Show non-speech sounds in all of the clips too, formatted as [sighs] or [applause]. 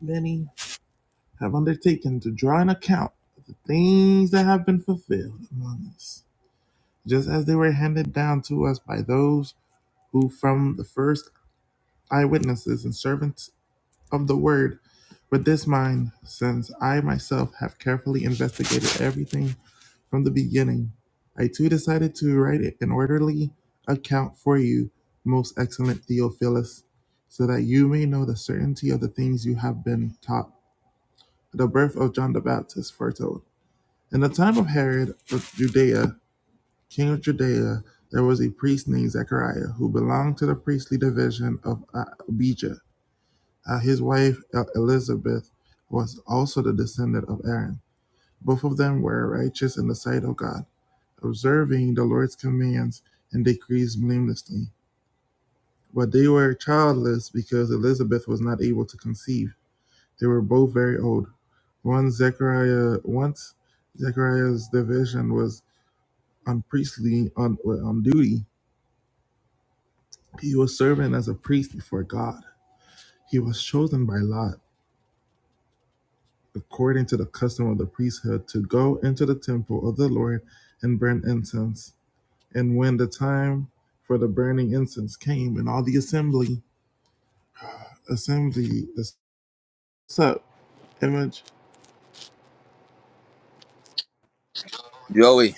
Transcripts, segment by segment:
many have undertaken to draw an account of the things that have been fulfilled among us, just as they were handed down to us by those who, from the first eyewitnesses and servants of the word, with this mind, since I myself have carefully investigated everything from the beginning, I too decided to write an orderly account for you, most excellent Theophilus, so that you may know the certainty of the things you have been taught the birth of John the Baptist foretold. In the time of Herod of Judea, king of Judea, there was a priest named Zechariah who belonged to the priestly division of uh, Abijah. Uh, his wife Elizabeth was also the descendant of Aaron. Both of them were righteous in the sight of God, observing the Lord's commands and decrees blamelessly. But they were childless because Elizabeth was not able to conceive They were both very old. Once Zechariah, once Zechariah's division was on priestly on on duty, he was serving as a priest before God. He was chosen by Lot, according to the custom of the priesthood, to go into the temple of the Lord and burn incense. And when the time for the burning incense came, and all the assembly assembly the sub image. Joey,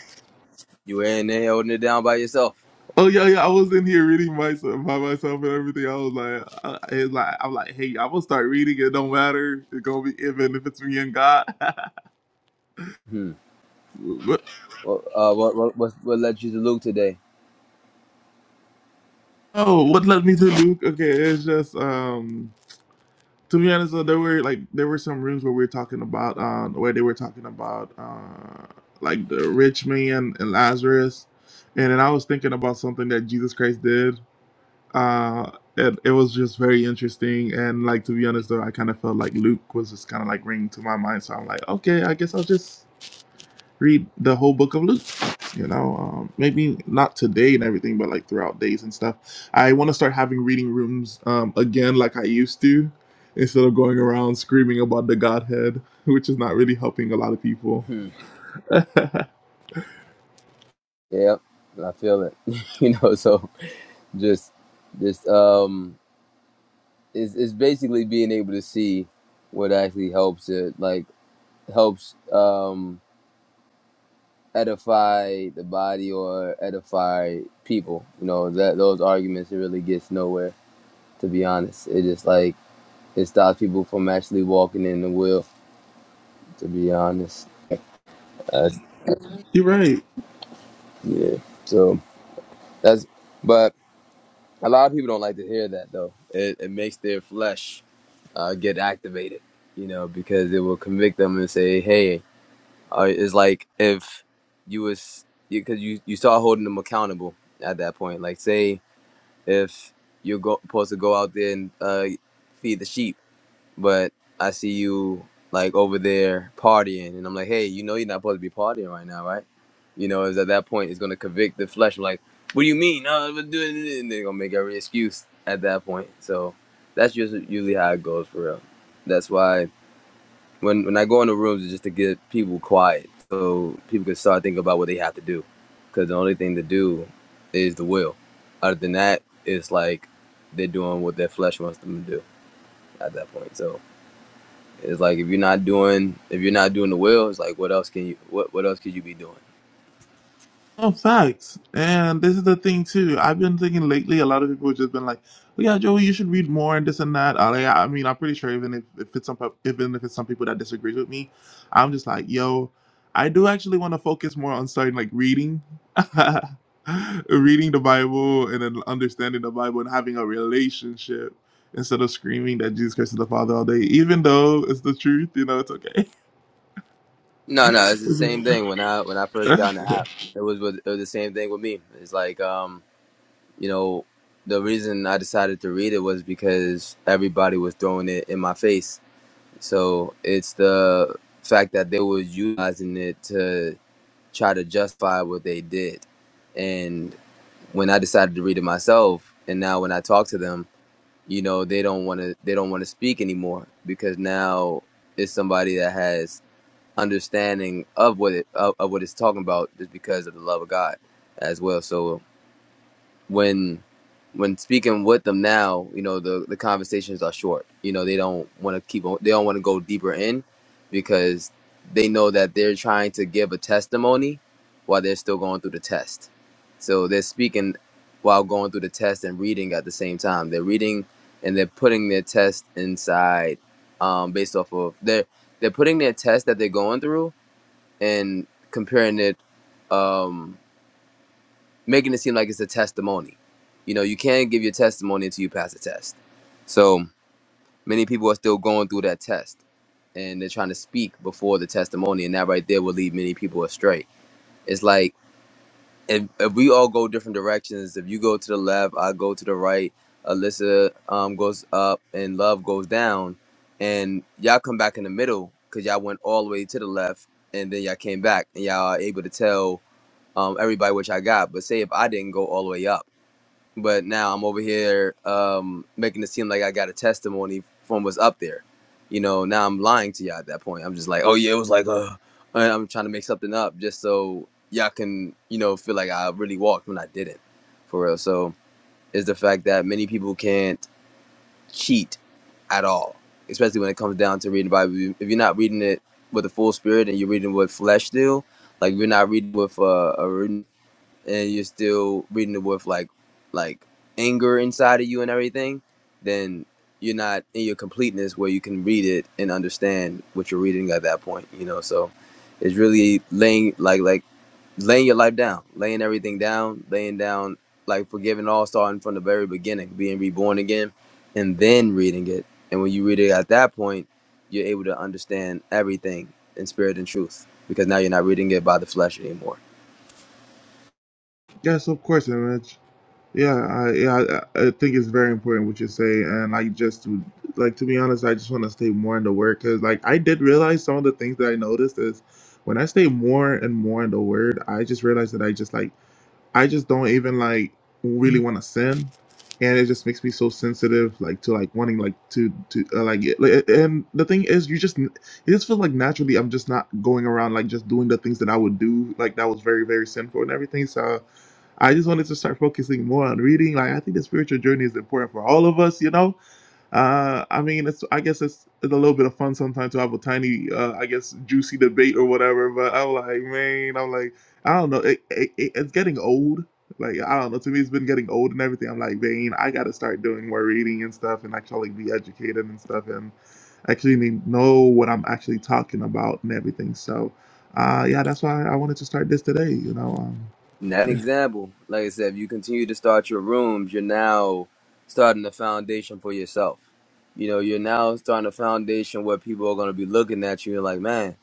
you were in there holding it down by yourself? Oh yeah, yeah. I was in here reading myself by myself and everything. I was like, I, it's like I'm like, hey, I'm gonna start reading. It don't matter. It's gonna be even if it's me and God. [laughs] Hmm. but, What, uh, what, what, what, what led you to Luke today? oh, what led me to Luke? Okay, it's just um. To be honest, though, there were like there were some rooms where we were talking about um where they were talking about uh like the rich man and Lazarus, and then I was thinking about something that Jesus Christ did uh it, it was just very interesting and like to be honest though i kind of felt like luke was just kind of like ringing to my mind so i'm like okay i guess i'll just read the whole book of luke you know um, maybe not today and everything but like throughout days and stuff i want to start having reading rooms um, again like i used to instead of going around screaming about the godhead [laughs] which is not really helping a lot of people Hmm. [laughs] Yep, I feel it. [laughs] you know, so just, just, um, it's, it's basically being able to see what actually helps it, like, helps, um, edify the body or edify people. You know, that those arguments, it really gets nowhere, to be honest. It just, like, it stops people from actually walking in the will, to be honest. you're right Yeah. So that's, but a lot of people don't like to hear that though. It, it makes their flesh uh, get activated, you know, because it will convict them and say, hey, uh, it's like if you was, because you, you start holding them accountable at that point. Like, say, if you're go- supposed to go out there and uh, feed the sheep but I see you like over there partying, and I'm like, hey, you know you're not supposed to be partying right now, right? You know, is at that point it's gonna convict the flesh. I'm like, what do you mean? No, I'm doing it, and they're gonna make every excuse at that point. So that's just usually how it goes for real. That's why when when I go in the rooms it's just to get people quiet, so people can start thinking about what they have to do, because the only thing to do is the will. Other than that, it's like they're doing what their flesh wants them to do at that point. So. It's like if you're not doing if you're not doing the will, it's like what else can you what what else could you be doing? Oh, facts. And this is the thing too. I've been thinking lately. A lot of people have just been like, "Oh yeah, Joey, you should read more and this and that." I, I mean, I'm pretty sure even if, if it's some pub- even if it's some people that disagree with me, I'm just like, "Yo, I do actually want to focus more on starting like reading, [laughs] reading the Bible, and then understanding the Bible and having a relationship instead of screaming that Jesus Christ is the Father all day. Even though it's the truth, you know, it's okay. No, no, it's the same thing. When I when I first got [laughs] in the app, it was with, it was the same thing with me. It's like um you know the reason I decided to read it was because everybody was throwing it in my face. So it's the fact that they was utilizing it to try to justify what they did. And when I decided to read it myself, and now when I talk to them. you know they don't want to they don't want to speak anymore because now it's somebody that has understanding of what it of, of what it's talking about just because of the love of God as well. So when when speaking with them now, you know, the, the conversations are short. You know, they don't want to keep on, they don't want to go deeper in because they know that they're trying to give a testimony while they're still going through the test. So they're speaking while going through the test and reading at the same time. They're reading and they're putting their test inside um, based off of they're they're putting their test that they're going through and comparing it. Um, making it seem like it's a testimony. You know, you can't give your testimony until you pass a test. So many people are still going through that test and they're trying to speak before the testimony, and that right there will lead many people astray. It's like if, if we all go different directions, if you go to the left, I go to the right, Alyssa um, goes up, and love goes down, and y'all come back in the middle because y'all went all the way to the left and then y'all came back and y'all are able to tell um, everybody what y'all got. But say if I didn't go all the way up but now I'm over here um, making it seem like I got a testimony from what's up there. You know, now I'm lying to y'all at that point. I'm just like, oh yeah, it was like, uh, and I'm trying to make something up just so y'all can, you know, feel like I really walked when I didn't, for real. So it's the fact that many people can't cheat at all, especially when it comes down to reading the Bible. If you're not reading it with the full spirit and you're reading with flesh still, like you're not reading with uh, a and you're still reading it with like like anger inside of you and everything, then you're not in your completeness where you can read it and understand what you're reading at that point, you know. So it's really laying like like laying your life down, laying everything down, laying down like forgiving all starting from the very beginning, being reborn again and then reading it. And when you read it at that point, you're able to understand everything in spirit and truth because now you're not reading it by the flesh anymore. yes, of course, Image. Yeah, I, yeah, I, I think it's very important what you say, and I just to, like to be honest, I just want to stay more in the word because like I did realize some of the things that I noticed is when I stay more and more in the word, I just realized that I just like I just don't even like really want to sin, and it just makes me so sensitive, like to like wanting like to to uh, like. it- like, And the thing is, you just it just feels like naturally I'm just not going around like just doing the things that I would do, like that was very very sinful and everything. So I just wanted to start focusing more on reading. Like I think the spiritual journey is important for all of us, you know. Uh, I mean, it's I guess it's, it's a little bit of fun sometimes to have a tiny, uh, I guess, juicy debate or whatever. But I'm like, man, I'm like. I don't know. It, it, it- it's getting old. Like I don't know. To me, it's been getting old and everything. I'm like, Vane, I got to start doing more reading and stuff, and actually like, be educated and stuff, and actually need- know what I'm actually talking about and everything. So, uh, yeah, that's why I wanted to start this today. You know, um, Now, an yeah, example, like I said, if you continue to start your rooms, you're now starting the foundation for yourself. You know, you're now starting a foundation where people are going to be looking at you and like, man.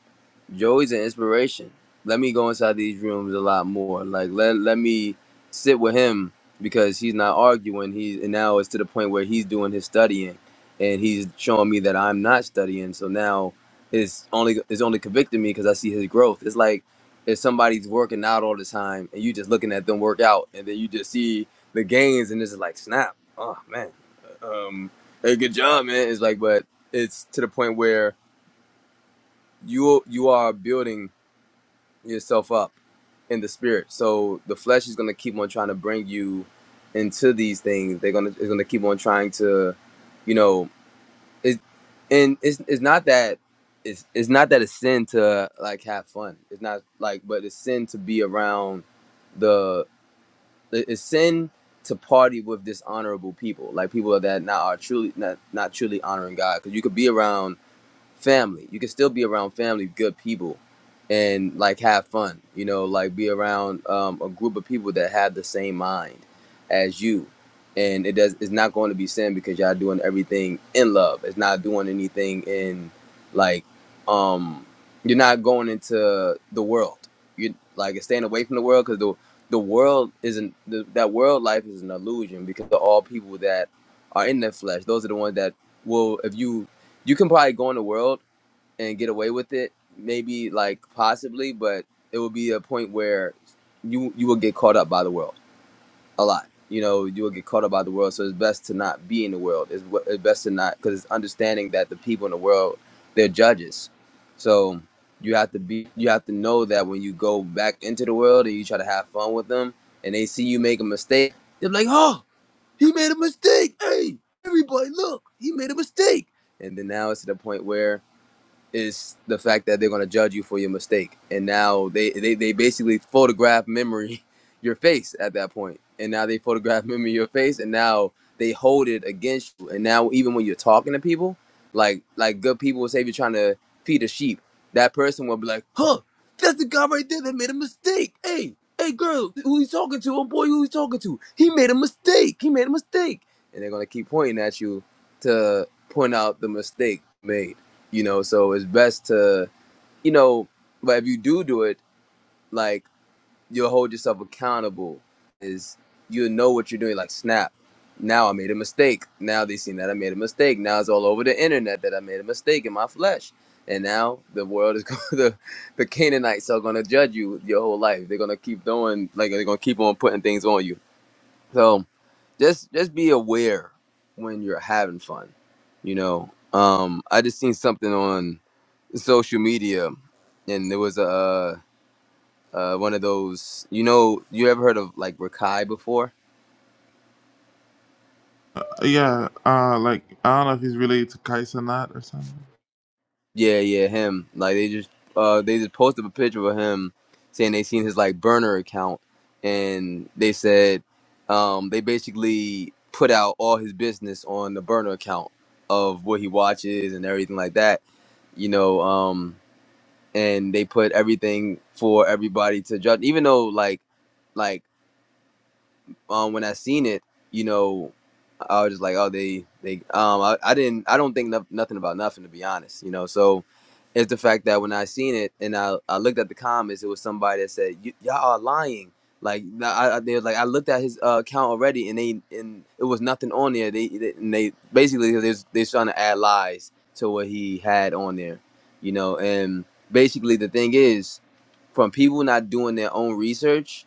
Joey's an inspiration. Let me go inside these rooms a lot more. Like let let me sit with him because he's not arguing. He and now it's to the point where he's doing his studying, and he's showing me that I'm not studying. So now it's only it's only convicting me because I see his growth. It's like if somebody's working out all the time and you just looking at them work out, and then you just see the gains, and it's like snap. Oh man, um, hey, good job, man. It's like, but it's to the point where you you are building yourself up in the spirit. So the flesh is going to keep on trying to bring you into these things. They're going to it's going to keep on trying to, you know, it and it's it's not that it's it's not that it's sin to like have fun. It's not like but it's sin to be around the it's sin to party with dishonorable people, like people that not are truly not not truly honoring God. Because you could be around family. You can still be around family, good people, and like have fun. You know, like be around um, a group of people that have the same mind as you. And it does. It's not going to be sin because y'all doing everything in love. It's not doing anything in like um you're not going into the world. You like it's staying away from the world because the the world isn't the, that world life is an illusion because of all people that are in their flesh. Those are the ones that will if you you can probably go in the world and get away with it, maybe like possibly, but it will be a point where you you will get caught up by the world a lot. You know, you will get caught up by the world, so it's best to not be in the world. It's, wh- it's best to not because it's understanding that the people in the world they're judges, so you have to be you have to know that when you go back into the world and you try to have fun with them and they see you make a mistake, they're like, oh, he made a mistake. Hey, everybody, look, he made a mistake. And then now it's to the point where is the fact that they're going to judge you for your mistake and now they, they they basically photograph memory [laughs] your face at that point and now they photograph memory your face and now they hold it against you and now even when you're talking to people like like good people will say if you're trying to feed a sheep that person will be like huh that's the guy right there that made a mistake hey hey girl who he's talking to oh boy who he's talking to he made a mistake he made a mistake and they're going to keep pointing at you to point out the mistake made you know so it's best to you know but if you do do it like you'll hold yourself accountable is you'll know what you're doing like snap now i made a mistake now they seen that i made a mistake now it's all over the internet that i made a mistake in my flesh and now the world is [laughs] going the the canaanites are going to judge you your whole life they're going to keep doing like they're going to keep on putting things on you so just just be aware when you're having fun you know um i just seen something on social media, and there was a uh, uh, one of those. You know, you ever heard of like Rakai before? yeah. Uh, like I don't know if he's related to Kais or not or something. Yeah, yeah, him. Like they just uh, they just posted a picture of him saying they seen his like burner account, and they said um, they basically put out all his business on the burner account of what he watches and everything like that. You know, um, and they put everything for everybody to judge, even though like. like um, when I seen it, you know, I was just like, oh, they, they, um, I, I didn't, I don't think no, nothing about nothing to be honest, you know. So it's the fact that when I seen it and I, I looked at the comments, it was somebody that said, y- y'all are lying. Like nah, I, I, they was like, I looked at his uh, account already, and they, and it was nothing on there. They, they and they basically they was- they was trying to add lies to what he had on there, you know. And basically, the thing is from people not doing their own research,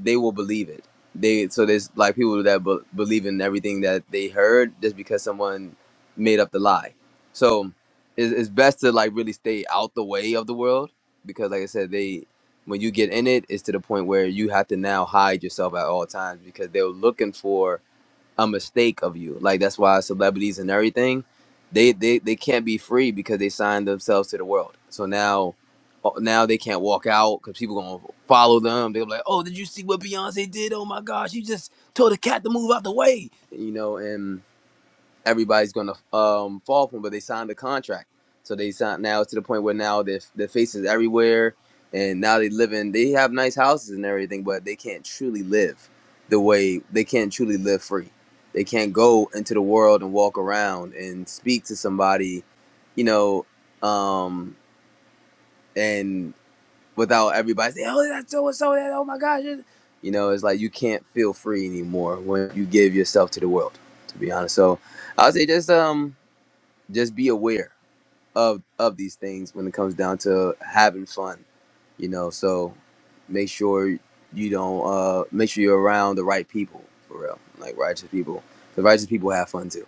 they will believe it. They so there's like people that be, believe in everything that they heard just because someone made up the lie. So it's, it's best to like really stay out the way of the world because, like I said, they when you get in it, it's to the point where you have to now hide yourself at all times because they're looking for a mistake of you. Like that's why celebrities and everything, they they they can't be free because they signed themselves to the world. So now, oh, now they can't walk out because people gonna follow them. They'll be like, oh, did you see what Beyonce did? Oh my gosh, she just told the cat to move out the way. You know, and everybody's gonna um, fall from, but they signed a contract. So they signed now to the point where now their their faces everywhere, and now they live in they have nice houses and everything, but they can't truly live the way they can't truly live free. They can't go into the world and walk around and speak to somebody, you know, um, and without everybody saying, "Oh, that's so and so," that oh my gosh, you know, it's like you can't feel free anymore when you give yourself to the world. To be honest, so I would say just um just be aware of of these things when it comes down to having fun you know so make sure you don't uh make sure you're around the right people for real like righteous people the righteous people have fun too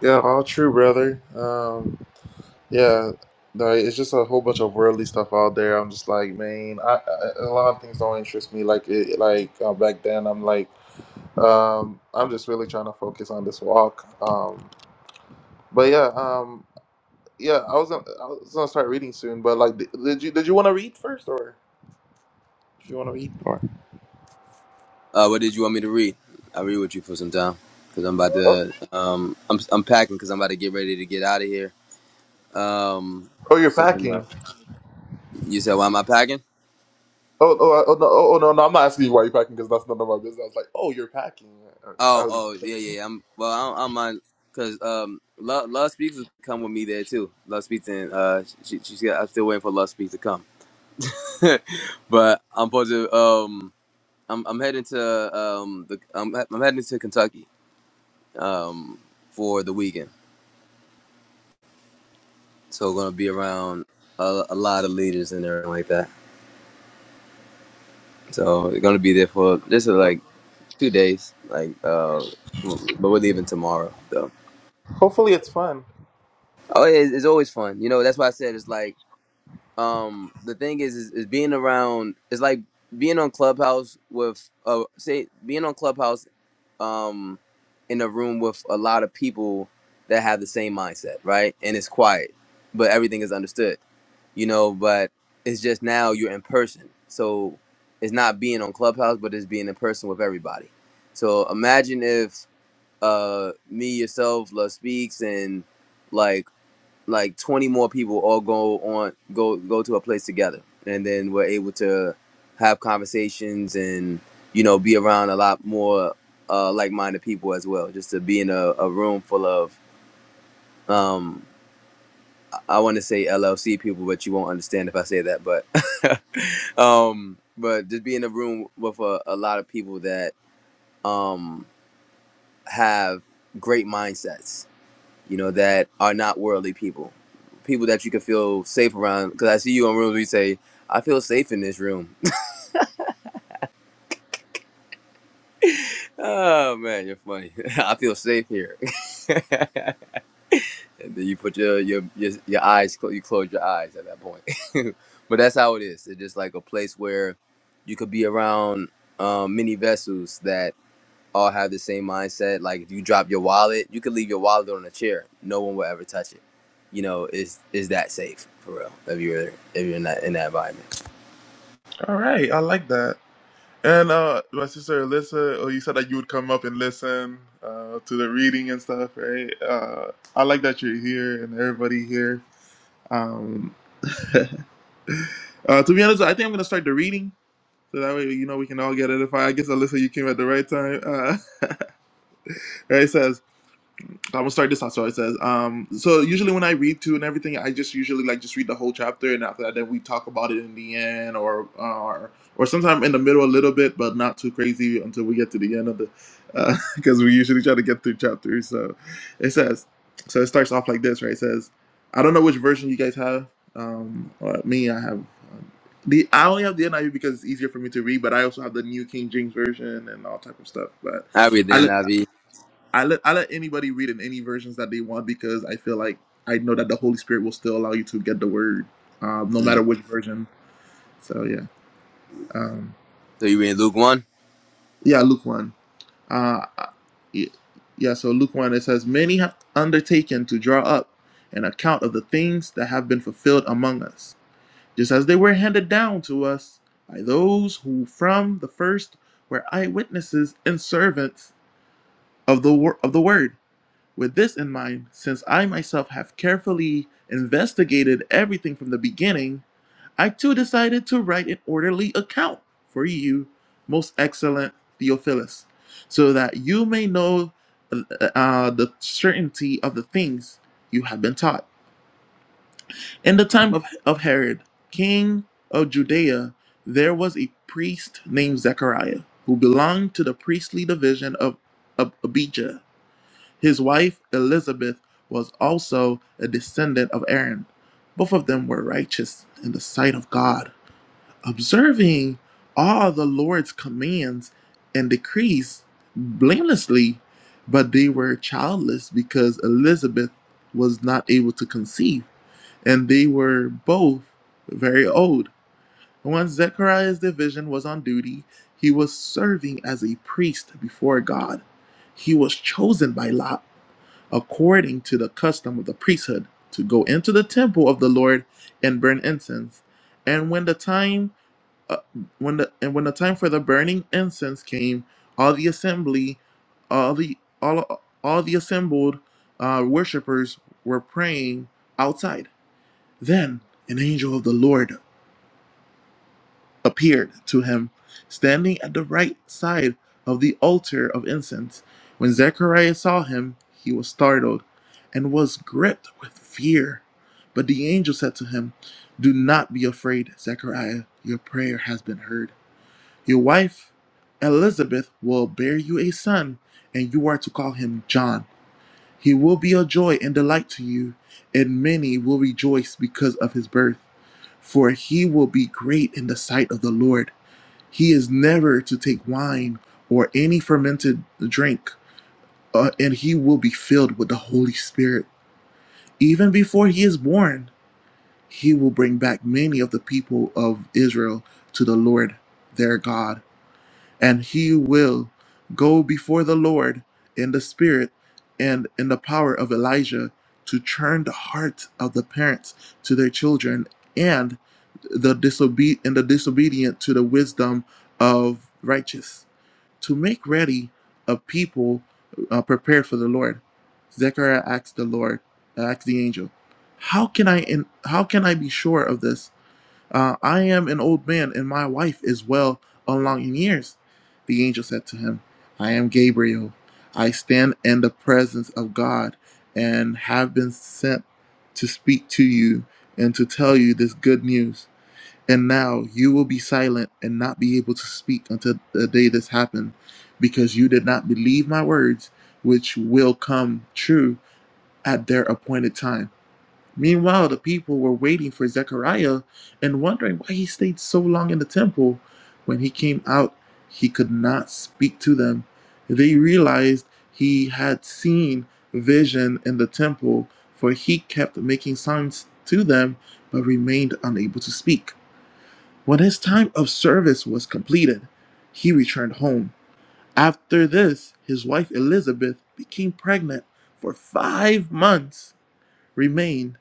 Yeah, all true, brother. Um, Yeah, like it's just a whole bunch of worldly stuff out there. I'm just like, man, I, I, a lot of things don't interest me. Like, it, like uh, back then, I'm like, um, I'm just really trying to focus on this walk. Um, but yeah, um, yeah, I was gonna, I was gonna start reading soon. But like, did, did you did you want to read first, or if you want to read? Or, uh what did you want me to read i'll read with you for some time because i'm about oh, to um i'm, I'm packing because i'm about to get ready to get out of here um oh, you're soon enough packing. you said why am i packing Oh, oh, I- oh no, oh, oh, no, no, I'm not asking you why you're packing because that's none of my business. I was like, oh, you're packing. Oh, I was, oh, yeah, yeah. yeah. I'm well. I don't, I don't mind because um, Love, Love Speaks will come with me there too. Love Speaks and uh, she, she's got. I'm still waiting for Love Speaks to come, [laughs] but I'm supposed to um, I'm I'm heading to um, the I'm he- I'm heading to Kentucky um for the weekend. So gonna be around a, a lot of leaders and everything like that. So we're gonna be there for this is [laughs] like two days. Like uh, but we're leaving tomorrow though. hopefully, it's fun. Oh, it, it's always fun. You know, that's why I said it's like. um the thing is, is is being around it's like being on clubhouse with uh say being on clubhouse um in a room with a lot of people that have the same mindset right and it's quiet but everything is understood you know but it's just now you're in person so it's not being on clubhouse but it's being in person with everybody so imagine if uh me yourself love speaks and like, like 20 more people all go on go go to a place together and then we're able to have conversations and you know be around a lot more uh, like-minded people as well just to be in a, a room full of um, i want to say llc people but you won't understand if i say that but [laughs] um, but just be in a room with a, a lot of people that um, have great mindsets you know, that are not worldly people, people that you can feel safe around. Because I see you in rooms where you say, I feel safe in this room. [laughs] oh man, you're funny. [laughs] I feel safe here. [laughs] and then you put your your your, your eyes, clo- you close your eyes at that point. [laughs] but that's how it is. It's just like a place where you could be around um, many vessels that all have the same mindset. Like if you drop your wallet, you could leave your wallet on a chair. No one will ever touch it. You know, is is that safe for real? If you're if you're in that in that environment. All right, I like that. And uh, my sister Alyssa, oh, you said that you would come up and listen uh, to the reading and stuff, right? Uh, I like that you're here and everybody here. Um, [laughs] uh, to be honest, I think I'm gonna start the reading so that way you know we can all get it. If I, I guess Alyssa, you came at the right time. Uh, [laughs] right? I'm gonna start this out. So it says, um, so usually when I read to and everything, I just usually like just read the whole chapter, and after that, then we talk about it in the end, or uh, or or sometime in the middle a little bit, but not too crazy until we get to the end of the, because [laughs] we usually try to get through chapters. So it says, so it starts off like this, right? It says, I don't know which version you guys have. Um, uh, me, I have um, the I only have the NIV because it's easier for me to read, but I also have the New King James version and all type of stuff. But All right I then, Avi. I let I let anybody read in any versions that they want because I feel like I know that the Holy Spirit will still allow you to get the word, um, no Mm. matter which version. So yeah, um, So you were in Luke one. yeah, Luke one. Uh, yeah, yeah, so Luke one it says many have undertaken to draw up an account of the things that have been fulfilled among us, just as they were handed down to us by those who from the first were eyewitnesses and servants of the wor- of the word. With this in mind, since I myself have carefully investigated everything from the beginning, I too decided to write an orderly account for you, most excellent Theophilus, so that you may know uh, uh, uh, the certainty of the things you have been taught. In the time of, of Herod, king of Judea, there was a priest named Zechariah who belonged to the priestly division of, of Abijah his wife, Elizabeth, was also a descendant of Aaron. Both of them were righteous in the sight of God. Observing all the Lord's commands and decrees blamelessly, but they were childless because Elizabeth was not able to conceive, and they were both very old. Once Zechariah's division was on duty, he was serving as a priest before God. He was chosen by Lot according to the custom of the priesthood, to go into the temple of the Lord and burn incense. And when the time uh, when the and when the time for the burning incense came, all the assembly, all the all all the assembled uh, worshippers were praying outside. Then an angel of the Lord appeared to him, standing at the right side of the altar of incense. When Zechariah saw him, he was startled and was gripped with fear. But the angel said to him, Do not be afraid, Zechariah. Your prayer has been heard. Your wife, Elizabeth, will bear you a son, and you are to call him John. He will be a joy and delight to you, and many will rejoice because of his birth. For he will be great in the sight of the Lord he is never to take wine or any fermented drink, uh, and he will be filled with the Holy Spirit. Even before he is born, he will bring back many of the people of Israel to the Lord their God, and he will go before the Lord in the Spirit and in the power of Elijah to turn the heart of the parents to their children and the disobe- and the disobedient to the wisdom of righteous to make ready a people uh, prepared for the Lord. Zechariah asked the Lord, uh, asked the angel, "How can I in, how can I be sure of this? Uh, I am an old man, and my wife is well along in years." The angel said to him, "I am Gabriel. I stand in the presence of God, and have been sent to speak to you and to tell you this good news. And now you will be silent and not be able to speak until the day this happened, because you did not believe my words, which will come true at their appointed time. Meanwhile, the people were waiting for Zechariah and wondering why he stayed so long in the temple. When he came out, he could not speak to them. They realized he had seen vision in the temple, for he kept making signs to them but remained unable to speak. When his time of service was completed, he returned home. After this, his wife Elizabeth became pregnant for five months, remained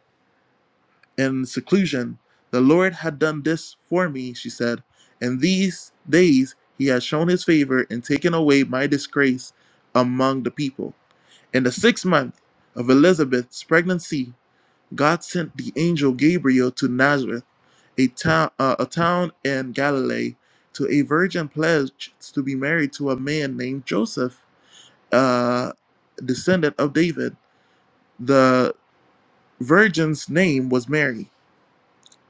in seclusion. The Lord had done this for me, she said. In these days, he has shown his favor and taken away my disgrace among the people. In the sixth month of Elizabeth's pregnancy, God sent the angel Gabriel to Nazareth, a town, uh, a town in Galilee, to a virgin pledged to be married to a man named Joseph, uh, descendant of David. The virgin's name was Mary.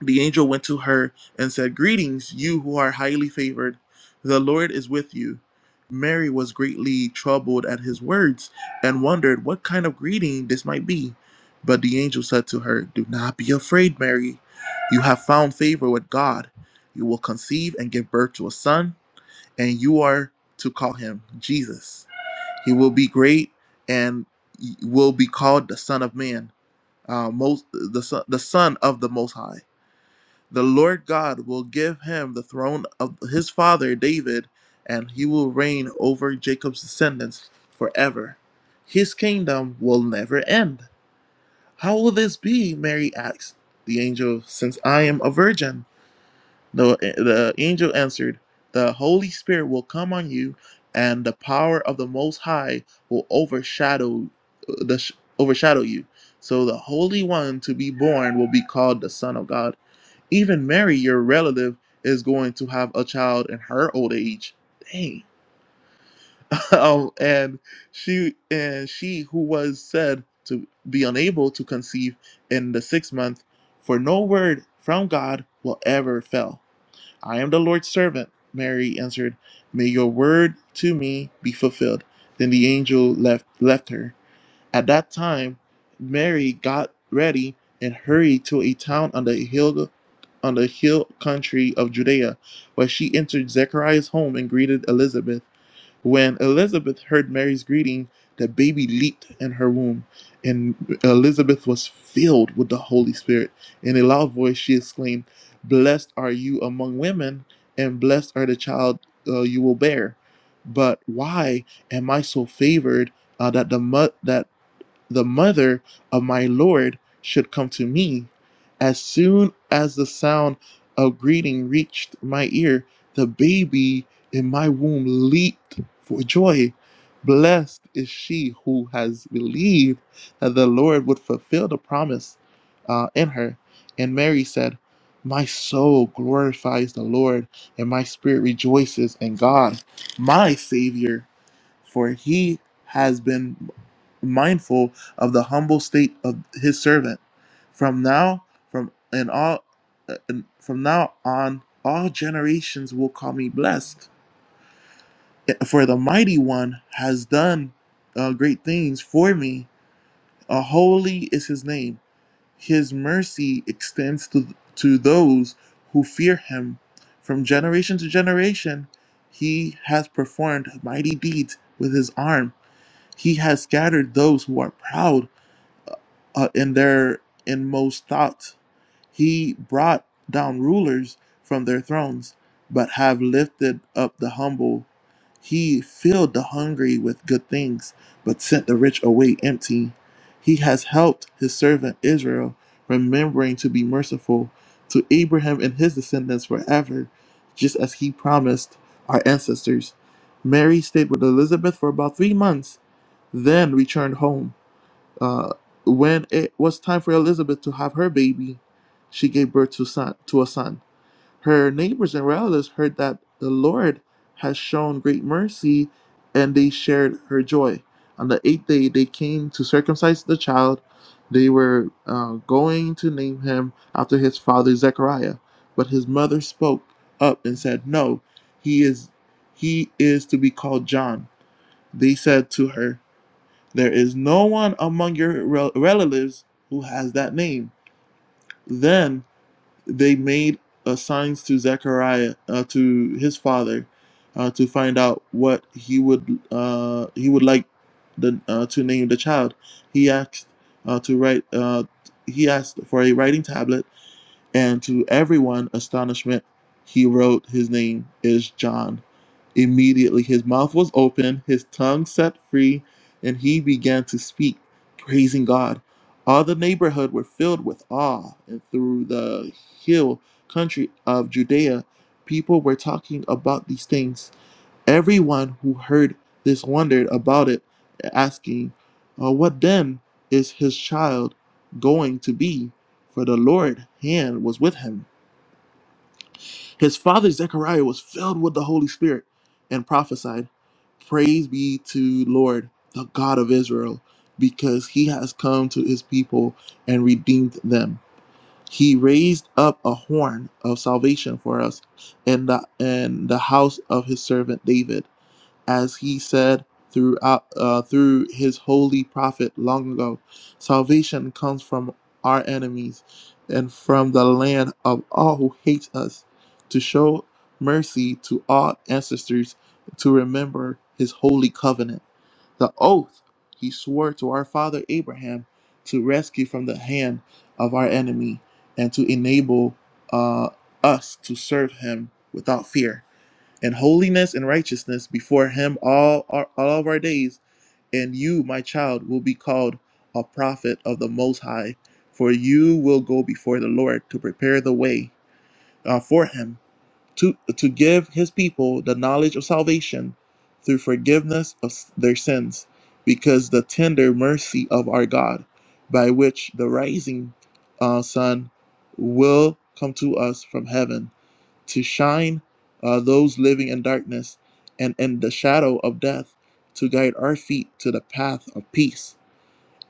The angel went to her and said, Greetings, you who are highly favored. The Lord is with you. Mary was greatly troubled at his words and wondered what kind of greeting this might be. But the angel said to her, Do not be afraid, Mary. You have found favor with God. You will conceive and give birth to a son, and you are to call him Jesus. He will be great and will be called the Son of Man, uh, most, the, son, the Son of the Most High the Lord God will give him the throne of his father David, and he will reign over Jacob's descendants forever. His kingdom will never end. How will this be? Mary asked the angel, since I am a virgin. The, the angel answered, The Holy Spirit will come on you, and the power of the Most High will overshadow, the, overshadow you. So the Holy One to be born will be called the Son of God. Even Mary, your relative, is going to have a child in her old age. Dang. [laughs] um, and she and she who was said to be unable to conceive in the sixth month, for no word from God will ever fail. I am the Lord's servant, Mary answered. May your word to me be fulfilled. Then the angel left left her. At that time, Mary got ready and hurried to a town on the hill on the hill country of Judea, where she entered Zechariah's home and greeted Elizabeth. When Elizabeth heard Mary's greeting, the baby leaped in her womb, and Elizabeth was filled with the Holy Spirit. In a loud voice, she exclaimed, Blessed are you among women, and blessed are the child uh, you will bear. But why am I so favored uh, that the mo- that the mother of my Lord should come to me. As soon as the sound of greeting reached my ear, the baby in my womb leaped for joy. Blessed is she who has believed that the Lord would fulfill the promise uh, in her. And Mary said, My soul glorifies the Lord, and my spirit rejoices in God, my Savior for he has been mindful of the humble state of his servant. From now, from and all, and from now on, all generations will call me blessed. For the mighty one has done uh, great things for me. Uh, holy is his name. His mercy extends to to those who fear him. From generation to generation, he has performed mighty deeds with his arm. He has scattered those who are proud uh, in their inmost thoughts he brought down rulers from their thrones, but have lifted up the humble. He filled the hungry with good things, but sent the rich away empty. He has helped his servant Israel, remembering to be merciful to Abraham and his descendants forever, just as he promised our ancestors. Mary stayed with Elizabeth for about three months, then returned home. Uh, when it was time for Elizabeth to have her baby, she gave birth to son to a son. Her neighbors and relatives heard that the Lord had shown great mercy, and they shared her joy. On the eighth day, they came to circumcise the child. They were uh, going to name him after his father Zechariah, but his mother spoke up and said, "No, he is he is to be called John." They said to her, there is no one among your relatives who has that name. Then they made uh, signs to Zechariah, uh, to his father, uh, to find out what he would uh, he would like the uh, to name the child. He asked uh, to write. Uh, he asked for a writing tablet and to everyone astonishment, he wrote, His name is John. Immediately his mouth was open, his tongue set free, and he began to speak, praising God. All the neighborhood were filled with awe, and through the hill country of Judea, people were talking about these things. Everyone who heard this wondered about it, asking, "Uh, What then is his child going to be? For the Lord's hand was with him. His father Zechariah was filled with the Holy Spirit and prophesied, Praise be to Lord, the God of Israel, because he has come to his people and redeemed them. He raised up a horn of salvation for us in the in the house of his servant David as he said throughout uh, through his holy prophet long ago. Salvation comes from our enemies and from the land of all who hate us. To show mercy to all ancestors, to remember his holy covenant, the oath he swore to our father Abraham to rescue from the hand of our enemy and to enable uh, us to serve him without fear and holiness and righteousness before him all our, all of our days. And you, my child, will be called a prophet of the Most High, for you will go before the Lord to prepare the way uh, for him, to, to give his people the knowledge of salvation through forgiveness of s- their sins, because the tender mercy of our God, by which the rising uh, sun will come to us from heaven to shine uh, those living in darkness and in the shadow of death, to guide our feet to the path of peace.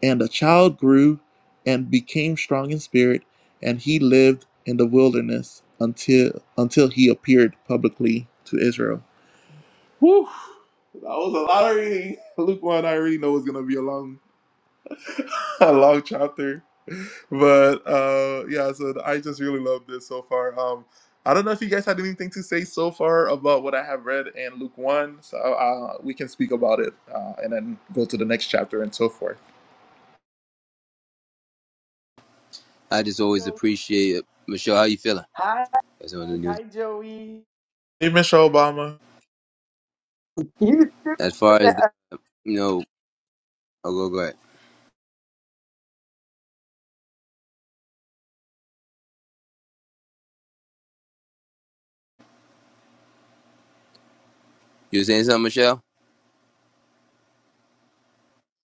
And the child grew and became strong in spirit, and he lived in the wilderness until until he appeared publicly to Israel. Whew. That was a lot of reading. [laughs] Luke 1, I already know is going to be a long [laughs] a long chapter. But uh yeah, so th- I just really love this so far. Um I don't know if you guys had anything to say so far about what I have read in Luke 1. So uh, we can speak about it uh, and then go to the next chapter and so forth. I just always Joey. appreciate it. Michelle. How you feeling? Hi, That's what the news. hi, Joey. Hey, Michelle Obama. You stupid As for far as the, that. you know, I'll go go ahead. You were saying something, Michelle? [laughs]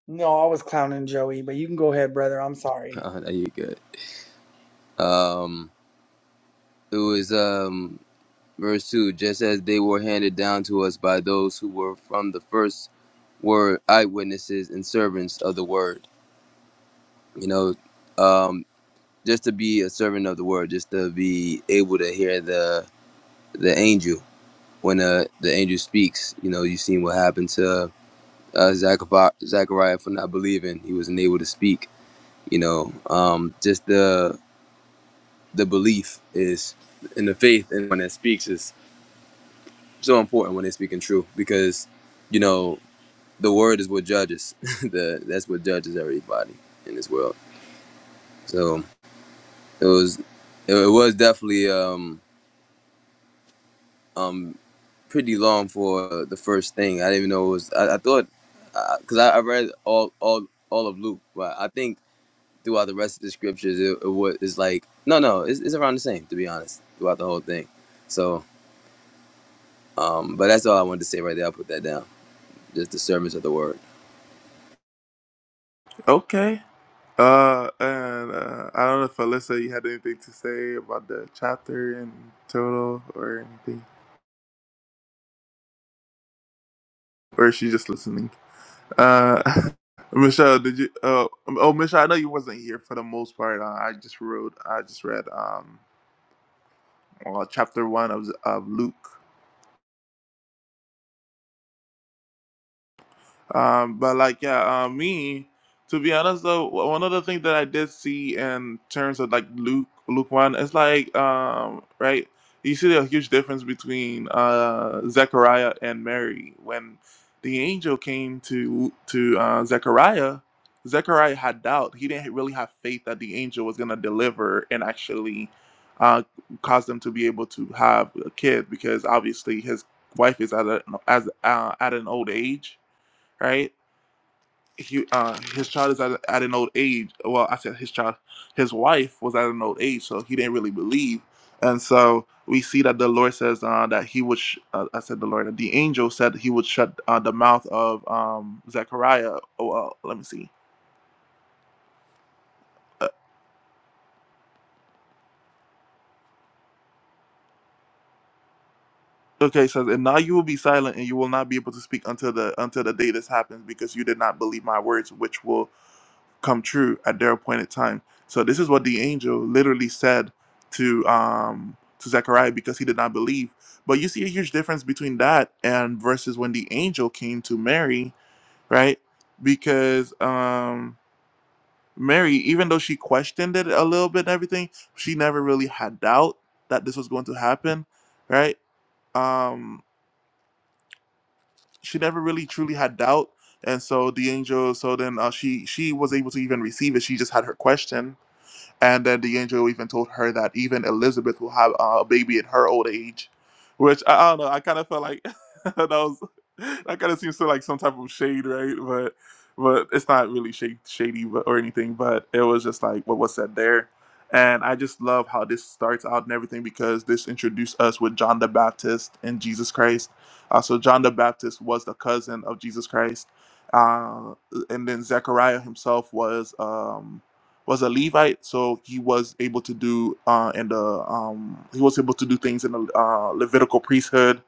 No, I was clowning Joey, but you can go ahead, brother. I'm sorry. Oh, no, you good. Um, it was um verse two. Just as they were handed down to us by those who were from the first were eyewitnesses and servants of the word. You know, um, just to be a servant of the word, just to be able to hear the the angel when uh, the angel speaks, you know, you've seen what happened to uh, Zachariah, Zachariah for not believing. He wasn't able to speak. You know, um, just the the belief is in the faith, and when it speaks is so important when they're speaking true because, you know, the word is what judges. [laughs] the that's what judges everybody in this world. So it was it, was definitely um, um, pretty long for the first thing. I didn't even know it was. I, I thought because I, I read all all all of Luke, but I think throughout the rest of the scriptures, it, it was it's like no, no, it's, it's around the same to be honest throughout the whole thing. So, um, but that's all I wanted to say right there. I put that down. Just the sermons of the word. Okay. Uh, and uh, I don't know if Alyssa, you had anything to say about the chapter in total or anything, or is she just listening? Uh, [laughs] Michelle, did you? Uh, um, oh, Michelle, I know you wasn't here for the most part. Uh, I just wrote. I just read um, well, chapter one of of Luke. Um, but like yeah, uh, me to be honest though, w- one of the things that I did see in terms of like Luke Luke one, it's like um, right, you see a huge difference between uh, Zechariah and Mary when the angel came to to uh, Zechariah. Zechariah had doubt. He didn't really have faith that the angel was gonna deliver and actually uh, cause them to be able to have a kid because obviously his wife is at a, as uh, at an old age right? he uh his child is at, at an old age well i said his child his wife was at an old age so he didn't really believe and so we see that the lord says uh that he would sh- uh, i said the lord that the angel said he would shut uh, the mouth of um zechariah oh well let me see Uh, okay it says and now you will be silent and you will not be able to speak until the until the day this happens because you did not believe my words which will come true at their appointed time. So this is what the angel literally said to um to Zechariah because he did not believe. But you see a huge difference between that and versus when the angel came to Mary, right? Because um Mary, even though she questioned it a little bit and everything, she never really had doubt that this was going to happen, right? Um she never really truly had doubt. And so the angel, so then uh, she she was able to even receive it. She just had her question, And then the angel even told her that even Elizabeth will have uh, a baby at her old age, which I, I don't know. I kind of felt like [laughs] that was that kind of seems to like some type of shade, right? But but it's not really shade, shady but, or anything. But it was just like what was said there, and I just love how this starts out and everything because this introduced us with John the Baptist and Jesus Christ. Uh, so John the Baptist was the cousin of Jesus Christ, uh, and then Zechariah himself was. Um, was a Levite, so he was able to do uh, in the um, he was able to do things in the uh, Levitical priesthood,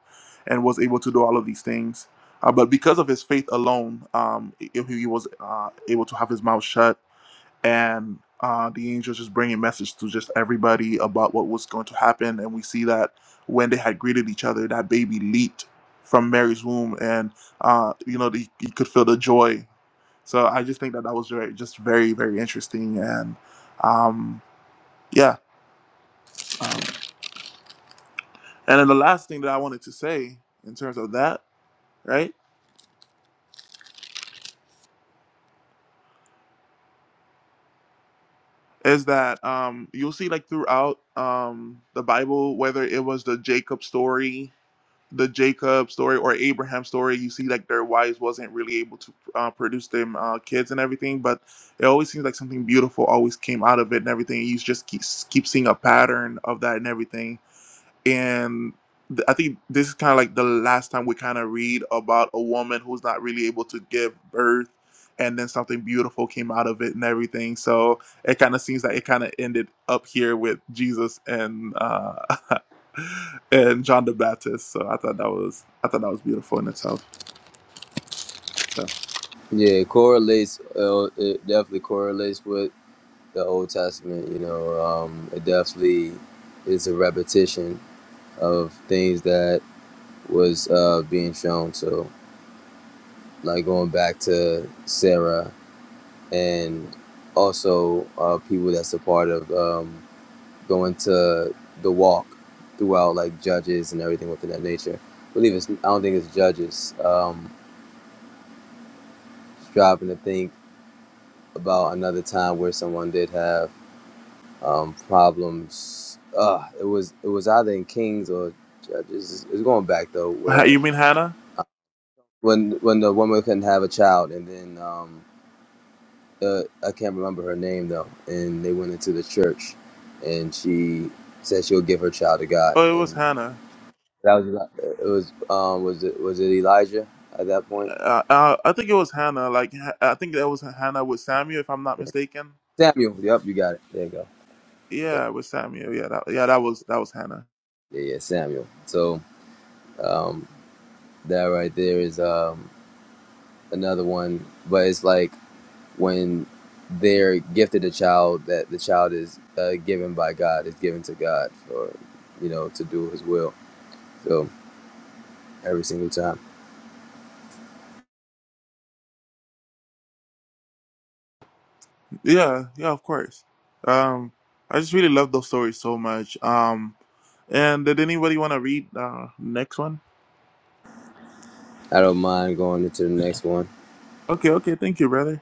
and was able to do all of these things. Uh, but because of his faith alone, um, i- he was uh, able to have his mouth shut, and uh, the angels just bringing message to just everybody about what was going to happen. And we see that when they had greeted each other, that baby leaped from Mary's womb, and uh, you know they, you could feel the joy so I just think that that was very, just very, very interesting. And um, yeah. Um, and then the last thing that I wanted to say in terms of that, right, is that um, you'll see like throughout um, the Bible, whether it was the Jacob story, the Jacob story or Abraham story, you see like their wives wasn't really able to uh, produce them uh, kids and everything, but it always seems like something beautiful always came out of it and everything. You just keep, keep seeing a pattern of that and everything and th- I think this is kind of like the last time we kind of read about a woman who's not really able to give birth, and then something beautiful came out of it and everything. So it kind of seems like it kind of ended up here with Jesus and uh, [laughs] and John the Baptist. So I thought that was I thought that was beautiful in itself. So. Yeah, it correlates. Uh, it definitely correlates with the Old Testament. You know, um, it definitely is a repetition of things that was uh, being shown. So like going back to Sarah and also uh, people that's a part of um, going to the walk throughout like judges and everything within that nature. I believe it's I don't think it's judges. Um, striving to think about another time where someone did have um, problems. Uh, it was it was either in Kings or Judges. It's going back though Uh, where You mean Hannah? uh, when when the woman couldn't have a child and then. Um, uh, I can't remember her name though, and they went into the church, and she said she'll give her child to God, Oh, it was and Hannah. that was Eli- it. Was um was it was it Elijah at that point? Uh, uh, I think it was Hannah. Like Ha- I think that was Hannah with Samuel, if I'm not Yeah. mistaken. Samuel. Yep, you got it. There you go. Yeah, Yeah, with Samuel. Yeah, that, yeah, that was that was Hannah. yeah, yeah, Samuel. So um, that right there is um another one, but it's like when they're gifted a child that the child is uh, given by God is given to God for you know to do His will. So every single time. Yeah, yeah, of course. Um, I just really love those stories so much. Um, and did anybody want to read uh next one? I don't mind going into the next one. Okay, okay, thank you, brother.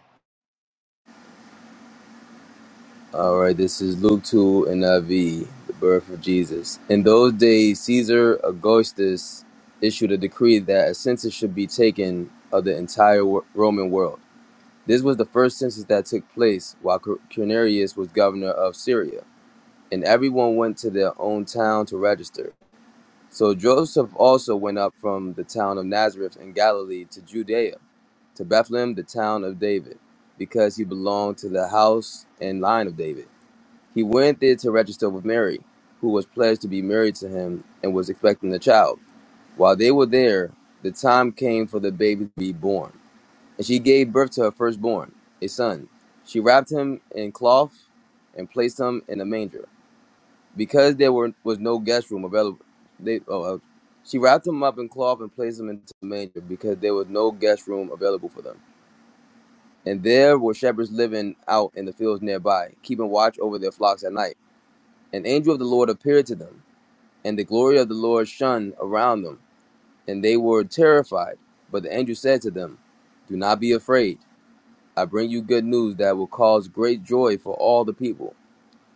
All right, this is Luke 2 and IV, the birth of Jesus. In those days, Caesar Augustus issued a decree that a census should be taken of the entire wo- Roman world. This was the first census that took place while Cer- Quirinius was governor of Syria, and everyone went to their own town to register. So Joseph also went up from the town of Nazareth in Galilee to Judea, to Bethlehem, the town of David, because he belonged to the house and line of David. He went there to register with Mary, who was pledged to be married to him and was expecting a child. While they were there, the time came for the baby to be born, and she gave birth to her firstborn, a son. She wrapped him in cloth and placed him in a manger because there were was no guest room available, they oh, uh, she wrapped him up in cloth and placed him into the manger because there was no guest room available for them. And there were shepherds living out in the fields nearby, keeping watch over their flocks at night. An angel of the Lord appeared to them, and the glory of the Lord shone around them, and they were terrified. But the angel said to them, Do not be afraid. I bring you good news that will cause great joy for all the people.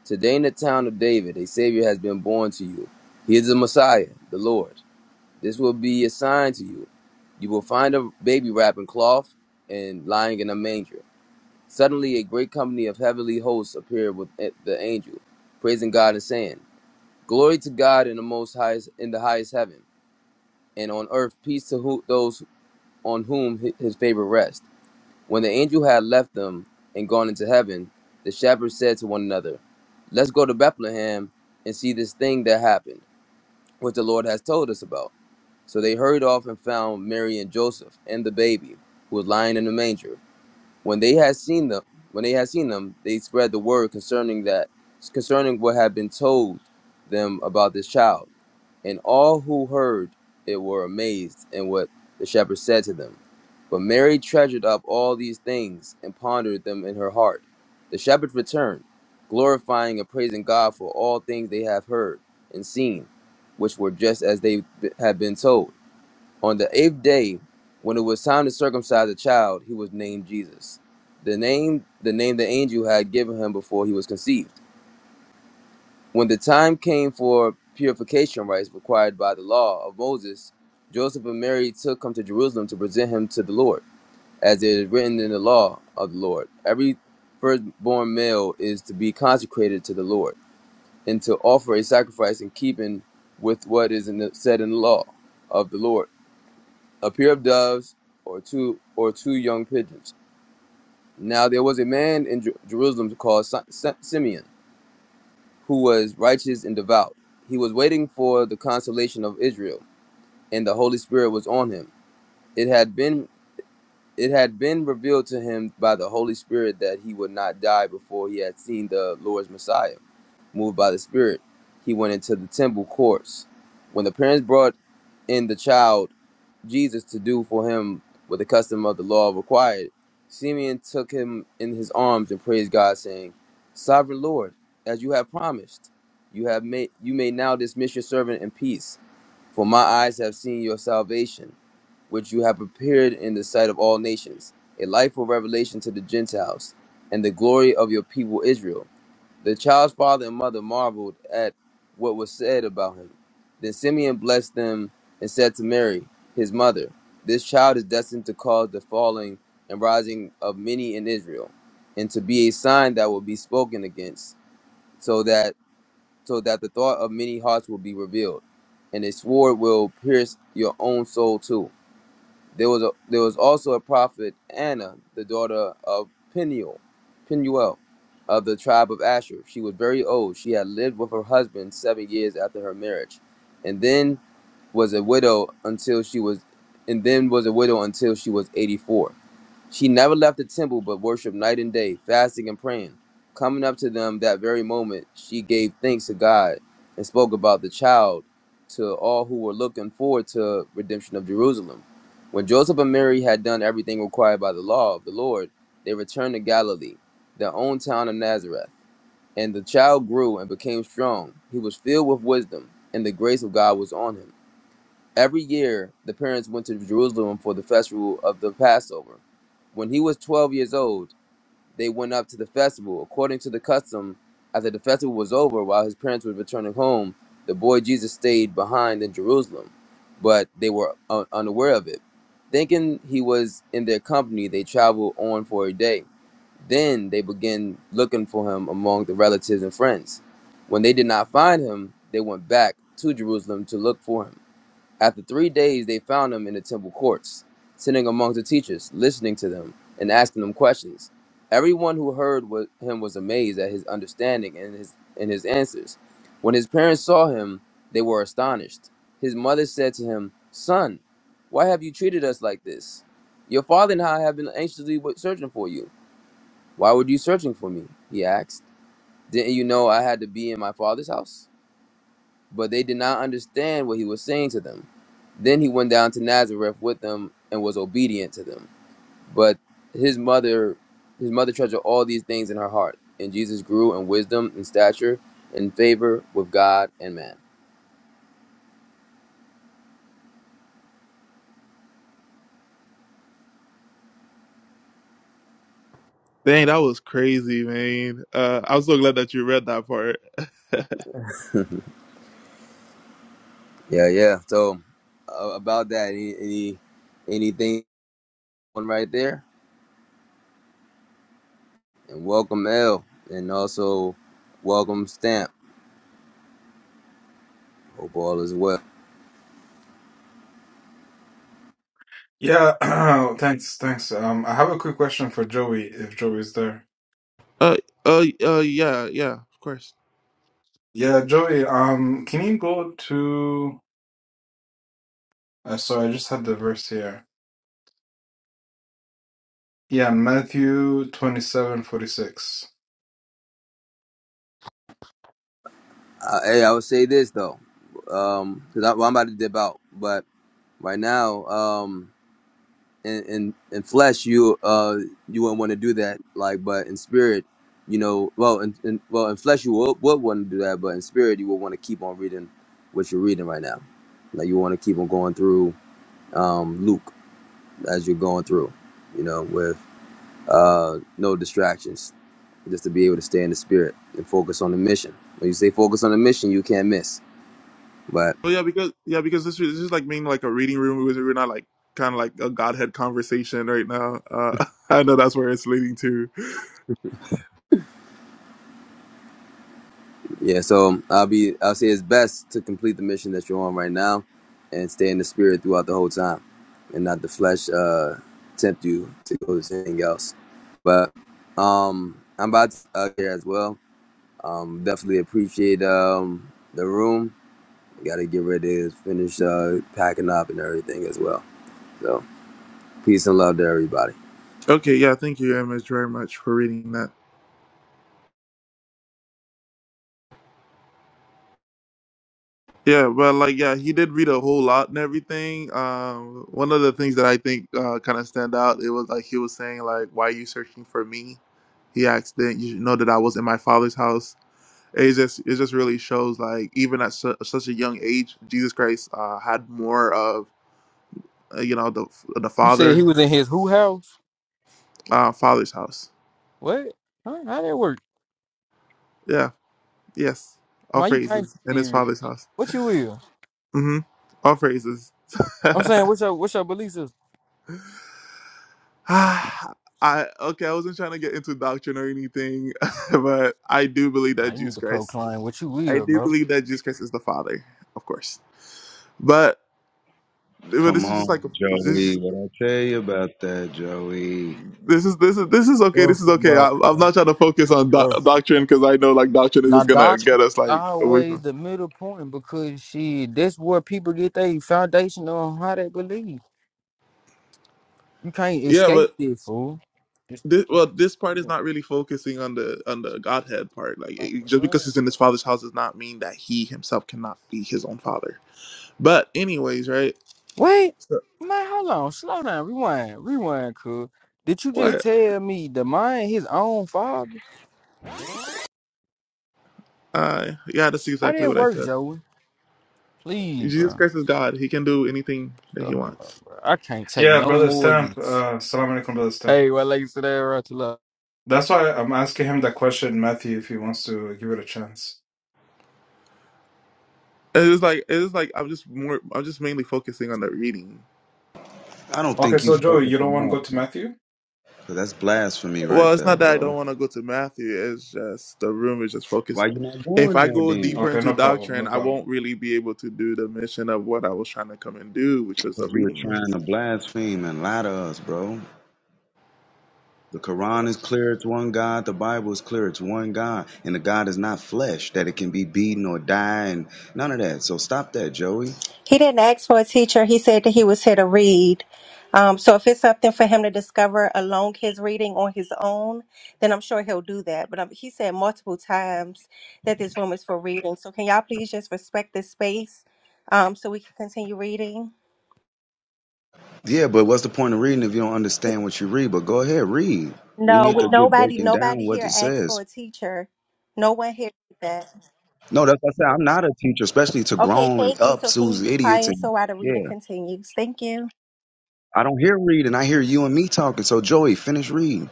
Today in the town of David, a Savior has been born to you. He is the Messiah, the Lord. This will be a sign to you. You will find a baby wrapped in cloth and lying in a manger. Suddenly, a great company of heavenly hosts appeared with the angel, praising God and saying, "Glory to God in the most highest, in the highest heaven, and on earth peace to who, those on whom His favor rests." When the angel had left them and gone into heaven, the shepherds said to one another, Let's go to Bethlehem and see this thing that happened, which the Lord has told us about. So they hurried off and found Mary and Joseph and the baby, who was lying in the manger. When they had seen them, when they had seen them, they spread the word concerning that concerning what had been told them about this child. And all who heard it were amazed at what the shepherd said to them. But Mary treasured up all these things and pondered them in her heart. The shepherds returned, glorifying and praising God for all things they have heard and seen, which were just as they b- had been told. On the eighth day, when it was time to circumcise the child, he was named Jesus, the name the name the angel had given him before he was conceived. When the time came for purification rites required by the law of Moses, Joseph and Mary took him to Jerusalem to present him to the Lord, as it is written in the law of the Lord. Every firstborn male is to be consecrated to the Lord, and to offer a sacrifice in keeping with what is in the, said in the law of the Lord, a pair of doves or two or two young pigeons. Now there was a man in Jer- Jerusalem called Si- Si- Simeon who was righteous and devout. He was waiting for the consolation of Israel, and the Holy Spirit was on him. It had been it had been revealed to him by the Holy Spirit that he would not die before he had seen the Lord's Messiah. Moved by the Spirit, he went into the temple courts. When the parents brought in the child Jesus to do for him what the custom of the law required, Simeon took him in his arms and praised God, saying, Sovereign Lord, as you have promised, you have made you may now dismiss your servant in peace, for my eyes have seen your salvation, which you have prepared in the sight of all nations, a light for revelation to the Gentiles, and the glory of your people Israel. The child's father and mother marveled at what was said about him. Then Simeon blessed them and said to Mary, his mother, This child is destined to cause the falling and rising of many in Israel, and to be a sign that will be spoken against, so that so that the thought of many hearts will be revealed, and a sword will pierce your own soul too there was a, there was also a prophet Anna, the daughter of Peniel, Penuel, of the tribe of Asher. She was very old. She had lived with her husband seven years after her marriage, and then was a widow until she was, and then was a widow until she was eighty four. She never left the temple but worshiped night and day, fasting and praying. Coming up to them that very moment, she gave thanks to God and spoke about the child to all who were looking forward to redemption of Jerusalem. When Joseph and Mary had done everything required by the law of the Lord, they returned to Galilee, their own town of Nazareth. And the child grew and became strong. He was filled with wisdom, and the grace of God was on him. Every year, the parents went to Jerusalem for the festival of the Passover. When he was 12 years old, they went up to the festival. According to the custom, after the festival was over, while his parents were returning home, the boy Jesus stayed behind in Jerusalem, but they were un- unaware of it. Thinking he was in their company, they traveled on for a day. Then they began looking for him among the relatives and friends. When they did not find him, they went back to Jerusalem to look for him. After three days, they found him in the temple courts, sitting among the teachers, listening to them and asking them questions. Everyone who heard wa- him was amazed at his understanding and his and his answers. When his parents saw him, they were astonished. His mother said to him, "Son, why have you treated us like this? Your father and I have been anxiously wa- searching for you. Why were you searching for me?" He asked. "Didn't you know I had to be in my father's house?" But they did not understand what he was saying to them. Then he went down to Nazareth with them and was obedient to them. But his mother, his mother treasured all these things in her heart. And Jesus grew in wisdom and stature, in favor with God and man. Dang, that was crazy, man. Uh, I'm so glad that you read that part. Yeah, yeah. So uh, about that, any, any anything on right there? And welcome L, and also welcome Stamp. Hope all is well. Yeah, [clears throat] thanks, thanks. Um, I have a quick question for Joey, if Joey's there. Uh, uh, uh, yeah, yeah, of course. Yeah, Joey, um, can you go to, uh, sorry, I just had the verse here. Yeah, Matthew 27 46. Uh, hey, I would say this though, because I well, I'm about to dip out, but right now. um in in, in flesh you uh you wouldn't want to do that like but in spirit you know well in, in well in flesh you would, would want to do that but in spirit you would want to keep on reading what you're reading right now like you want to keep on going through um luke as you're going through you know with uh no distractions just to be able to stay in the spirit and focus on the mission when you say focus on the mission you can't miss Oh yeah, because yeah, because this is- this is like being like a reading room. We're we're not like kind of like a godhead conversation right now. Uh, [laughs] I know that's where it's leading to. Yeah, so I'll be I'll say it's best to complete the mission that you're on right now and stay in the spirit throughout the whole time and not the flesh uh tempt you to go to anything else. But um I'm about to out here as well. Um definitely appreciate um the room. gotta get ready to finish uh packing up and everything as well. So peace and love to everybody. Okay, yeah, thank you, Image, very much for reading that. Yeah, but like yeah, he did read a whole lot and everything. Um, one of the things that I think uh, kind of stand out, it was like he was saying like, "Why are you searching for me?" He asked, "Didn't you know that I was in my father's house?" It just it just really shows like even at su- such a young age, Jesus Christ uh, had more of uh, you know the the You said father he was in his who house? uh, father's house. What? Huh? How that work? Yeah, yes, all Man, you can't phrases in be his serious, father's bro. house. What you will? Mm-hmm. All phrases. I'm saying, what's your what's your belief system? [laughs] Ah, I okay, I wasn't trying to get into doctrine or anything, [laughs] but I do believe Nah, that you need Jesus to Christ. proclaim what you I will, do bro. believe that Jesus Christ is the Father, of course. But but Come this is just on, like a- Joey. this. What I tell you about that, Joey? This is this is this is okay. Oh, This is for okay. I, God, I'm bro. not trying to focus on doc- Oh. for- God. doctrine because I know like doctrine is Now, just gonna Doc is get us like away always from. the middle point because she that's where people get their foundation on how they believe. You can't Yeah, escape but this, fool. Just the this, well, cats. this part is not really focusing on the on the Godhead part. Like it- just because he's in his father's house does not mean that he himself cannot be his own father. But anyways, right? Wait, so man, hold on. Slow down. Rewind. Rewind, cuz. Did you just What? tell me the man his own father? Uh, yeah, that's How did exactly it what I work, said. Joey? Please, Jesus bro. Christ is God. He can do anything that he Stuff a lot, wants. bro. I can't take Yeah, no Brother more of Stamp, this. uh, Salam alaikum, Brother Stamp. Hey, well, like you said, right to love. That's why I'm asking him that question, Matthew, if he wants to give it a chance. It is like it is like I'm just more I'm just mainly focusing on the reading. I don't Okay, think you so Joey, focus you don't want to enough. go to Matthew? 'Cause that's blasphemy Well, right it's there, not that I bro. don't want to go to Matthew. It's just the room is just Why focused. you not If going I there go then? deeper Okay, into no problem, doctrine, no I problem. won't really be able to do the mission of what I was trying to come and do, which was the Because you were reading. trying to blaspheme and lie to us, bro. The Quran is clear, it's one God. The Bible is clear, it's one God. And the God is not flesh, that it can be beaten or die and none of that. So stop that, Joey. He didn't ask for a teacher. He said that he was here to read. Um, so if it's something for him to discover along his reading on his own, then I'm sure he'll do that. But um, he said multiple times that this room is for reading. So can y'all please just respect this space um, so we can continue reading? Yeah, but what's the point of reading if you don't understand what you read? But go ahead, read. We No, Come need we, to on, get nobody, Will. breaking down nobody what it here asked says. for a teacher. No one here did that. No, that's what I said. I'm not a teacher, especially to Okay, grown thank you. So ups can you who's be idiots. quiet And so while the reading yeah, continues? Thank you. I don't hear reading. I hear you and me talking. So, Joey, finish reading.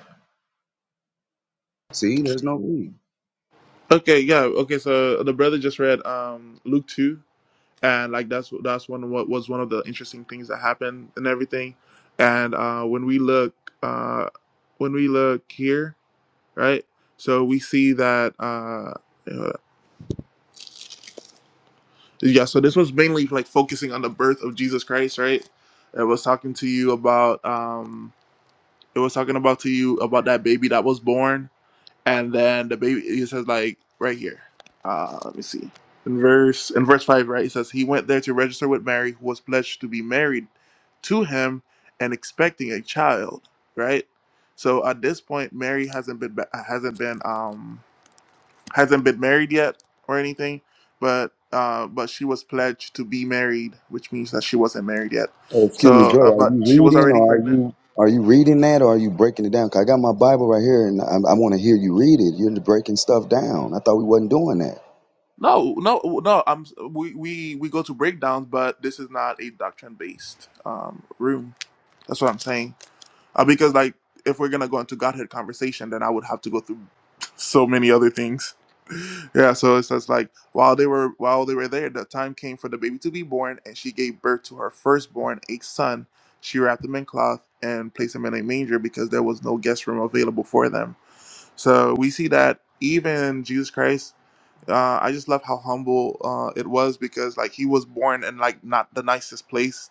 See, there's no read. Okay, yeah. Okay, so the brother just read um Luke 2 and like that's that's one of what was one of the interesting things that happened and everything and uh when we look uh when we look here right so we see that uh uh, yeah so this was mainly like focusing on the birth of jesus christ right it was talking to you about um it was talking about to you about that baby that was born and then the baby he says like right here uh let me see in verse in verse 5 right he says he went there to register with mary who was pledged to be married to him and expecting a child right so at this point mary hasn't been hasn't been um hasn't been married yet or anything but uh but she was pledged to be married which means that she wasn't married yet Oh, excuse me, so Joey. uh, Are but you she was reading, already or are pregnant you are you reading that, or are you breaking it down? 'Cause I got my Bible right here, and I, I want to hear you read it. You're breaking stuff down. I thought we wasn't doing that. No, no, no. I'm we we we go to breakdowns, but this is not a doctrine based um room. That's what I'm saying. Uh, because like if we're gonna go into Godhead conversation, then I would have to go through so many other things. [laughs] Yeah, so it's just like while they were while they were there, the time came for the baby to be born, and she gave birth to her firstborn, a son. She wrapped him in cloth and placed him in a manger because there was no guest room available for them. So we see that even Jesus Christ uh, I just love how humble uh, it was because like he was born in like not the nicest place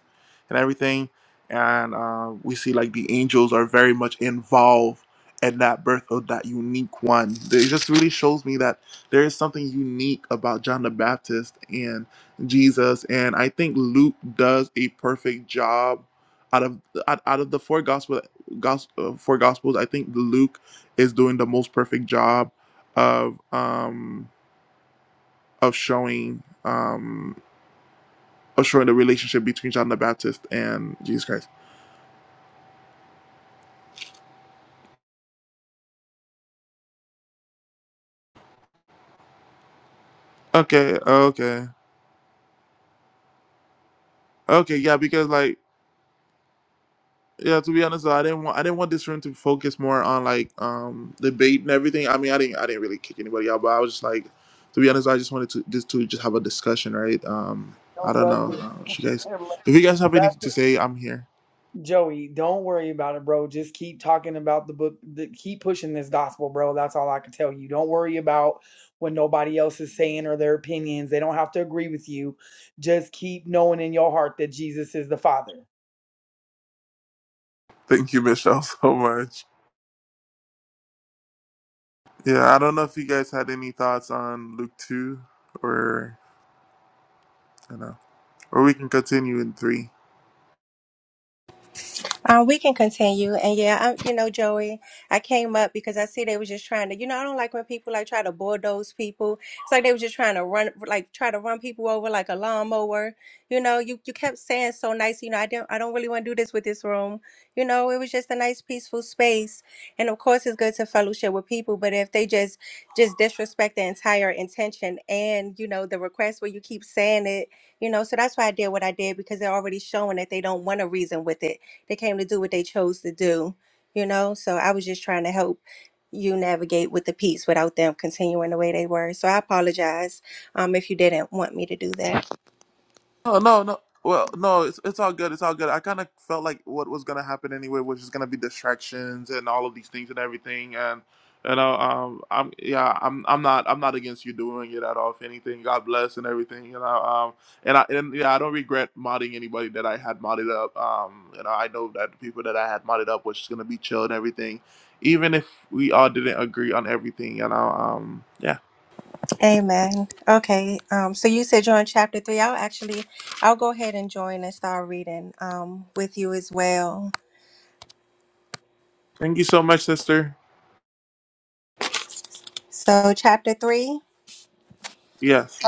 and everything, and uh, we see like the angels are very much involved in that birth of that unique one. It just really shows me that there is something unique about John the Baptist and Jesus, and I think Luke does a perfect job out of out, out of the four gospel, gospel uh, four gospels. I think Luke is doing the most perfect job of um of showing um of showing the relationship between John the Baptist and Jesus Christ. Okay, okay. Okay, yeah, because like yeah, to be honest, I didn't want I didn't want this room to focus more on like um debate and everything. I mean I didn't I didn't really kick anybody out, but I was just like to be honest, I just wanted to just to just have a discussion, right? Um I Don't don't love know. this. Uh, if you guys if you guys have anything That's- to say, I'm here. Joey, don't worry about it, bro. Just keep talking about the book. The, keep pushing this gospel, bro. That's all I can tell you. Don't worry about what nobody else is saying or their opinions. They don't have to agree with you. Just keep knowing in your heart that Jesus is the Father. Thank you, Michelle, [laughs] so much. Yeah, I don't know if you guys had any thoughts on Luke two or I don't know. Or we can continue in three. Uh, we can continue, and yeah, I, you know, Joey, I came up because I see they was just trying to, you know, I don't like when people like try to bulldoze people. It's like they was just trying to run, like try to run people over like a lawnmower. You know, you you kept saying so nice, you know, I don't, I don't really want to do this with this room. You know, it was just a nice, peaceful space, and of course, it's good to fellowship with people. But if they just just disrespect the entire intention and you know the request where you keep saying it, you know, so that's why I did what I did because they're already showing that they don't want to reason with it they came to do what they chose to do, you know? So I was just trying to help you navigate with the peace without them continuing the way they were. So I apologize um, if you didn't want me to do that. No, no, no. Well, no, it's, it's all good. It's all good. I kind of felt like what was gonna happen anyway was just gonna be distractions and all of these things and everything. And you know, um, I'm yeah, I'm I'm not I'm not against you doing it at all. If anything, God bless and everything. You know, um, and I and yeah, I don't regret modding anybody that I had modded up. Um, you know, I know that the people that I had modded up was just gonna be chill and everything, even if we all didn't agree on everything. You know, um, yeah. Amen. Okay. Um, so you said join chapter three. I'll actually, I'll go ahead and join and start reading um, with you as well. Thank you so much, sister. So chapter three. Yes.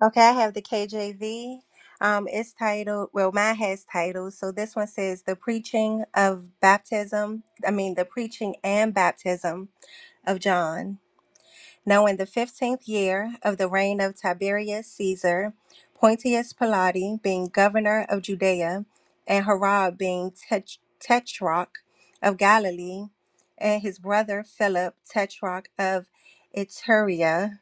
Okay, I have the KJV. Um, it's titled, well, mine has titles. So this one says, The Preaching of Baptism, I mean, the Preaching and Baptism of John. Now, in the 15th year of the reign of Tiberius Caesar, Pontius Pilate being governor of Judea, and Herod being tetr- tetrarch of Galilee, and his brother Philip, tetrarch of Iturea,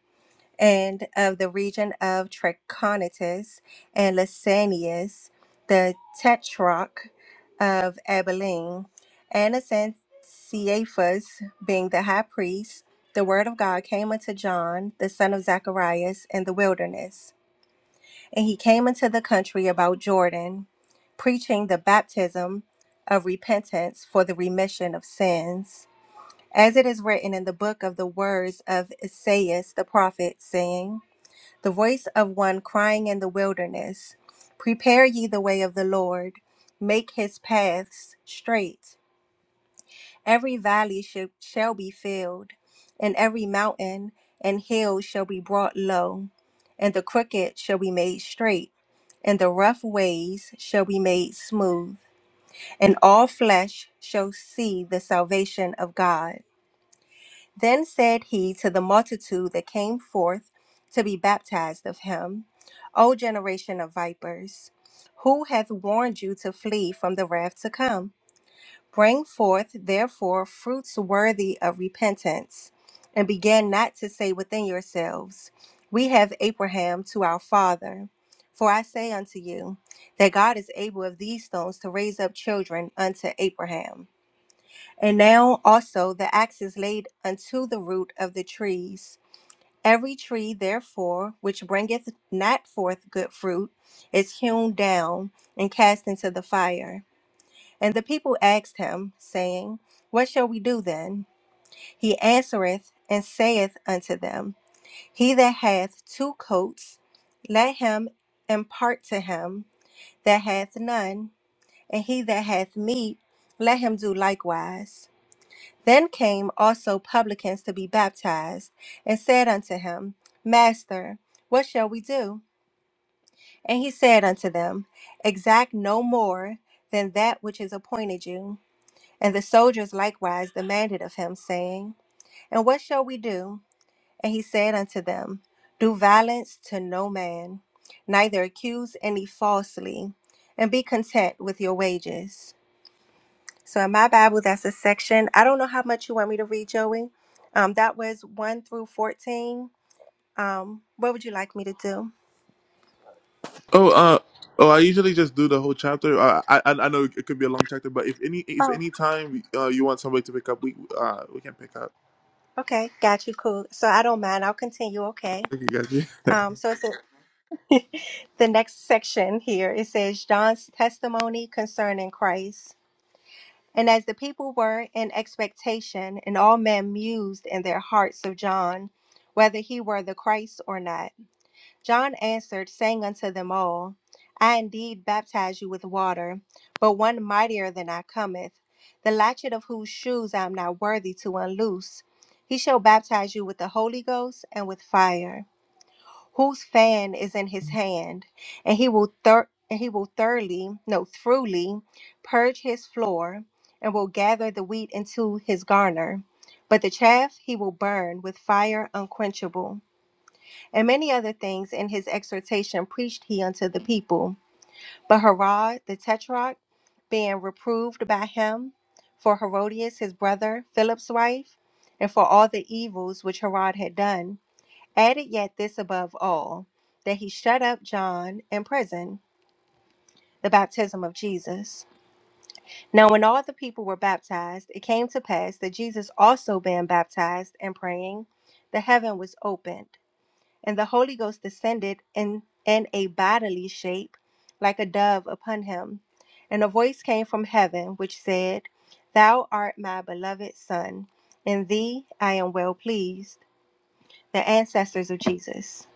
and of the region of Trachonitis and Lysanias, the tetrarch of Abilene, Annas and Caiaphas being the high priest, the word of God came unto John, the son of Zacharias, in the wilderness. And he came into the country about Jordan, preaching the baptism of repentance for the remission of sins. As it is written in the book of the words of Esaias the prophet, saying, the voice of one crying in the wilderness, Prepare ye the way of the Lord, make his paths straight. Every valley shall, shall be filled, and every mountain and hill shall be brought low, and the crooked shall be made straight, and the rough ways shall be made smooth, and all flesh shall see the salvation of God. Then said he to the multitude that came forth to be baptized of him, O generation of vipers, who hath warned you to flee from the wrath to come? Bring forth therefore fruits worthy of repentance, and begin not to say within yourselves, We have Abraham to our father. For I say unto you, that God is able of these stones to raise up children unto Abraham. And now also the axe is laid unto the root of the trees. Every tree, therefore, which bringeth not forth good fruit, is hewn down and cast into the fire. And the people asked him, saying, What shall we do then? He answereth and saith unto them, He that hath two coats, let him impart to him that hath none, and he that hath meat, let him do likewise. Then came also publicans to be baptized, and said unto him, Master, what shall we do? And he said unto them, Exact no more than that which is appointed you. And the soldiers likewise demanded of him, saying, And what shall we do? And he said unto them, Do violence to no man, neither accuse any falsely, and be content with your wages. So in my Bible, that's a section. I don't know how much you want me to read, Joey. Um, that was one through fourteen. Um, what would you like me to do? Oh, uh, oh, I usually just do the whole chapter. Uh, I, I, I know it could be a long chapter, but if any, if Oh, any time uh, you want somebody to pick up, we, uh, we can pick up. okay, got you. Cool. So I don't mind. I'll continue. Okay. Okay, got you. [laughs] Um, so it's a, [laughs] the next section here. It says John's testimony concerning Christ. And as the people were in expectation, and all men mused in their hearts of John, whether he were the Christ or not. John answered, saying unto them all, I indeed baptize you with water, but one mightier than I cometh, the latchet of whose shoes I am not worthy to unloose. He shall baptize you with the Holy Ghost and with fire, whose fan is in his hand, and he will thir- and he will thoroughly, no, throughly, purge his floor, and will gather the wheat into his garner, but the chaff he will burn with fire unquenchable and many other things in his exhortation preached he unto the people. But Herod the Tetrarch, being reproved by him for Herodias his brother, Philip's wife, and for all the evils which Herod had done, added yet this above all, that he shut up John in prison, the baptism of Jesus. Now when all the people were baptized, it came to pass that Jesus also being baptized and praying, the heaven was opened and the Holy Ghost descended in, in a bodily shape, like a dove, upon him. And a voice came from heaven, which said, Thou art my beloved Son, in thee I am well pleased. The ancestors of Jesus.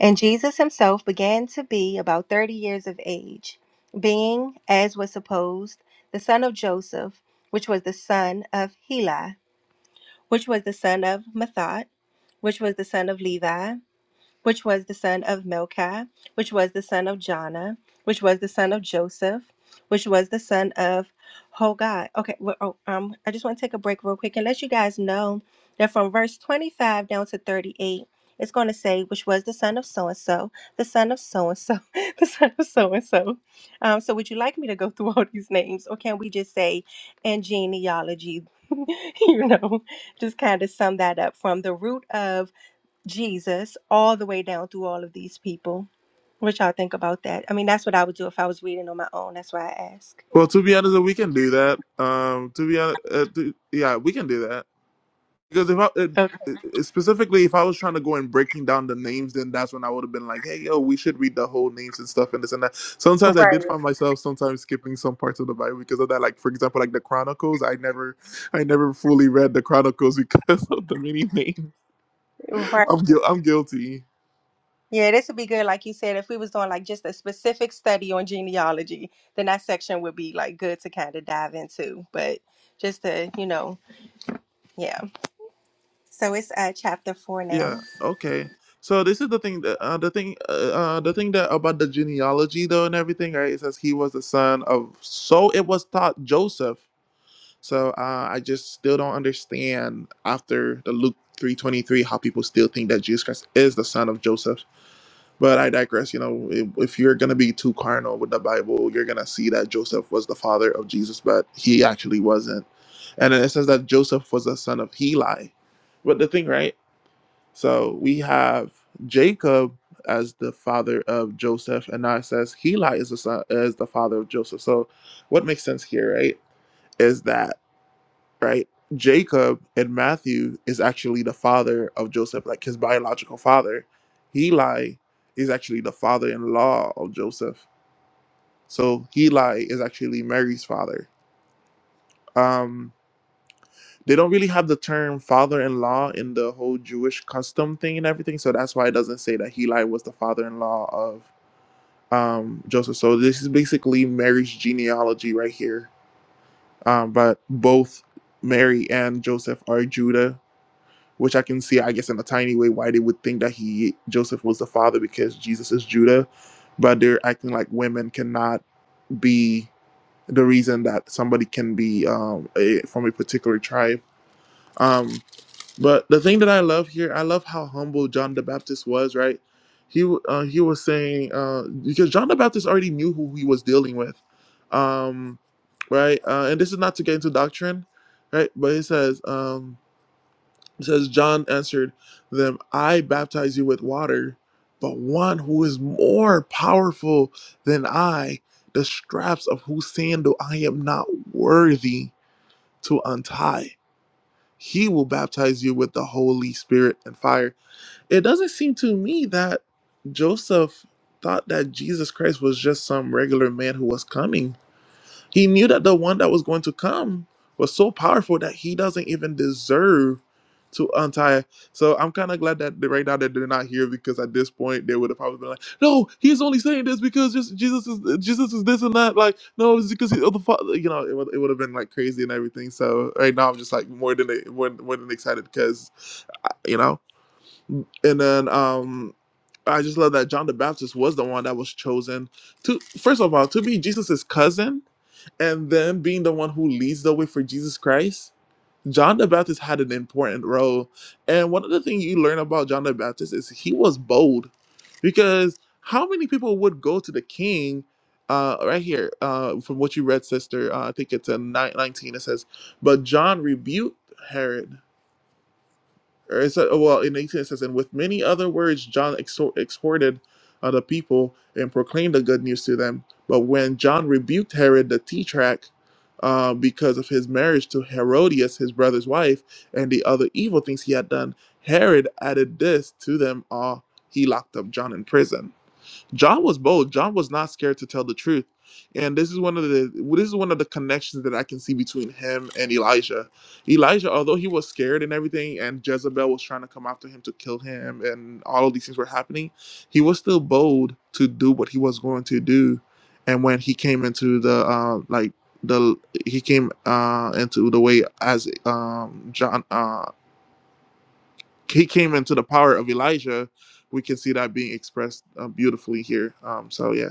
And Jesus himself began to be about 30 years of age, being, as was supposed, the son of Joseph, which was the son of Heli, which was the son of Mathod, which was the son of Levi which was the son of Melchi, which was the son of Jonah, which was the son of Joseph, which was the son of Hogad. Okay, well, oh, um, I just want to take a break real quick and let you guys know that from verse 25 down to 38, it's going to say, which was the son of so and so, the son of so and so, [laughs] the son of so and so. Um, so would you like me to go [laughs] through all these names, or can we just say, and genealogy, [laughs] you know, just kind of sum that up from the root of Jesus all the way down through all of these people. What y'all think about that? I mean, that's what I would do if I was reading on my own. That's why I ask. well, to be honest, we can do that. Um, to be honest, uh, to, yeah, we can do that. Because if I it, it- Okay. specifically, if I was trying to go and breaking down the names, then that's when I would have been like, "Hey, yo, we should read the whole names and stuff and this and that." Sometimes I did find myself sometimes skipping some parts of the Bible because of that. Like for example, like the Chronicles, I never, I never fully read the Chronicles because [laughs] of the many names. Right. I'm guil- I'm guilty. Yeah, this would be good, like you said, if we was doing like just a specific study on genealogy, then that section would be like good to kind of dive into. But just to, you know, yeah. So it's uh chapter four now. Yeah. Okay. So this is the thing that uh, the thing uh, uh, the thing that about the genealogy though and everything right it says he was the son of so it was thought Joseph So uh, I just still don't understand after the Luke 3:23 how people still think that Jesus Christ is the son of Joseph. But I digress. You know, if, if you're gonna be too carnal with the Bible, you're gonna see that Joseph was the father of Jesus, but he actually wasn't. And then it says that Joseph was the son of Heli. But the thing, right? So we have Jacob as the father of Joseph, and now it says Heli is the son is the father of Joseph. So what makes sense here, right? Is that right? Jacob and Matthew is actually the father of Joseph, like his biological father. Heli is actually the father in law of Joseph. So Heli is actually Mary's father. Um, they don't really have the term father in law in the whole Jewish custom thing and everything. So that's why it doesn't say that Heli was the father in law of um, Joseph. So this is basically Mary's genealogy right here. Um, but both Mary and Joseph are Judah which I can see, I guess, in a tiny way why they would think that he Joseph was the father because Jesus is Judah, but they're acting like women cannot be the reason that somebody can be um, a, from a particular tribe. Um, but the thing that I love here, I love how humble John the Baptist was. Right, he uh, he was saying uh, because John the Baptist already knew who he was dealing with, um, right? Uh, and this is not to get into doctrine, right? But he says. Um, it says, John answered them, I baptize you with water, but one who is more powerful than I, the straps of whose sandal I am not worthy to untie. He will baptize you with the Holy Spirit and fire. It doesn't seem to me that Joseph thought that Jesus Christ was just some regular man who was coming he knew that the one that was going to come was so powerful that he doesn't even deserve to untie. So I'm kind of glad that they- right now that they're not here because at this point they would have probably been like, "No, he's only saying this because just Jesus is Jesus is this and that." Like, no, it's because he, of the father. You know, it would it would have been like crazy and everything. So right now I'm just like more than more, more than excited because you know. And then um I just love that John the Baptist was the one that was chosen to first of all to be Jesus's cousin and then being the one who leads the way for Jesus Christ, John the Baptist had an important role. And one of the things you learn about John the Baptist is he was bold because how many people would go to the king? Uh, right here, uh, from what you read, sister, uh, I think it's a 19, it says, But John rebuked Herod or it said, oh, well, in 18 it says, and with many other words, John exhor- exhorted uh, the people and proclaimed the good news to them. But when John rebuked Herod the Tetrarch uh, because of his marriage to Herodias, his brother's wife, and the other evil things he had done, Herod added this to them all. He locked up John in prison. John was bold. John was not scared to tell the truth. And this is one of the this is one of the connections that I can see between him and Elijah. Elijah, although he was scared and everything, and Jezebel was trying to come after him to kill him, and all of these things were happening, he was still bold to do what he was going to do. And when he came into the uh, like the he came uh, into the way as um, John uh, he came into the power of Elijah, we can see that being expressed uh, beautifully here. Um, so yeah.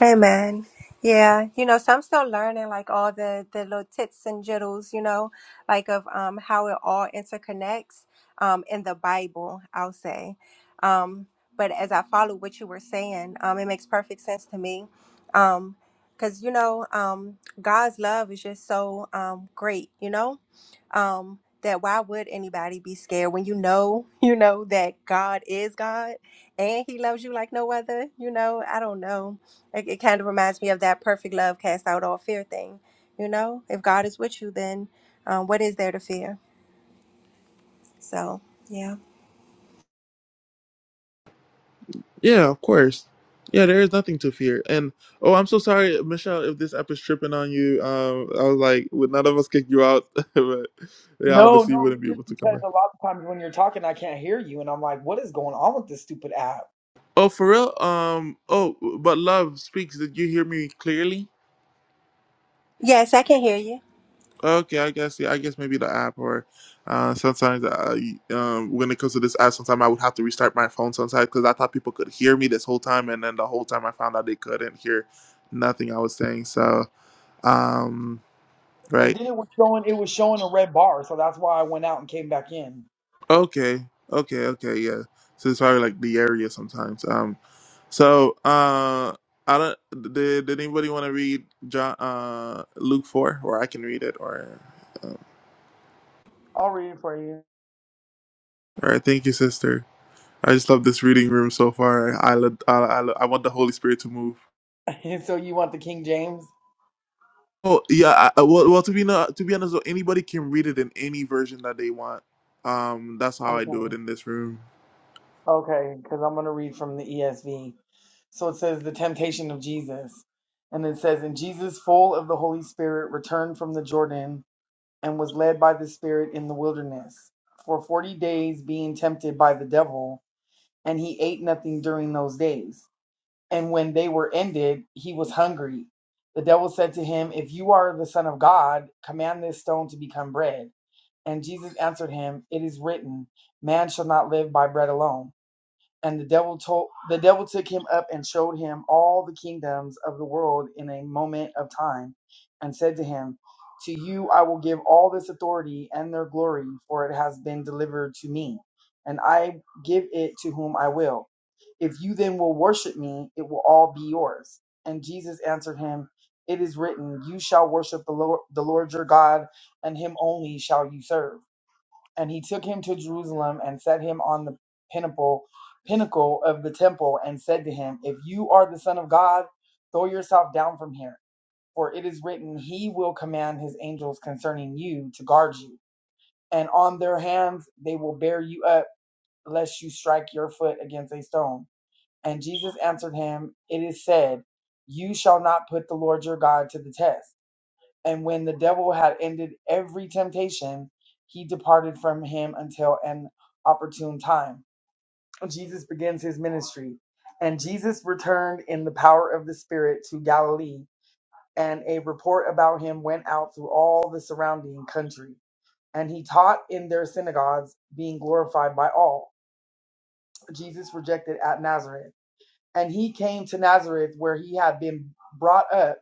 Amen. Yeah, you know, so I'm still learning like all the the little tits and jittles, you know, like of um how it all interconnects um in the Bible, I'll say. Um but as I follow what you were saying, um it makes perfect sense to me. Um cuz you know, um God's love is just so um great, you know? um that why would anybody be scared when you know [laughs] you know that god is god and he loves you like no other you know i don't know it, it kind of reminds me of that perfect love cast out all fear thing you know if god is with you then um, what is there to fear so yeah Yeah, of course. Yeah, there is nothing to fear. And oh, I'm so sorry, Michelle, if this app is tripping on you. Um, I was like, would none of us kick you out? [laughs] but yeah, No, obviously, you no, wouldn't it's be just able to come because back. a lot of times when you're talking, I can't hear you, and I'm like, "What is going on with this stupid app?" Oh, for real? Um, oh, but love speaks. Did you hear me clearly? yes i can hear you Okay, I guess yeah, I guess maybe the app or uh, sometimes uh, um, when it comes to this app, sometimes I would have to restart my phone sometimes because I thought people could hear me this whole time, and then the whole time I found out they couldn't hear nothing I was saying. So um, And right. then it was showing, it was showing a red bar, so that's why I went out and came back in. Okay, okay, okay, yeah. So it's probably like the area sometimes. Um, so uh, I don't. Did, did anybody want to read John, uh, Luke four, or I can read it, or, um, I'll read it for you. all right. Thank you, sister. I just love this reading room so far. I lo- I, I, lo- I want the Holy Spirit to move. [laughs] so you want the King James? Oh yeah. I, I- well, well, to be not, to be honest, though, anybody can read it in any version that they want. Um, that's how I Okay, do it in this room. okay, because I'm gonna read from the ESV. So it says the temptation of Jesus, and it says, "And Jesus, full of the Holy Spirit, returned from the Jordan and was led by the Spirit in the wilderness for forty days, being tempted by the devil." and he ate nothing during those days. And when they were ended, he was hungry. The devil said to him, If you are the Son of God, command this stone to become bread. And Jesus answered him, It is written, Man shall not live by bread alone and the devil told the devil took him up and showed him all the kingdoms of the world in a moment of time, and said to him, To you I will give all this authority and their glory, for it has been delivered to me, and I give it to whom I will. If you then will worship me, it will all be yours. And Jesus answered him, It is written, You shall worship the Lord, the Lord your God, and him only shall you serve and he took him to Jerusalem and set him on the pinnacle pinnacle of the temple and said to him, If you are the Son of God, throw yourself down from here, for it is written, He will command His angels concerning you to guard you, and on their hands they will bear you up, lest you strike your foot against a stone. And Jesus answered him, It is said, You shall not put the Lord your God to the test. And when the devil had ended every temptation, he departed from him until an opportune time. Jesus begins his ministry. And Jesus returned in the power of the Spirit to Galilee, and a report about him went out through all the surrounding country. And he taught in their synagogues, being glorified by all. Jesus rejected at Nazareth. And he came to Nazareth, where he had been brought up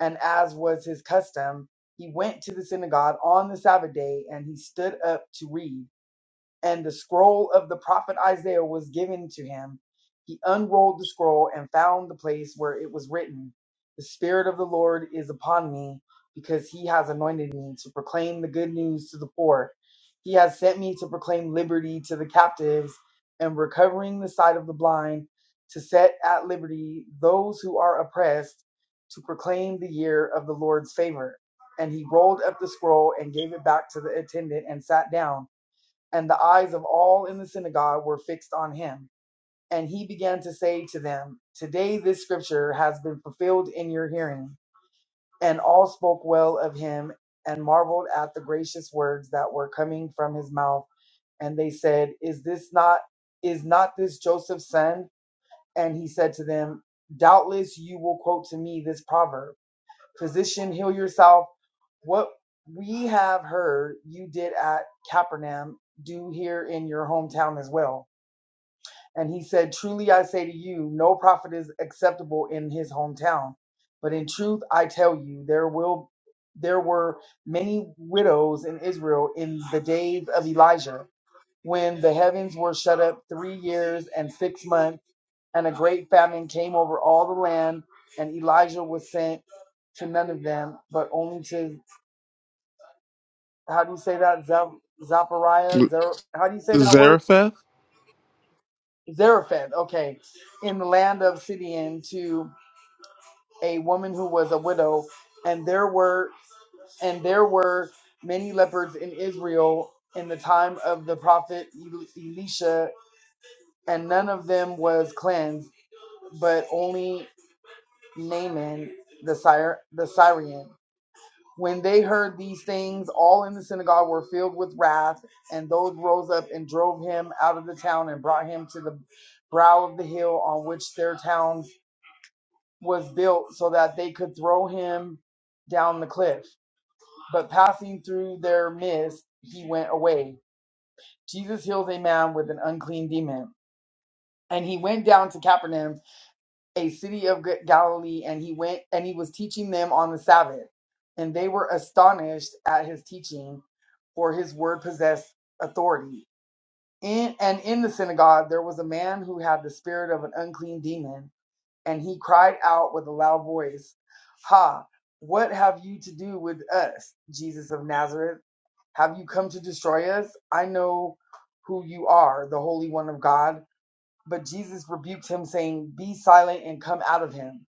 and as was his custom, he went to the synagogue on the Sabbath day and he stood up to read and the scroll of the prophet Isaiah was given to him. He unrolled the scroll and found the place where it was written, The Spirit of the Lord is upon me, because he has anointed me to proclaim the good news to the poor. He has sent me to proclaim liberty to the captives and recovering the sight of the blind, to set at liberty those who are oppressed, to proclaim the year of the Lord's favor. And he rolled up the scroll and gave it back to the attendant and sat down and the eyes of all in the synagogue were fixed on him. And he began to say to them, Today this scripture has been fulfilled in your hearing. And all spoke well of him and marveled at the gracious words that were coming from his mouth. And they said, Is this not is not this Joseph's son? And he said to them, Doubtless you will quote to me this proverb, Physician, heal yourself. What we have heard you did at Capernaum, do here in your hometown as well. And he said, Truly I say to you, no prophet is acceptable in his hometown. But in truth I tell you, there will there were many widows in Israel in the days of Elijah, when the heavens were shut up three years and six months, and a great famine came over all the land, and Elijah was sent to none of them, but only to how do you say that? Zap- Zapariah? Zer- how do you say that word? Zarephath. Zarephath. Okay, in the land of Sidon to a woman who was a widow, and there were and there were many lepers in Israel in the time of the prophet El- Elisha, and none of them was cleansed, but only Naaman the Syr- the Syrian. When they heard these things, all in the synagogue were filled with wrath, and those rose up and drove him out of the town and brought him to the brow of the hill on which their town was built, so that they could throw him down the cliff. But passing through their midst, he went away. Jesus heals a man with an unclean demon. And he went down to Capernaum, a city of Galilee, and he went and he was teaching them on the Sabbath. And they were astonished at his teaching, for his word possessed authority. In, and in the synagogue there was a man who had the spirit of an unclean demon and he cried out with a loud voice, Ha, what have you to do with us, Jesus of Nazareth? Have you come to destroy us? I know who you are, the Holy One of God. But Jesus rebuked him, saying, Be silent and come out of him.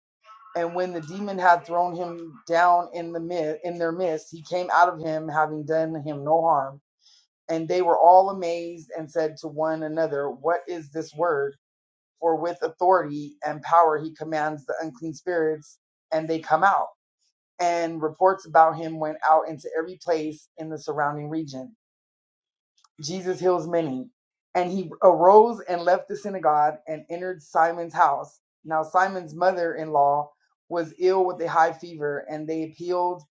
And when the demon had thrown him down in the mid, in their midst, he came out of him, having done him no harm. And they were all amazed and said to one another, What is this word? For with authority and power he commands the unclean spirits, and they come out. And reports about him went out into every place in the surrounding region. Jesus heals many. And he arose and left the synagogue and entered Simon's house. Now, Simon's mother in law was ill with a high fever, and they appealed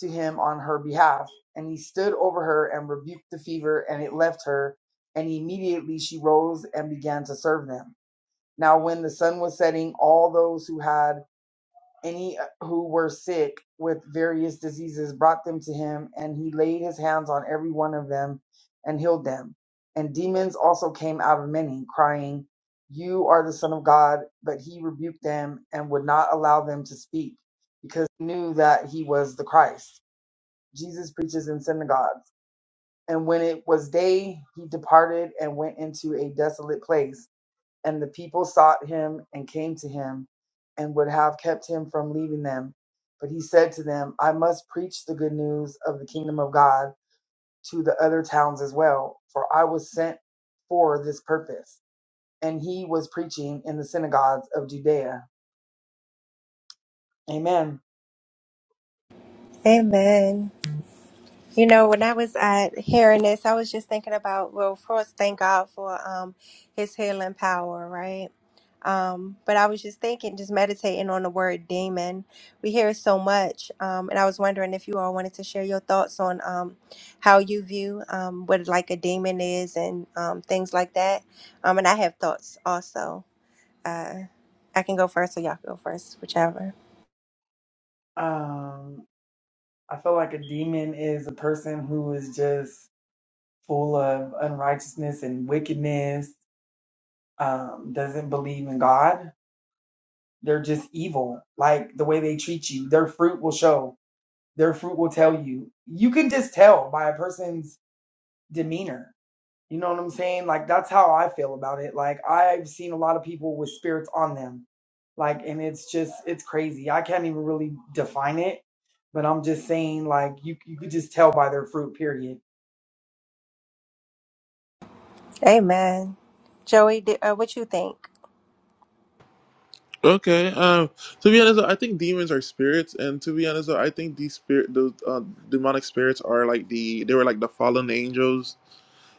to him on her behalf. And he stood over her and rebuked the fever, and it left her. And immediately she rose and began to serve them. Now, when the sun was setting, all those who had any who were sick with various diseases brought them to him, and he laid his hands on every one of them and healed them. And demons also came out of many, crying, You are the Son of God. But he rebuked them and would not allow them to speak, because he knew that he was the Christ. Jesus preaches in synagogues. And when it was day, he departed and went into a desolate place and the people sought him and came to him and would have kept him from leaving them. But he said to them, I must preach the good news of the kingdom of God to the other towns as well, for I was sent for this purpose. And he was preaching in the synagogues of Judea. Amen. amen You know, when I was at hearing this, I was just thinking about well, first thank God for um his healing power, right? Um, but I was just thinking, just meditating on the word demon. We hear it so much. Um, and I was wondering if you all wanted to share your thoughts on um how you view um what like a demon is and um things like that. Um and I have thoughts also. Uh I can go first or y'all can go first, whichever. Um, I feel like a demon is a person who is just full of unrighteousness and wickedness, um, doesn't believe in God They're just evil. Like the way they treat you, their fruit will show. Their fruit will tell you. You can just tell by a person's demeanor. You know what I'm saying? Like that's how I feel about it. Like I've seen a lot of people with spirits on them. Like and it's just it's crazy. I can't even really define it, but I'm just saying like you you could just tell by their fruit period. Amen. Joey, di- uh, what you think? Okay. Um. To be honest, I think demons are spirits, and to be honest, I think these spirit, the uh, demonic spirits are like the they were like the fallen angels.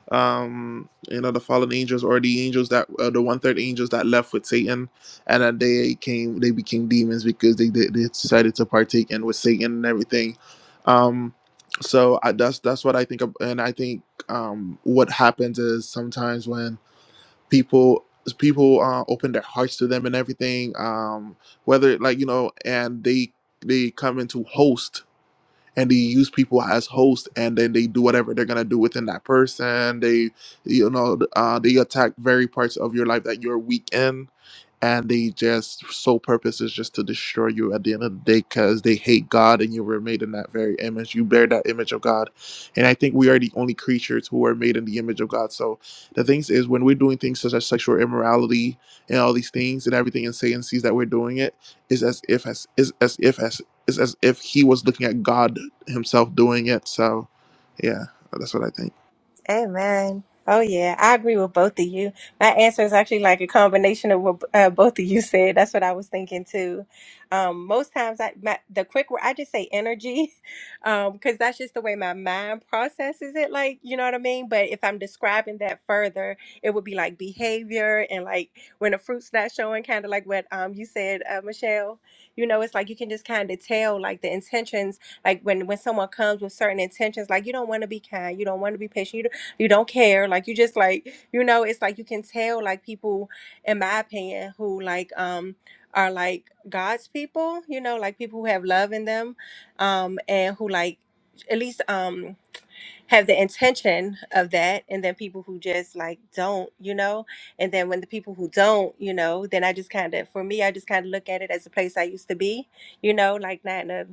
Um. You know, the fallen angels or the angels that uh, the one third angels that left with Satan, and then they came they became demons because they they, they decided to partake in with Satan and everything. Um. So I, that's that's what I think, of, and I think um what happens is sometimes when people people uh, open their hearts to them and everything um whether like you know and they they come into host and they use people as host and then they do whatever they're gonna do within that person they you know uh, they attack very parts of your life that you're weak in and they just sole purpose is just to destroy you at the end of the day because they hate God and you were made in that very image. You bear that image of God, and I think we are the only creatures who are made in the image of God. So the things is when we're doing things such as sexual immorality and all these things and everything and Satan sees that we're doing it is as if as is as if as is as if he was looking at God himself doing it. So yeah, that's what I think. Amen. Oh yeah, I agree with both of you. My answer is actually like a combination of what uh, both of you said. That's what I was thinking too. Um, most times, I my, the quick word I just say energy, [laughs] because that's just the way my mind processes it. Like you know what I mean. But if I'm describing that further, it would be like behavior and like when the fruit's not showing, kind of like what um you said, uh, Michelle. You know, it's like you can just kind of tell like the intentions like when when someone comes with certain intentions like you don't want to be kind you don't want to be patient you. don't you don't care like you just like you know it's like you can tell like people in my opinion who like um are like god's people you know like people who have love in them um and who like at least um have the intention of that and then people who just like don't you know and then when the people who don't you know then i just kind of for me i just kind of look at it as a place i used to be you know like not in a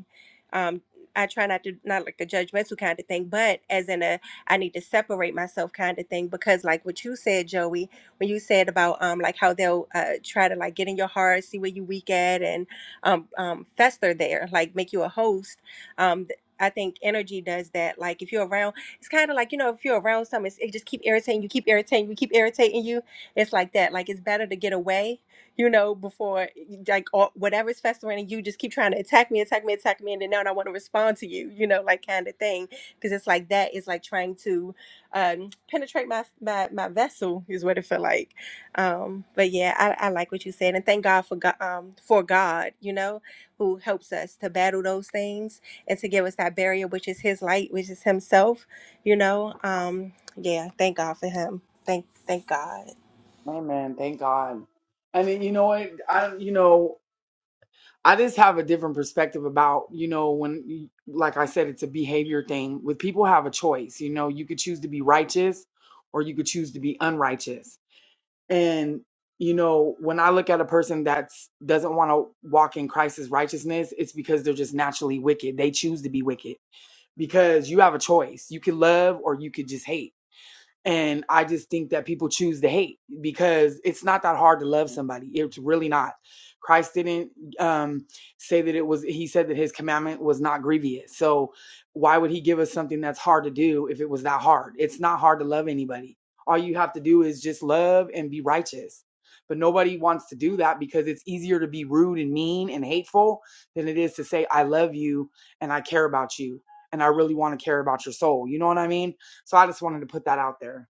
um i try not to not like a judgmental kind of thing but as in a i need to separate myself kind of thing because like what you said joey when you said about um like how they'll uh try to like get in your heart see where you weak at and um um fester there like make you a host um I think energy does that. Like if you're around it's kind of like you know if you're around something it's, it just keep irritating you keep irritating you keep irritating you it's like that like it's better to get away you know before like or whatever's festering in you just keep trying to attack me attack me attack me and then now i want to respond to you you know like kind of thing because it's like that is like trying to um penetrate my my, my vessel is what it felt like um but yeah I, I like what you said and thank god for god um for god you know who helps us to battle those things and to give us that barrier, which is His light, which is Himself you know, um, yeah, thank God for him. Thank thank God. Amen. Thank God. And then, you know what? I you know. I just have a different perspective about, you know, when, like I said, it's a behavior thing. With people have a choice, you know, you could choose to be righteous or you could choose to be unrighteous. And, you know, when I look at a person that doesn't want to walk in Christ's righteousness, it's because they're just naturally wicked. They choose to be wicked because you have a choice. You can love or you could just hate and I just think that people choose to hate because it's not that hard to love somebody. It's really not. Christ didn't um, say that it was, he said that his commandment was not grievous. So why would he give us something that's hard to do if it was that hard? It's not hard to love anybody. All you have to do is just love and be righteous. But nobody wants to do that because it's easier to be rude and mean and hateful than it is to say, I love you and I care about you and I really want to care about your soul. You know what I mean? So I just wanted to put that out there.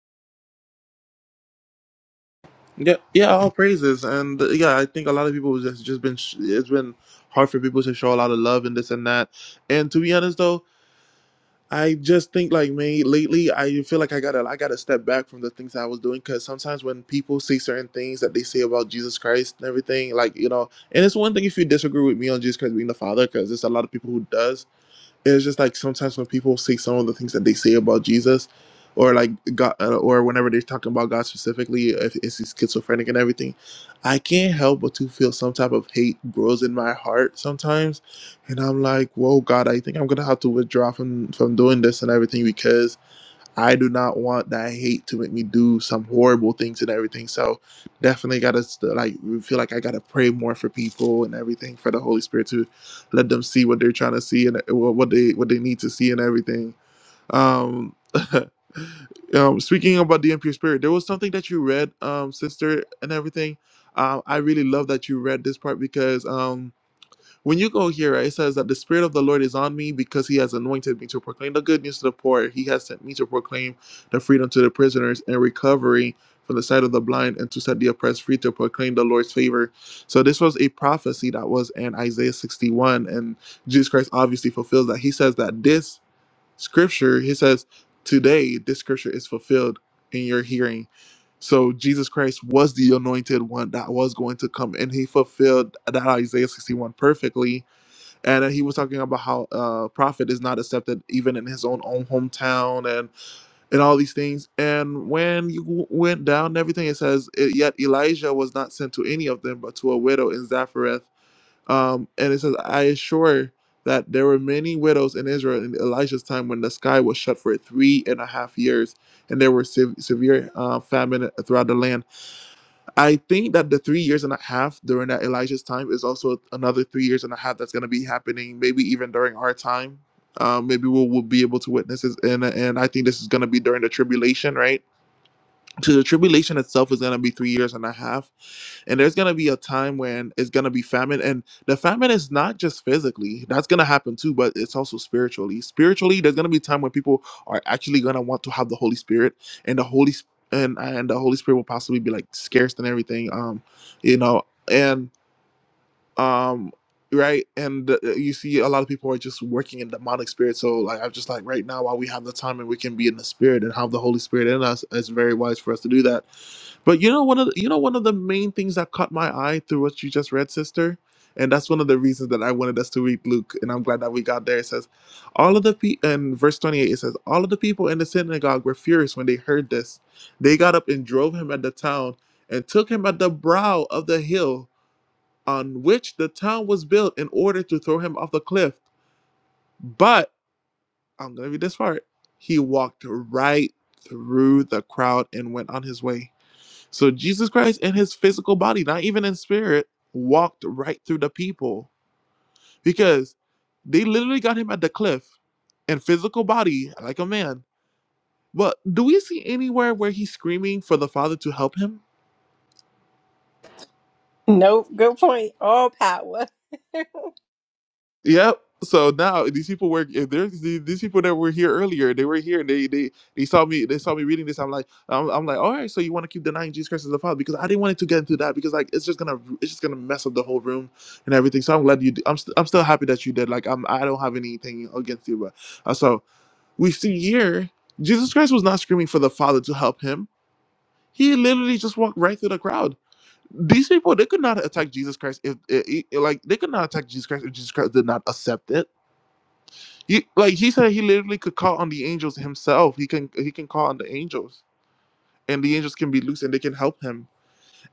Yeah, yeah, all praises, and uh, yeah, I think a lot of people has just been sh- it's been hard for people to show a lot of love and this and that. And to be honest, though, I just think like me lately, I feel like I gotta I gotta step back from the things I was doing because sometimes when people say certain things that they say about Jesus Christ and everything, like you know, and it's one thing if you disagree with me on Jesus Christ being the Father because there's a lot of people who does, and it's just like sometimes when people say some of the things that they say about Jesus, or like God, uh, or whenever they're talking about God specifically, if it's he's schizophrenic and everything, I can't help but to feel some type of hate grows in my heart sometimes, and I'm like, whoa, God, I think I'm gonna have to withdraw from from doing this and everything because I do not want that hate to make me do some horrible things and everything. So definitely gotta st- like feel like I gotta pray more for people and everything for the Holy Spirit to let them see what they're trying to see and uh, what they what they need to see and everything. Um, [laughs] um speaking about the impure spirit, there was something that you read, um, sister, and everything. Um, I really love that you read this part because um when you go here, right, it says that the Spirit of the Lord is on me because He has anointed me to proclaim the good news to the poor. He has sent me to proclaim the freedom to the prisoners and recovery from the sight of the blind and to set the oppressed free to proclaim the Lord's favor. So this was a prophecy that was in Isaiah 61, and Jesus Christ obviously fulfills that. He says that this scripture, He says, today this scripture is fulfilled in your hearing. So Jesus Christ was the anointed one that was going to come, and He fulfilled that Isaiah 61 perfectly and then he was talking about how uh prophet is not accepted even in his own own hometown and and all these things and when you w- went down and everything it says "It- yet elijah was not sent to any of them but to a widow in zaphareth um and it says i assure that there were many widows in israel in elijah's time when the sky was shut for three and a half years and there were sev severe uh, famine throughout the land I think that the three years and a half during that Elijah's time is also another three years and a half that's going to be happening, maybe even during our time. Um, maybe we'll, we'll be able to witness this. And, and I think this is going to be during the tribulation, right? So the tribulation itself is going to be three years and a half. And there's going to be a time when it's going to be famine. And the famine is not just physically, that's going to happen too, but it's also spiritually. Spiritually, there's going to be a time when people are actually going to want to have the Holy Spirit and the Holy Spirit. And, and the Holy Spirit will possibly be like scarce and everything, um, you know. And um right and uh, you see a lot of people are just working in demonic spirit so like i'm just like right now while we have the time and we can be in the spirit and have the holy spirit in us it's very wise for us to do that but you know one of the, you know one of the main things that caught my eye through what you just read sister and that's one of the reasons that i wanted us to read luke and i'm glad that we got there it says all of the pe in verse 28 it says all of the people in the synagogue were furious when they heard this they got up and drove him at the town and took him at the brow of the hill on which the town was built in order to throw him off the cliff. But I'm going to read this part. He walked right through the crowd and went on his way. So Jesus Christ in his physical body, not even in spirit, walked right through the people because they literally got him at the cliff in physical body like a man. But do we see anywhere where he's screaming for the Father to help him? Nope. Good point. All power. [laughs] Yep. So now these people were if there's these, these people that were here earlier, they were here and they they they saw me they saw me reading this. I'm like I'm, I'm like all right. So you want to keep denying Jesus Christ as the Father because I didn't want it to get into that because like it's just gonna it's just gonna mess up the whole room and everything. So I'm glad you. i am I'm st- I'm still happy that you did. Like I'm I don't have anything against you, but uh, so we see here Jesus Christ was not screaming for the Father to help him. He literally just walked right through the crowd. These people, they could not attack Jesus Christ if, i i like, they could not attack Jesus Christ if Jesus Christ did not accept it he, like he said, he literally could call on the angels himself. He can he can call on the angels, and the angels can be loose and they can help him.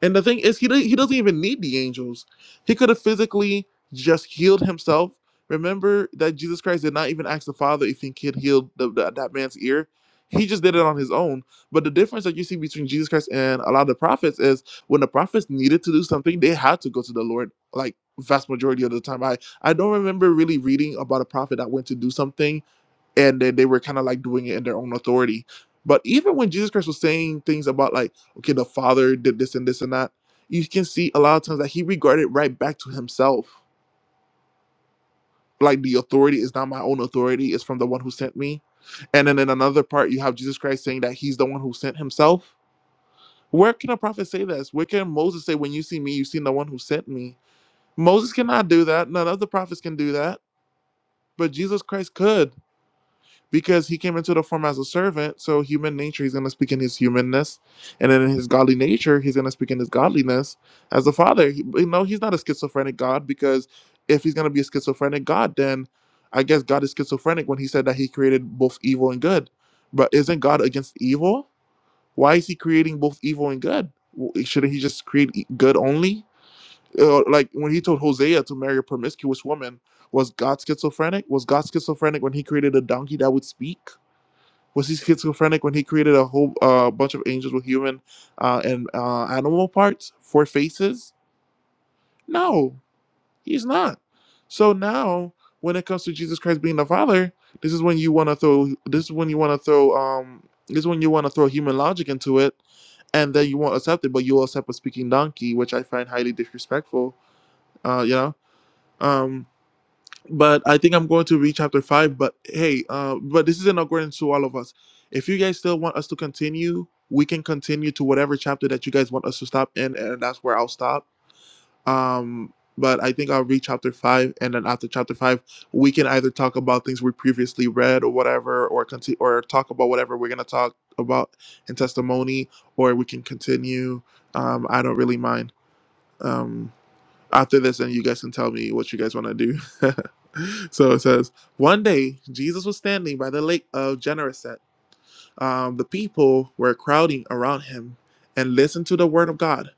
And the thing is, he don't- he doesn't even need the angels. He could have physically just healed himself. Remember that Jesus Christ did not even ask the Father if he could heal the, the- that man's ear. He just did it on his own. But the difference that you see between Jesus Christ and a lot of the prophets is when the prophets needed to do something, they had to go to the Lord. Like vast majority of the time, I I don't remember really reading about a prophet that went to do something and then they were kind of like doing it in their own authority. But even when Jesus Christ was saying things about like, okay, the Father did this and this and that, you can see a lot of times that he regarded right back to himself. Like the authority is not my own authority; it's from the one who sent me. And then in another part, you have Jesus Christ saying that he's the one who sent himself. Where can a prophet say this? Where can Moses say, "When you see me, you've seen the one who sent me"? Moses cannot do that. None of the prophets can do that, but Jesus Christ could. because he came into the form as a servant. So human nature, he's going to speak in his humanness, and then in his godly nature, he's going to speak in his godliness as the Father. He, you know, he's not a schizophrenic God because if he's going to be a schizophrenic God, then I guess God is schizophrenic when he said that he created both evil and good. But isn't God against evil? Why is he creating both evil and good? W- Shouldn't he just create e- good only? Uh, like when he told Hosea to marry a promiscuous woman, was God schizophrenic? Was God schizophrenic when he created a donkey that would speak? Was he schizophrenic when he created a whole uh, bunch of angels with human uh, and uh, animal parts, four faces? No, he's not. So now, when it comes to Jesus Christ being the Father, this is when you want to throw. This is when you want to throw. Um, this is when you want to throw human logic into it, and then you won't accept it, but you'll accept a speaking donkey, which I find highly disrespectful. Uh, you know. Um, but I think I'm going to read chapter five. But hey, uh, but this is an accordance to all of us. If you guys still want us to continue, we can continue to whatever chapter that you guys want us to stop in, and that's where I'll stop. Um, but I think I'll read chapter five, and then after chapter five, we can either talk about things we previously read or whatever, or continue or talk about whatever we're gonna talk about in testimony, or we can continue. Um, I don't really mind. Um, after this, then you guys can tell me what you guys want to do. [laughs] so it says, One day, Jesus was standing by the lake of Gennesaret. Um, the people were crowding around him and listened to the word of God.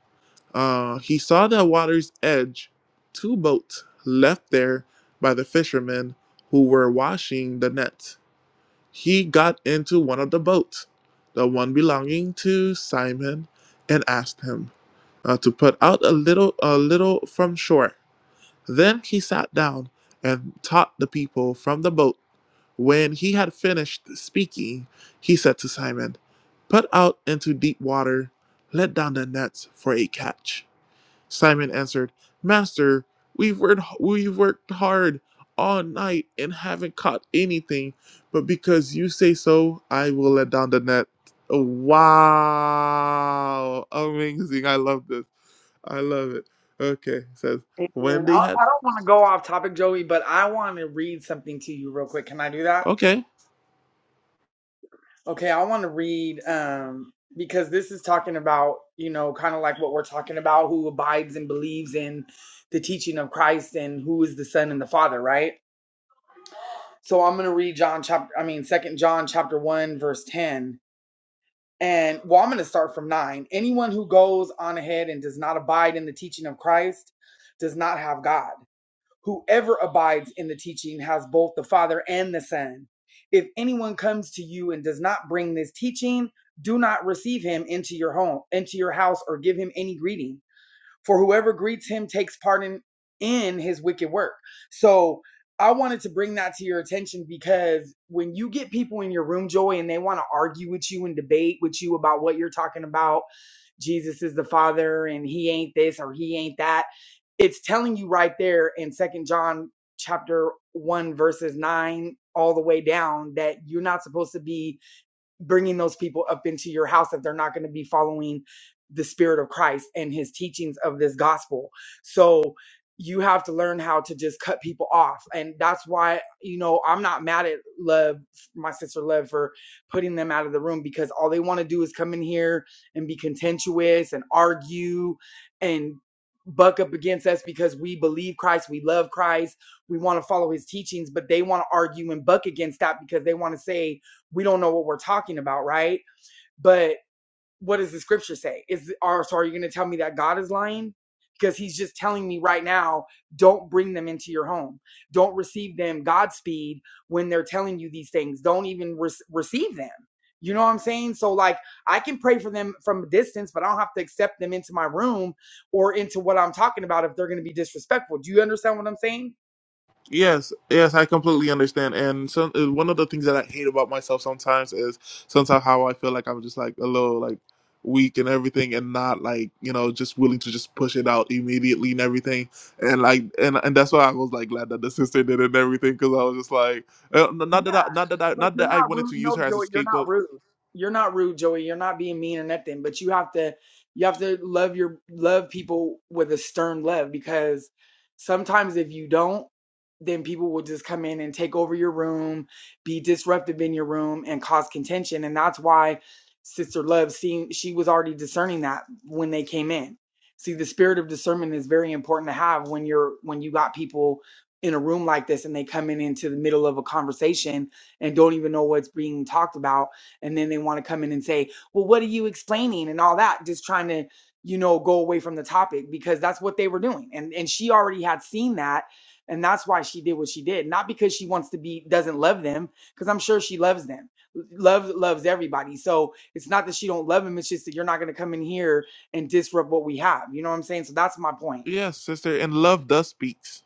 Uh, he saw the water's edge two boats left there by the fishermen who were washing the net. He got into one of the boats, the one belonging to Simon, and asked him uh, to put out a little, a little from shore then he sat down and taught the people from the boat. When he had finished speaking, he said to Simon, Put out into deep water, let down the nets for a catch. Simon answered, Master, we've worked, we've worked hard all night and haven't caught anything, but because you say so, I will let down the net. Wow! Amazing. I love this. I love it. Okay, it says, And when I, they had I don't want to go off topic, Joey, but I want to read something to you real quick. Can I do that? Okay. Okay, I want to read um, because this is talking about, you know, kind of like what we're talking about who abides and believes in the teaching of Christ and who is the Son and the Father, right? So I'm going to read John chapter, I mean, Second John chapter 1, verse 10. And well, I'm going to start from 9. Anyone who goes on ahead and does not abide in the teaching of Christ does not have God Whoever abides in the teaching has both the Father and the Son. If anyone comes to you and does not bring this teaching, do not receive him into your home, into your house, or give him any greeting for whoever greets him takes part in, in his wicked work. So I wanted to bring that to your attention because when you get people in your room, Joy, and they want to argue with you and debate with you about what you're talking about, Jesus is the Father and he ain't this or he ain't that. It's telling you right there in Second John chapter 1 verses 9 all the way down that you're not supposed to be bringing those people up into your house if they're not going to be following the spirit of Christ and his teachings of this gospel. So you have to learn how to just cut people off. And that's why, you know, I'm not mad at Love, my sister Love, for putting them out of the room because all they want to do is come in here and be contentious and argue and buck up against us because we believe Christ, we love Christ, we want to follow his teachings, but they want to argue and buck against that because they want to say we don't know what we're talking about, right? But what does the scripture say? Is or so are you going to tell me that God is lying? Because he's just telling me right now, don't bring them into your home. Don't receive them Godspeed when they're telling you these things. Don't even re- receive them. You know what I'm saying? So, like, I can pray for them from a distance, but I don't have to accept them into my room or into what I'm talking about if they're going to be disrespectful. Do you understand what I'm saying? Yes. Yes, I completely understand. And so, uh, one of the things that I hate about myself sometimes is sometimes how I feel like I'm just like a little like weak and everything, and not like you know just willing to just push it out immediately and everything. And like and and that's why I was like glad that the sister did it and everything because I was just like uh, not that I, not that I, But not you're that I not wanted rude. to use No, her as a Joey, you're not scapegoat. rude. You're not rude, Joey. You're not being mean or nothing. But you have to, you have to love your love people with a stern love because sometimes if you don't, then people will just come in and take over your room, be disruptive in your room, and cause contention. And that's why Sister Love seen she was already discerning that when they came in. See, the spirit of discernment is very important to have when you're when you got people in a room like this and they come in into the middle of a conversation and don't even know what's being talked about. And then they want to come in and say, well, what are you explaining and all that, just trying to, you know, go away from the topic because that's what they were doing. And and she already had seen that. And that's why she did what she did. Not because she wants to be doesn't love them, because I'm sure she loves them. Love loves everybody. So it's not that she don't love them, it's just that you're not gonna come in here and disrupt what we have. You know what I'm saying? So that's my point. Yes, sister. And love does speaks.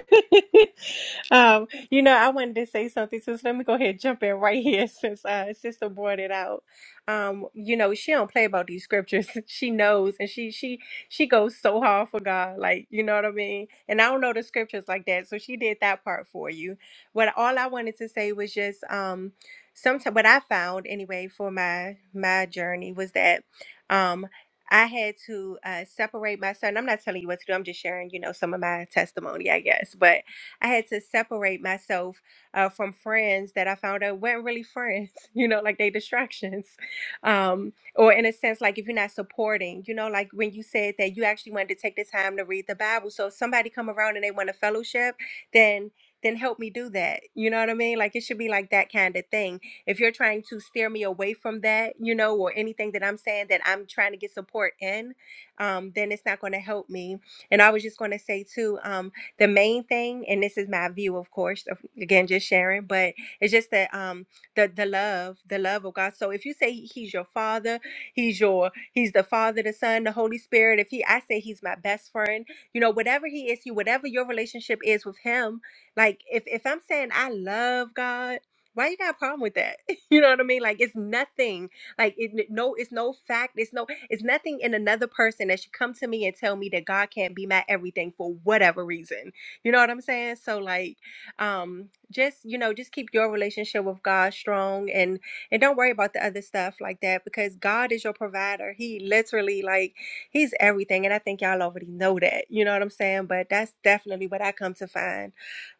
[laughs] um, you know, I wanted to say something, so let me go ahead and jump in right [laughs] here since uh sister brought it out. Um, you know, she don't play about these scriptures. [laughs] She knows and she she she goes so hard for God, like you know what I mean? And I don't know the scriptures like that, so she did that part for you. What all I wanted to say was just um sometimes what I found anyway for my my journey was that um I had to uh, separate my son. I'm not telling you what to do. I'm just sharing, you know, some of my testimony, I guess. But I had to separate myself uh, from friends that I found out weren't really friends, [laughs] you know, like they distractions. Um, or in a sense, like if you're not supporting, you know, like when you said that you actually wanted to take the time to read the Bible. So if somebody come around and they want a fellowship, then then help me do that. You know what I mean? Like it should be like that kind of thing if you're trying to steer me away from that, you know, or anything that I'm saying that I'm trying to get support in, um, then it's not going to help me. And I was just going to say, too, um, the main thing, and this is my view, of course, of- again, just sharing, but it's just that um, the, the love, the love of God. So if you say He's your Father, He's your, He's the Father, the Son, the Holy Spirit, if He, I say He's my best friend, you know, whatever He is, you, whatever your relationship is with Him, like if, if I'm saying I love God, why you got a problem with that? [laughs] You know what I mean? Like it's nothing. Like it, no, it's no fact. It's no, it's nothing in another person that should come to me and tell me that God can't be my everything for whatever reason. You know what I'm saying? So like, um, just you know, just keep your relationship with God strong and and don't worry about the other stuff like that because God is your provider. He literally like he's everything, and I think y'all already know that. You know what I'm saying? But that's definitely what I come to find.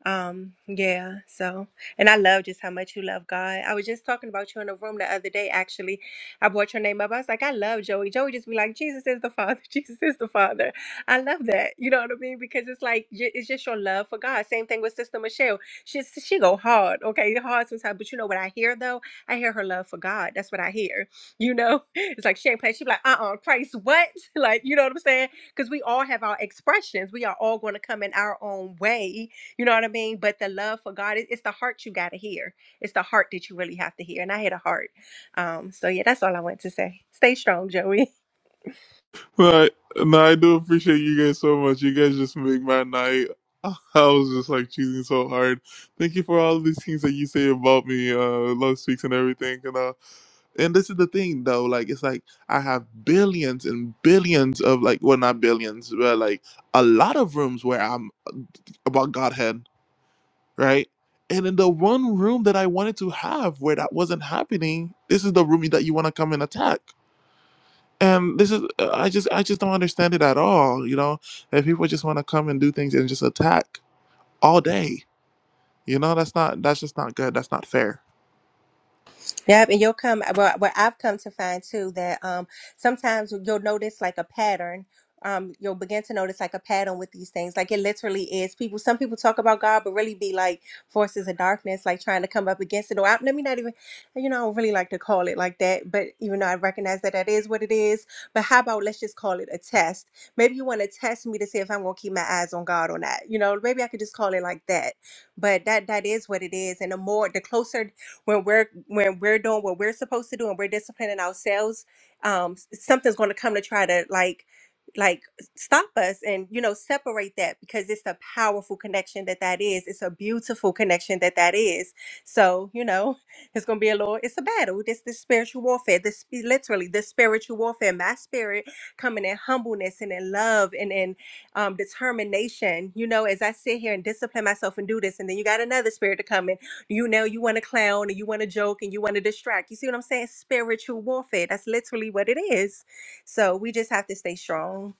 Um, yeah. So. And I love just how much you love God. I was just talking about you in the room the other day, actually. I brought your name up. I was like, I love Joey. Joey just be like, Jesus is the Father. [laughs] Jesus is the Father. I love that. You know what I mean? Because it's like, ju- it's just your love for God. Same thing with Sister Michelle. She, she go hard, okay? Hard sometimes. But you know what I hear, though? I hear her love for God. That's what I hear. You know? [laughs] It's like, she ain't playing. She be like, uh-uh, Christ, what? [laughs] Like, you know what I'm saying? Because we all have our expressions. We are all going to come in our own way you know what I mean? But the love for God, it- it's the heart you got to hear. It's the heart that you really have to hear. And I had a heart. Um, so, yeah, that's all I want to say. Stay strong, Joey. Right. No, I do appreciate you guys so much. You guys just make my night. [laughs] I was just like choosing so hard. Thank you for all these things that you say about me, uh, love speaks and everything. And uh, and this is the thing though, like it's like I have billions and billions of like, well, not billions, but like a lot of rooms where I'm about Godhead, right? And in the one room that I wanted to have where that wasn't happening, this is the room that you want to come and attack and this is uh, i just i just don't understand it at all you know If people just want to come and do things and just attack all day you know that's not that's just not good that's not fair Yep, and you'll come. uh, Well, what I've come to find too that um, sometimes you'll notice like a pattern. Um, you'll begin to notice like a pattern with these things. Like it literally is people. Some people talk about God, but really be like forces of darkness, like trying to come up against it. Or I, let me not even, you know, I don't really like to call it like that. But even though I recognize that that is what it is, but how about let's just call it a test? Maybe you want to test me to see if I'm gonna keep my eyes on God or not. You know, maybe I could just call it like that. But that that is what it is. And the more, the closer when we're when we're doing what we're supposed to do and we're disciplining ourselves, um, s- something's going to come to try to like like stop us and you know separate that because it's a powerful connection that that is it's a beautiful connection that that is so you know [laughs] it's gonna be a little it's a battle this this spiritual warfare this literally the spiritual warfare my spirit coming in humbleness and in love and in um, determination. You know, as I sit here and discipline myself and do this, and then you got another spirit to come in you know you want to clown and you want to joke and you want to distract you see what i'm saying spiritual warfare that's literally what it is so we just have to stay strong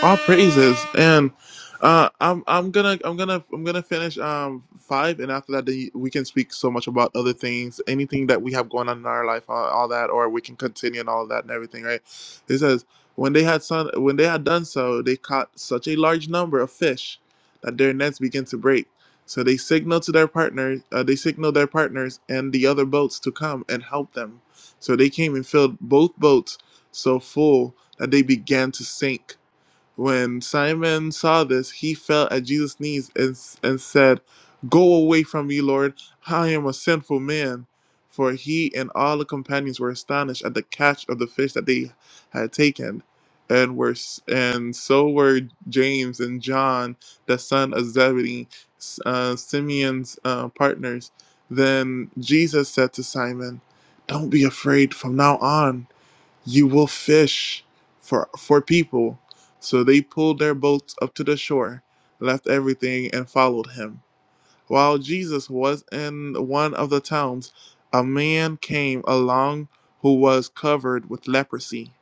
All praises, and uh, I'm I'm gonna I'm gonna I'm gonna finish um five, and after that then we can speak so much about other things, anything that we have going on in our life, all, all that, or we can continue and all that and everything, right? It says when they had son when they had done so, they caught such a large number of fish that their nets began to break. So they signaled to their partners, uh, they signaled their partners and the other boats to come and help them. So they came and filled both boats so full that they began to sink. When Simon saw this, he fell at Jesus' knees and, and said, Go away from me, Lord, I am a sinful man. For he and all the companions were astonished at the catch of the fish that they had taken, and were and so were James and John, the son of Zebedee, uh, Simeon's uh, partners. Then Jesus said to Simon, "Don't be afraid. From now on, you will fish for for people. So they pulled their boats up to the shore, left everything, and followed him. While Jesus was in one of the towns, a man came along who was covered with leprosy.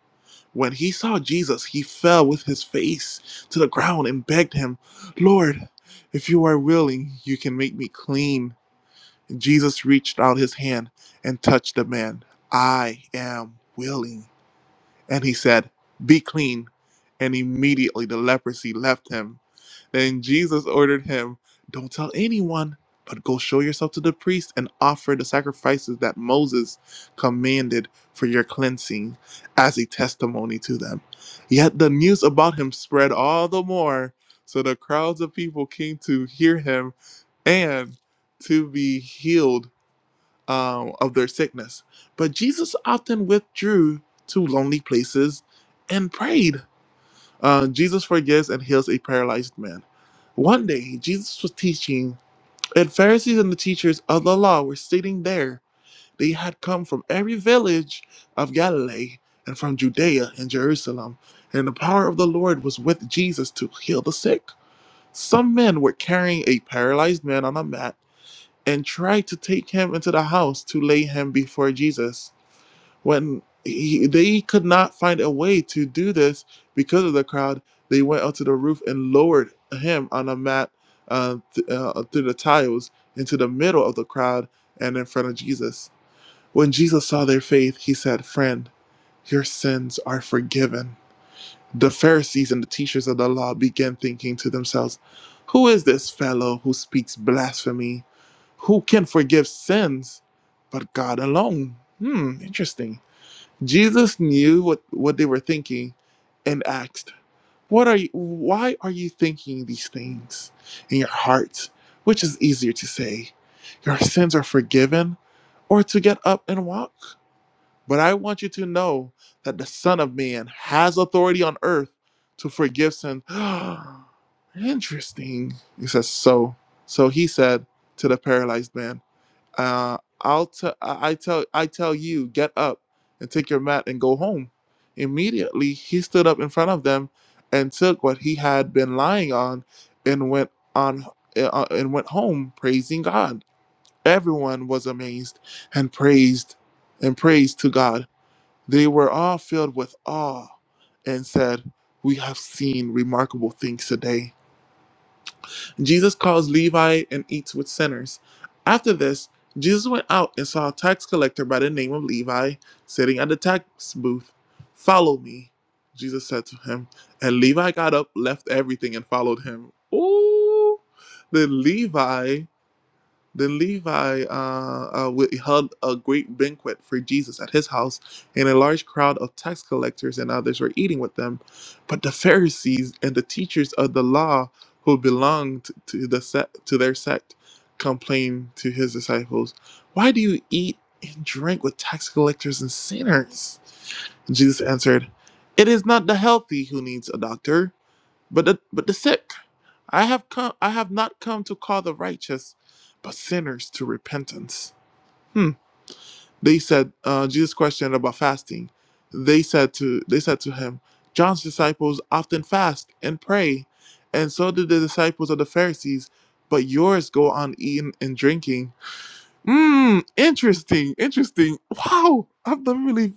When he saw Jesus, he fell with his face to the ground and begged him, Lord, if you are willing, you can make me clean. Jesus reached out his hand and touched the man. I am willing and he said, Be clean. And immediately the leprosy left him. Then Jesus ordered him, Don't tell anyone, but go show yourself to the priest and offer the sacrifices that Moses commanded for your cleansing as a testimony to them. Yet the news about him spread all the more. So the crowds of people came to hear him and to be healed um, of their sickness. But Jesus often withdrew to lonely places and prayed. Uh, Jesus forgives and heals a paralyzed man. One day, Jesus was teaching, and Pharisees and the teachers of the law were sitting there. They had come from every village of Galilee and from Judea and Jerusalem, and the power of the Lord was with Jesus to heal the sick. Some men were carrying a paralyzed man on a mat and tried to take him into the house to lay him before Jesus. When he, they could not find a way to do this because of the crowd, they went out to the roof and lowered him on a mat uh, th- uh, through the tiles into the middle of the crowd and in front of Jesus. When Jesus saw their faith, he said, Friend, your sins are forgiven. The Pharisees and the teachers of the law began thinking to themselves, Who is this fellow who speaks blasphemy? Who can forgive sins but God alone? Hmm, interesting. Jesus knew what, what they were thinking and asked, What are you why are you thinking these things in your hearts? Which is easier to say, Your sins are forgiven, or to get up and walk? But I want you to know that the Son of Man has authority on earth to forgive sins. [gasps] Interesting. He says, so. So he said to the paralyzed man, uh, I'll t- I I tell I tell you, get up and take your mat and go home. Immediately he stood up in front of them and took what he had been lying on and went on uh, uh, and went home praising God. Everyone was amazed and praised and praised to God. They were all filled with awe and said, We have seen remarkable things today. Jesus calls Levi and eats with sinners. After this, Jesus went out and saw a tax collector by the name of Levi sitting at the tax booth. Follow me, Jesus said to him. And Levi got up, left everything, and followed him. Ooh, the Levi. Then Levi uh, uh, held a great banquet for Jesus at his house, and a large crowd of tax collectors and others were eating with them. But the Pharisees and the teachers of the law, who belonged to the sect, to their sect, complained to his disciples, "Why do you eat and drink with tax collectors and sinners?" Jesus answered, "It is not the healthy who needs a doctor, but the, but the sick." I have come I have not come to call the righteous, but sinners to repentance. Hmm. They said uh, Jesus questioned about fasting. They said to they said to him, John's disciples often fast and pray, and so did the disciples of the Pharisees, but yours go on eating and drinking. Hmm, interesting, interesting. Wow, I've never really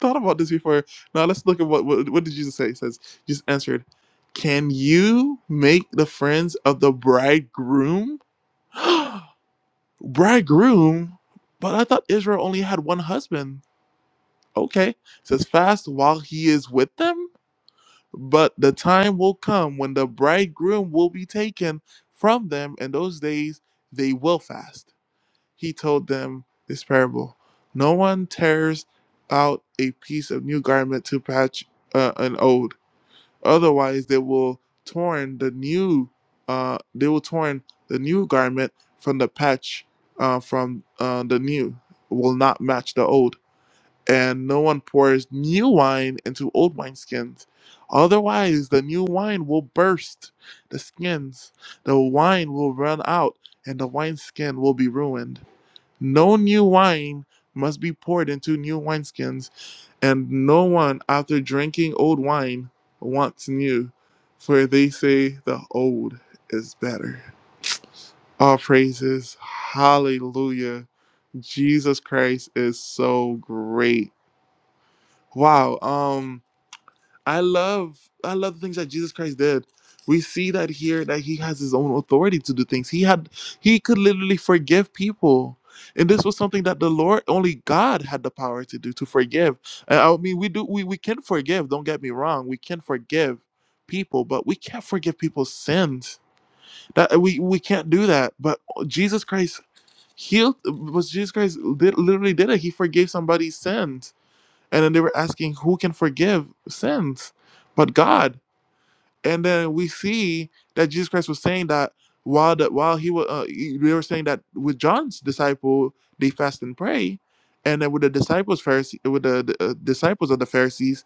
thought about this before. Now let's look at what what, what did Jesus say? He says, Jesus answered, Can you make the friends of the bridegroom? [gasps] bridegroom? But I thought Israel only had one husband. Okay. It says fast while he is with them, but the time will come when the bridegroom will be taken from them, and those days they will fast he told them this parable No one tears out a piece of new garment to patch uh, an old. Otherwise, they will torn the new uh, they will torn the new garment from the patch uh, from uh, the new will not match the old. And no one pours new wine into old wineskins. Otherwise, the new wine will burst the skins, the wine will run out, and the wineskin will be ruined. No new wine must be poured into new wineskins, and no one after drinking old wine wants new, for they say the old is better. All praises, hallelujah. Jesus Christ is so great. Wow. Um I love I love the things that Jesus Christ did. We see that here that he has his own authority to do things. He had he could literally forgive people. And this was something that the Lord only God had the power to do to forgive. And I mean we do we, we can forgive, don't get me wrong. We can forgive people, but we can't forgive people's sins. That we we can't do that. But Jesus Christ healed was Jesus Christ did, literally did it. He forgave somebody's sins and then they were asking who can forgive sins but God. And then we see that Jesus Christ was saying that while the, while he was uh, he- they were saying that with John's disciple they fast and pray, and then with the disciples Pharisee with the, the uh, disciples of the Pharisees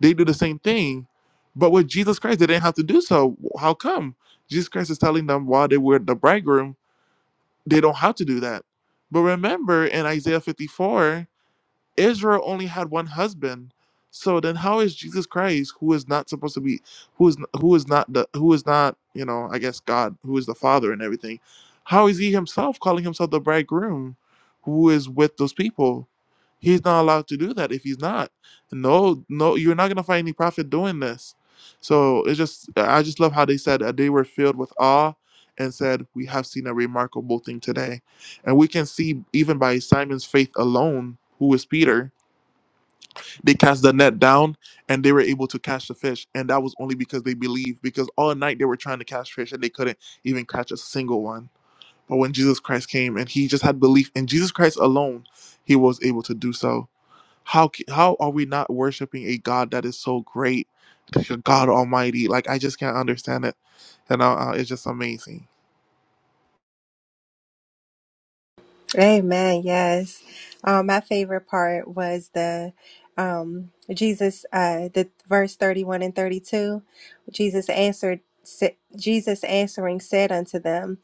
they do the same thing, but with Jesus Christ they didn't have to do so. How come Jesus Christ is telling them while they were the bridegroom they don't have to do that? But remember in Isaiah 54 Israel only had one husband. So then how is Jesus Christ, who is not supposed to be who is who is not the who is not, you know, I guess God, who is the father and everything, how is he himself calling himself the bridegroom who is with those people? He's not allowed to do that if he's not. No, no, you're not gonna find any prophet doing this. So it's just I just love how they said that they were filled with awe and said, We have seen a remarkable thing today. And we can see even by Simon's faith alone who was Peter, they cast the net down and they were able to catch the fish. And that was only because they believed, because all night they were trying to catch fish and they couldn't even catch a single one. But when Jesus Christ came and he just had belief in Jesus Christ alone, he was able to do so. How, ca- how are we not worshiping a God that is so great, like a God Almighty? Like, I just can't understand it. And uh, uh, it's just amazing. Amen. Yes. Um, my favorite part was the um, Jesus, uh, the verse 31 and 32. Jesus answered, sa- Jesus answering said unto them,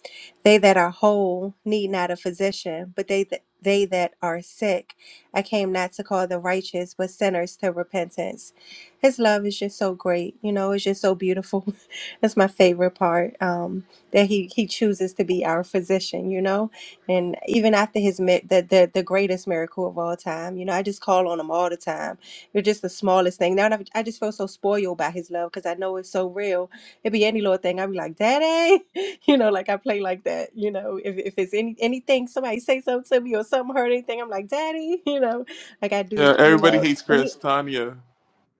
They that are whole need not a physician, but they that they that are sick. I came not to call the righteous, but sinners to repentance. His love is just so great. You know, it's just so beautiful. [laughs] That's my favorite part. Um, that he, he chooses to be our physician, you know? And even after his mi- the, the the greatest miracle of all time, you know, I just call on him all the time. You're just the smallest thing. Now I I just feel so spoiled by his love because I know it's so real. It'd be any little thing. I'd be like, Daddy, [laughs] you know, like I play like that. You know, if if it's any anything, somebody say something to me or something hurt anything, I'm like, Daddy, [laughs] you know, like I do, Yeah, you everybody know. hates And Chris, he- Tanya.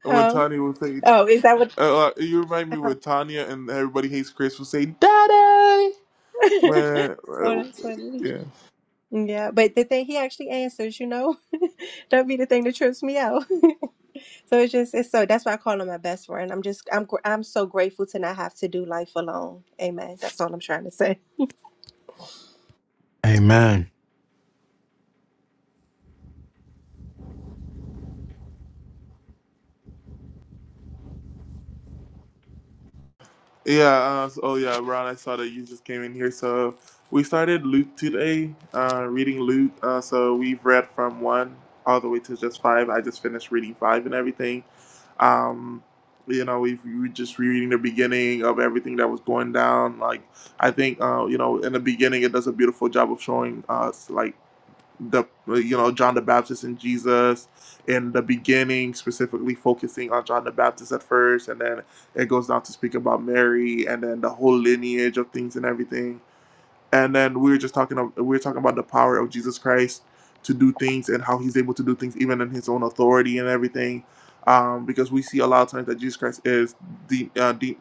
When Um. Tanya will say Oh, is that what? Uh, like, you remind me with Tanya and everybody hates Chris will say Daddy [laughs] oh, when uh, that's funny. yeah Yeah, but the thing he actually answers, you know, [laughs] that'd be the thing that trips me out. [laughs] So it's just it's so that's why I call him my best friend. I'm just I'm gr- I'm so grateful to not have to do life alone. Amen. That's all I'm trying to say. Amen. yeah uh, so, oh yeah Ron I saw that you just came in here so we started Luke today uh, reading Luke uh, so we've read from one all the way to just five I just finished reading five and everything um you know we've, we were just reading the beginning of everything that was going down like I think uh, you know in the beginning it does a beautiful job of showing us like the you know John the Baptist and Jesus in the beginning, specifically focusing on John the Baptist at first, and then it goes down to speak about Mary and then the whole lineage of things and everything and then we were just talking we were talking about the power of Jesus Christ to do things and how he's able to do things even in his own authority and everything um, because we see a lot of times that Jesus Christ is de- uh, de-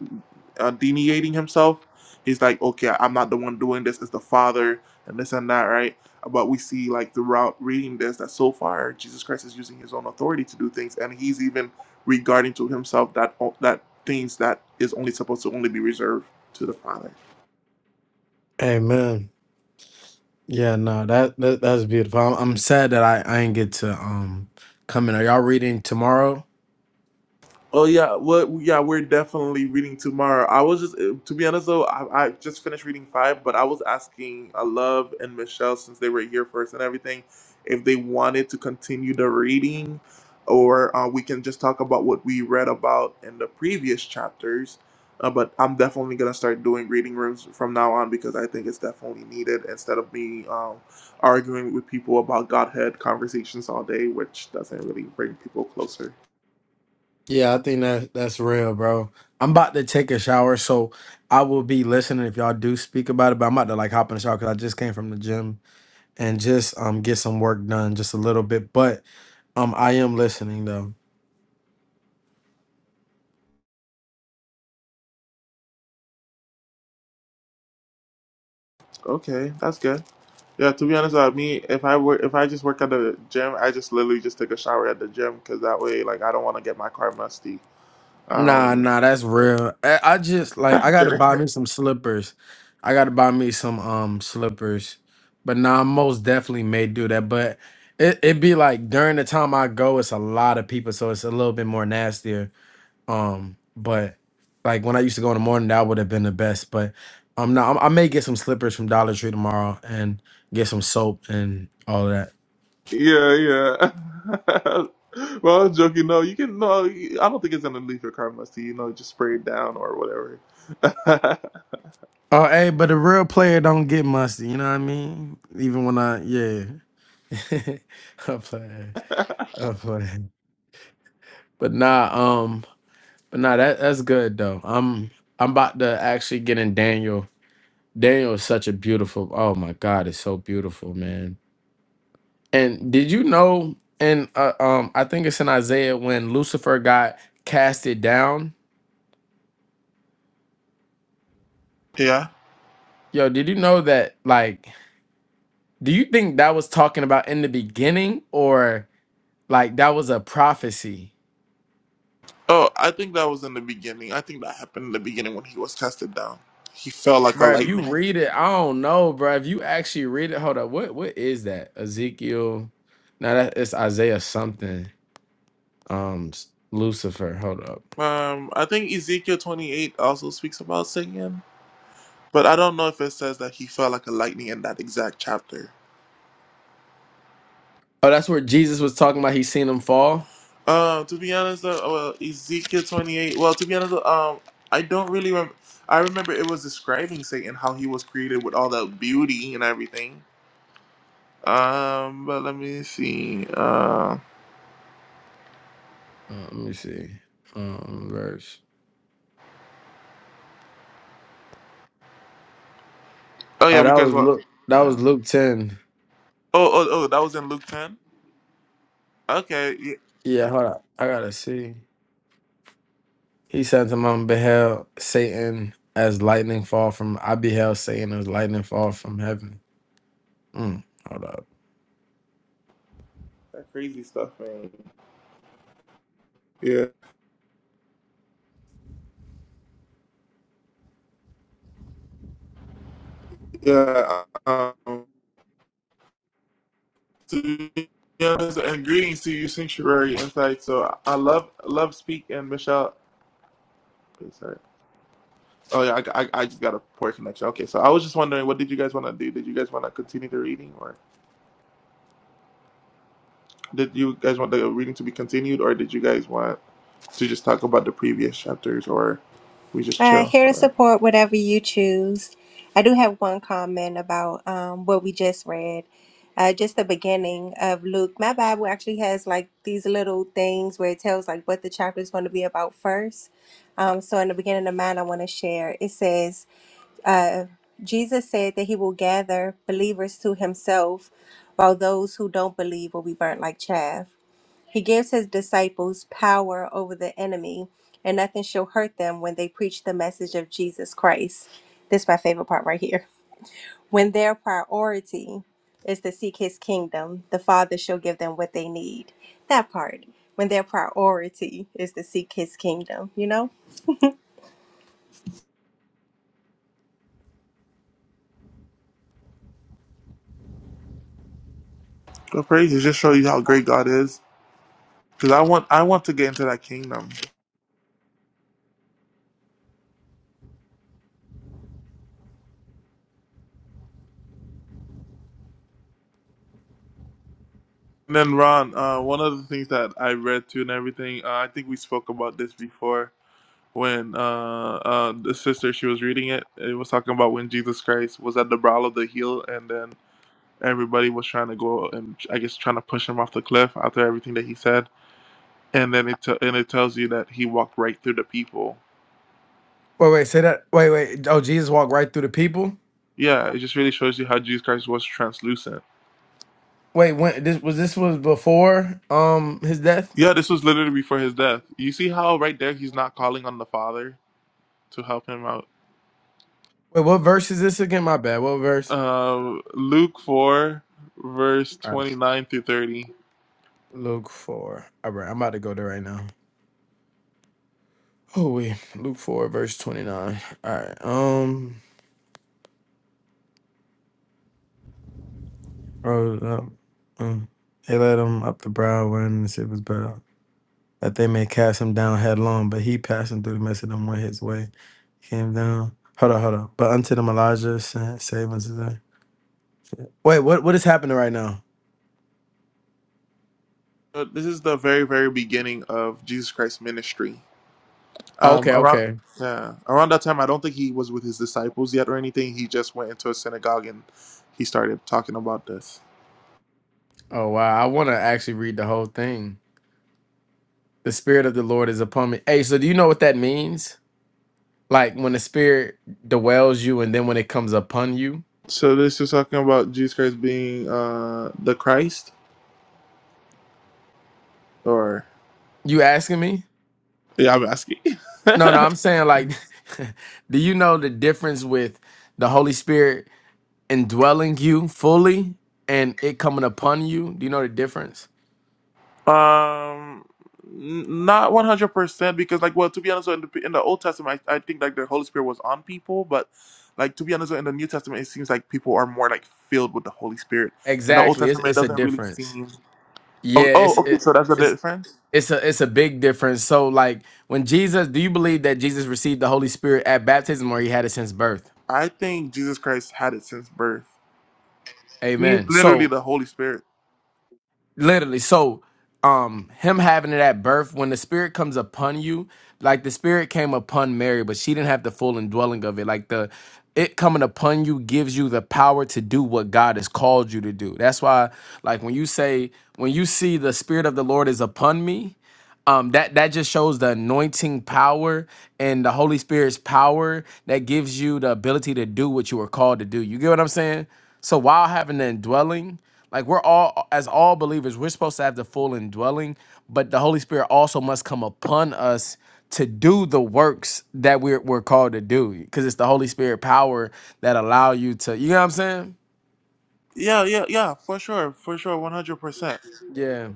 uh, deniating himself he's like okay I'm not the one doing this it's the father and this and that right but we see like throughout reading this that so far Jesus Christ is using his own authority to do things and he's even regarding to himself that that things that is only supposed to only be reserved to the father Amen. Yeah, no, that, that that's beautiful. I'm, I'm sad that I, I ain't get to um come in. Are y'all reading tomorrow? Oh yeah, well yeah, we're definitely reading tomorrow. I was just, uh, to be honest though, I, I just finished reading five, but I was asking uh, Love and Michelle since they were here first and everything, if they wanted to continue the reading, or uh, we can just talk about what we read about in the previous chapters. Uh, but I'm definitely gonna start doing reading rooms from now on because I think it's definitely needed instead of me um, arguing with people about Godhead conversations all day, which doesn't really bring people closer. Yeah, I think that that's real, bro. I'm about to take a shower, so I will be listening if y'all do speak about it. But I'm about to like hop in the shower because I just came from the gym and just um get some work done just a little bit. But um I am listening though. Okay, that's good. Yeah, to be honest, uh, me if I work if I just work at the gym, I just literally just take a shower at the gym because that way, like, I don't want to get my car musty. Nah, Um, nah, that's real. I, I just [laughs] like I I'm gotta kidding. buy me some slippers. I gotta buy me some um slippers. But nah, I most definitely may do that. But it it be like during the time I go, it's a lot of people, so it's a little bit more nastier. Um, but like when I used to go in the morning, that would have been the best. But um, no, I, I may get some slippers from Dollar Tree tomorrow and get some soap and all of that. yeah, yeah. [laughs] well, I'm joking. No, you can. No, I don't think it's gonna leave your car musty. You know, just spray it down or whatever. [laughs] Oh, hey, but a real player don't get musty. You know what I mean? Even when I yeah. [laughs] I'm playing. I'm playing. But nah, um, but nah, that that's good though. I'm I'm about to actually get in Daniel. Daniel is such a beautiful. Oh my God, it's so beautiful, man. And did you know? And uh, um, I think it's in Isaiah when Lucifer got casted down. yeah. Yo, did you know that? Like, do you think that was talking about in the beginning, or like that was a prophecy? Oh, I think that was in the beginning. I think that happened in the beginning when he was casted down. He fell like a Bro, if you lightning. read it, I don't know, bro. If you actually read it, hold up. What what is that? Ezekiel. Now that it's Isaiah something. Um s- Lucifer. Hold up. Um, I think Ezekiel 28 also speaks about singing. But I don't know if it says that he fell like a lightning in that exact chapter. Oh, that's where Jesus was talking about he seen him fall. Uh, to be honest, though, oh, well, Ezekiel 28. Well, to be honest, though, um, I don't really remember. I remember it was describing Satan how he was created with all that beauty and everything. Um, but let me see. Uh, Uh, let me see. Um verse. oh Oh, yeah, that because was what? Luke that was Yeah. Luke 10. Oh, oh, oh, that was in Luke 10. Okay. Yeah. Yeah, Okay, hold up. I gotta see. He said to him, beheld Satan as lightning fall from I beheld Satan as lightning fall from heaven. Mm, hold up. That crazy stuff, man. Yeah. Yeah. um, to be honest, and greetings to you, Sanctuary Insight. So I love love speak and Michelle. Sorry. Oh yeah, I, I, I just got a poor connection. Okay, so I was just wondering, what did you guys want to do? Did you guys want to continue the reading, or did you guys want the reading to be continued, or did you guys want to just talk about the previous chapters, or we just Uh, chill, here to or support whatever you choose. I do have one comment about um what we just read. Uh, just the beginning of Luke. My Bible actually has like these little things where it tells like what the chapter is going to be about first. Um, so in the beginning of mine, I want to share. It says. Uh, Jesus said that he will gather believers to himself, while those who don't believe will be burnt like chaff. He gives his disciples power over the enemy, and nothing shall hurt them when they preach the message of Jesus Christ. This is my favorite part right here. [laughs] When their priority is to seek his kingdom, the Father shall give them what they need. That part. When their priority is to seek his kingdom, you know? go praise? It just show you how great God is. Cause I want I want to get into that kingdom. And then Ron, uh, one of the things that I read too and everything, uh, I think we spoke about this before when uh, uh, the sister she was reading it, it was talking about when Jesus Christ was at the brow of the hill, and then everybody was trying to go and I guess trying to push him off the cliff after everything that he said, and then it t- and it tells you that he walked right through the people. Wait, wait, say that. Wait, wait. Oh, Jesus walked right through the people? Yeah, it just really shows you how Jesus Christ was translucent. Wait, when this was this was before um his death? Yeah, this was literally before his death. You see how right there he's not calling on the Father to help him out. Wait, what verse is this again? My bad. What verse? Um, Luke four verse twenty nine through thirty. Luke four. All right, I'm about to go there right now. Oh wait, Luke four, verse twenty nine. All right. Um, rose up. um, they led him up the brow wherein the ship was better, that they may cast him down headlong. But he passing through the midst of them went his way, came down. Hold on, hold on. But unto them Elijah sent, save unto them. Wait, what what is happening right now? So this is the very, very beginning of Jesus Christ's ministry. Um, Okay, around okay. yeah, around that time, I don't think he was with his disciples yet or anything. He just went into a synagogue and he started talking about this. Oh wow, I want to actually read the whole thing. The spirit of the Lord is upon me. Hey, so do you know what that means? Like when the spirit dwells you and then when it comes upon you? So this is talking about Jesus Christ being uh, the Christ, or You asking me? yeah, I'm asking. [laughs] No, no, I'm saying like [laughs] do you know the difference with the Holy Spirit indwelling you fully and it coming upon you? Do you know the difference? Um, n- not one hundred percent because, like, well, to be honest, in the in the Old Testament, I, I think like the Holy Spirit was on people, but like to be honest, in the New Testament, it seems like people are more like filled with the Holy Spirit. In the Old Exactly. It's Testament, it it's a doesn't really difference. seem. Oh, Yeah, oh, it's okay, it, so that's the it's difference. it's a it's a big difference. So like when Jesus, do you believe that Jesus received the Holy Spirit at baptism or he had it since birth? I think Jesus Christ had it since birth. He is Amen. literally So the Holy Spirit. literally so um him having it at birth when the spirit comes upon you like the spirit came upon mary but she didn't have the full indwelling of it like the it coming upon you gives you the power to do what god has called you to do that's why like when you say when you see the spirit of the lord is upon me um that that just shows the anointing power and the holy spirit's power that gives you the ability to do what you were called to do you get what i'm saying so while having the indwelling like we're all as all believers we're supposed to have the full indwelling but the holy spirit also must come upon us to do the works that we're, we're called to do because it's the holy spirit power that allow you to you know what i'm saying Yeah, yeah, yeah, for sure, for sure, one hundred percent. Yeah.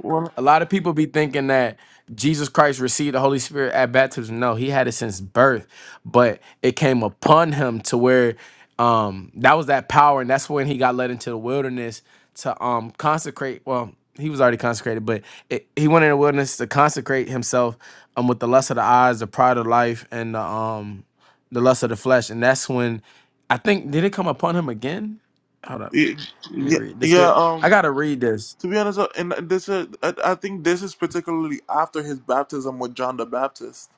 One, A lot of people be thinking that Jesus Christ received the Holy Spirit at baptism. No, he had it since birth, but it came upon him to where um that was that power, and that's when he got led into the wilderness to um consecrate. Well, he was already consecrated, but it, he went in the wilderness to consecrate himself um with the lust of the eyes, the pride of life, and the um the lust of the flesh. And that's when I think did it come upon him again? Hold up, let me yeah, read this. yeah. here. Um, I gotta read this. To be honest, uh, and this uh, I I think this is particularly after his baptism with John the Baptist,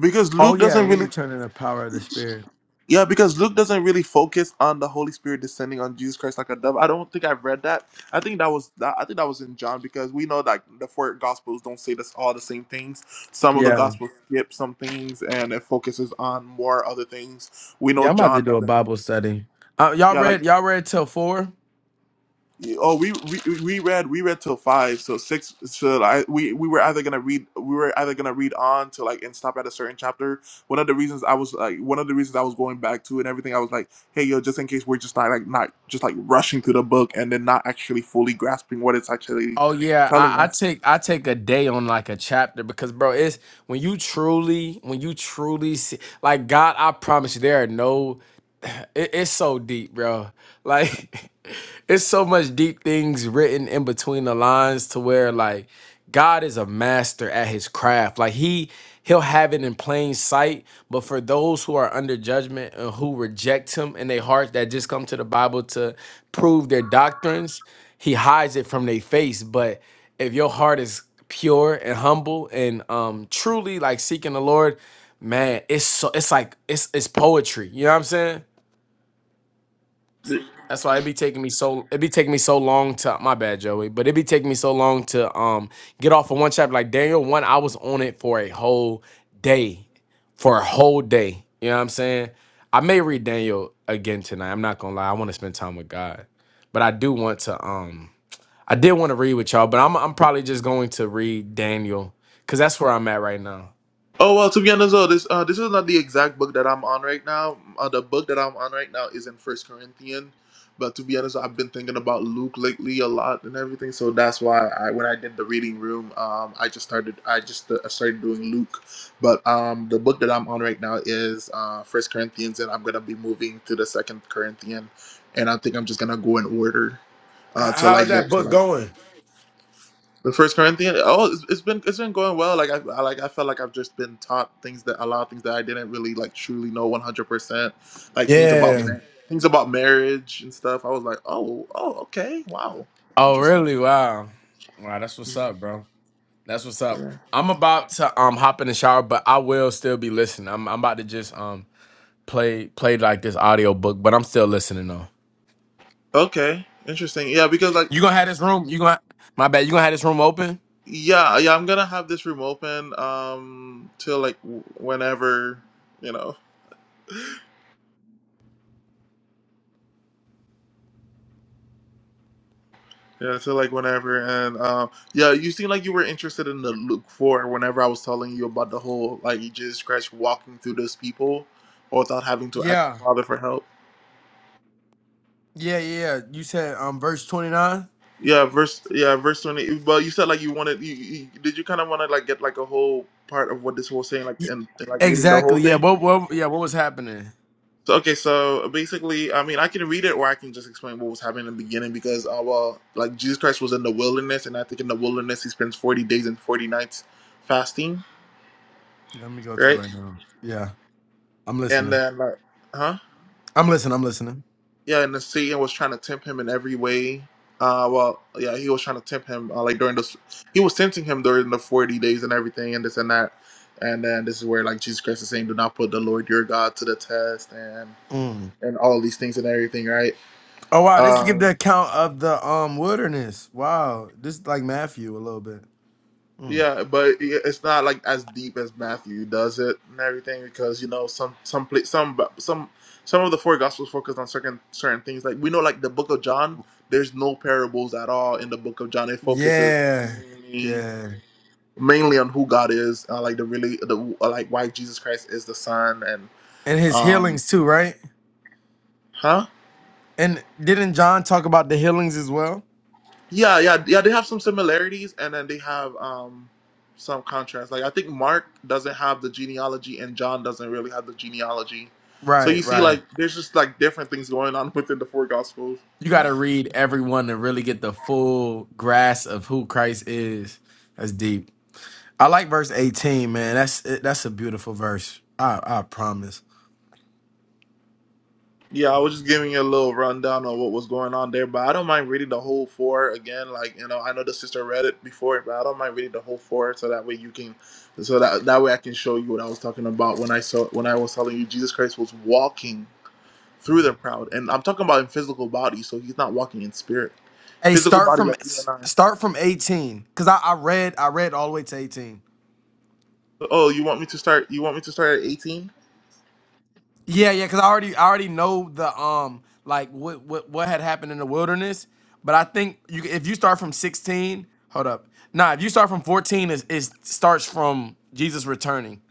because Oh Luke yeah, doesn't he really, returning the power of the spirit. yeah, because Luke doesn't really focus on the Holy Spirit descending on Jesus Christ like a dove. I don't think I've read that. I think that was that. I think that was in John because we know that the four Gospels don't say this all the same things. Some of the Yeah, Gospels skip some things and it focuses on more other things. We know yeah. I'm about to John do a doesn't. Bible study. Uh, y'all Yeah, like read y'all read till four. Yeah, Oh, we, we we read we read till five, so six. So I we we were either gonna read we were either gonna read on to like and stop at a certain chapter. One of the reasons I was like one of the reasons I was going back to and everything, I was like, hey yo, just in case we're just not like not just like rushing through the book and then not actually fully grasping what it's actually Oh yeah, telling I, I us. take I take a day on like a chapter because bro, it's when you truly when you truly see like God, I promise you, there are no [sighs] it, it's so deep, bro. Like [laughs] it's so much deep things written in between the lines to where like God is a master at his craft. Like he he'll have it in plain sight, but for those who are under judgment and who reject him in their heart that just come to the Bible to prove their doctrines, he hides it from their face, but if your heart is pure and humble and um truly like seeking the Lord, man, it's so it's like it's it's poetry. You know what I'm saying? That's why it'd be taking me so it'd be taking me so long to my bad Joey, but it'd be taking me so long to um get off of one chapter. Like Daniel one, I was on it for a whole day. For a whole day. You know what I'm saying? I may read Daniel again tonight. I'm not gonna lie. I want to spend time with God. But I do want to um I did want to read with y'all, but I'm I'm probably just going to read Daniel because that's where I'm at right now. Oh well, to be honest, though, this uh, this is not the exact book that I'm on right now. Uh, the book that I'm on right now is in First Corinthians, but to be honest, I've been thinking about Luke lately a lot and everything. So that's why I, when I did the reading room, um, I just started I just uh, started doing Luke. But um, the book that I'm on right now is uh, First Corinthians, and I'm gonna be moving to the Second Corinthian, and I think I'm just gonna go in order uh, till I How's that get to book like. going? The First Corinthians. Oh, it's, it's been it's been going well. Like I, I like I felt like I've just been taught things that a lot of things that I didn't really like truly know one hundred percent. Like things about Yeah. ma- things about marriage and stuff. I was like, oh, oh, okay, wow, Oh interesting. really? Wow. Wow, that's what's Mhm. up, bro. That's what's up. Yeah. I'm about to um hop in the shower, but I will still be listening. I'm I'm about to just um play play like this audio book, but I'm still listening though. Okay, interesting. Yeah, because like You gonna have this room? You gonna my bad? You gonna have this room open? yeah, yeah, I'm gonna have this room open um till like w- whenever you know. Yeah, so like whenever and um yeah, you seem like you were interested in the Luke four whenever I was telling you about the whole like Jesus Christ walking through those people without having to ask Yeah. the Father for help. Yeah, yeah. You said um verse 29? Yeah, verse yeah, verse twenty but you said like you wanted you, you did you kinda wanna like get like a whole part of what this whole saying like and, and like reading the Exactly. whole Yeah. thing? What? What? Yeah. What was happening? So okay, so basically I mean I can read it or I can just explain what was happening in the beginning because uh well like Jesus Christ was in the wilderness and I think in the wilderness he spends forty days and forty nights fasting Yeah, Let me go to it right? right now. Yeah. I'm and listening. then like huh I'm listening. I'm listening. yeah and the satan was trying to tempt him in every way uh well yeah he was trying to tempt him uh, like during those. he was tempting him during the 40 days and everything and this and that and then this is where like jesus christ is saying do not put the lord your god to the test and Mm. and all these things and everything right Oh wow, this give Um, the account of the um wilderness. Wow. This is like Matthew a little bit. Mm. Yeah, but it's not like as deep as Matthew does it and everything because you know some some pla- some some some of the four gospels focus on certain certain things. Like we know, like the Book of John, there's no parables at all in the Book of John. It focuses Yeah, mainly yeah, mainly on who God is, uh, like the really the uh, like why Jesus Christ is the Son and and his um, healings too, right? huh? And didn't John talk about the healings as well? Yeah, yeah, yeah. They have some similarities, and then they have um some contrast. Like I think Mark doesn't have the genealogy, and John doesn't really have the genealogy. So Right, you see, right. like there's just like different things going on [laughs] within the four gospels. You got to read everyone to really get the full grasp of who Christ is. That's deep. I like verse eighteen, man. That's that's a beautiful verse. I I promise. Yeah, I was just giving you a little rundown of what was going on there, but I don't mind reading the whole four again. Like you know, I know the sister read it before, but I don't mind reading the whole four so that way you can, so that that way I can show you what I was talking about when I saw when I was telling you Jesus Christ was walking through the crowd. And I'm talking about in physical body, so he's not walking in spirit. Hey, Physical start body from like you and I. start from eighteen, cause I, I read I read all the way to eighteen. Oh, you want me to start? You want me to start at 18? Yeah, yeah, because I already I already know the um like what what what had happened in the wilderness, but I think you if you start from sixteen, hold up, nah, if you start from fourteen, is is starts from Jesus returning.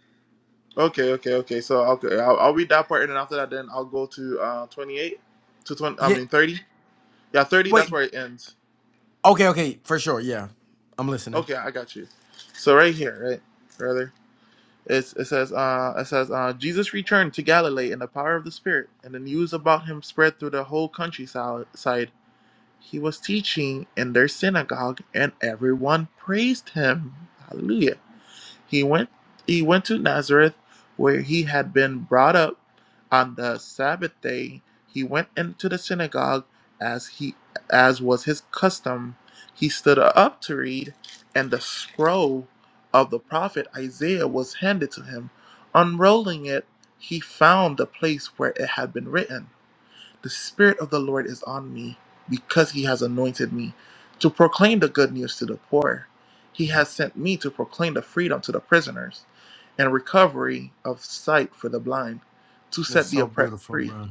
Okay, okay, okay. So okay, I'll, I'll read that part, and then after that, then I'll go to uh 28 to 20. I Yeah, mean 30. Yeah, 30. That's wait, where it ends. okay, okay, for sure, yeah, I'm listening. Okay, I got you. So right here, right, brother. It's, it says, uh, it says, uh, Jesus returned to Galilee in the power of the Spirit, and the news about him spread through the whole countryside. He was teaching in their synagogue, and everyone praised him. Hallelujah. He went he went to Nazareth where he had been brought up on the Sabbath day. He went into the synagogue as he as was his custom. He stood up to read, and the scroll of the prophet Isaiah was handed to him. Unrolling it, he found the place where it had been written. The Spirit of the Lord is on me because he has anointed me to proclaim the good news to the poor. He has sent me to proclaim the freedom to the prisoners and recovery of sight for the blind, to That's set the so oppressed beautiful, free. bro.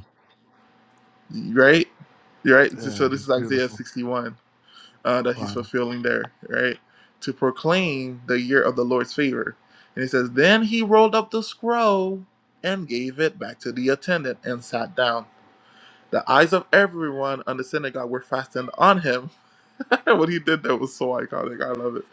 Right? Right? Yeah, So this It's is Isaiah beautiful. 61 uh, that he's Wow. fulfilling there, right? To proclaim the year of the Lord's favor. And he says, Then he rolled up the scroll and gave it back to the attendant and sat down. The eyes of everyone on the synagogue were fastened on him. [laughs] what he did there was so iconic. I love it.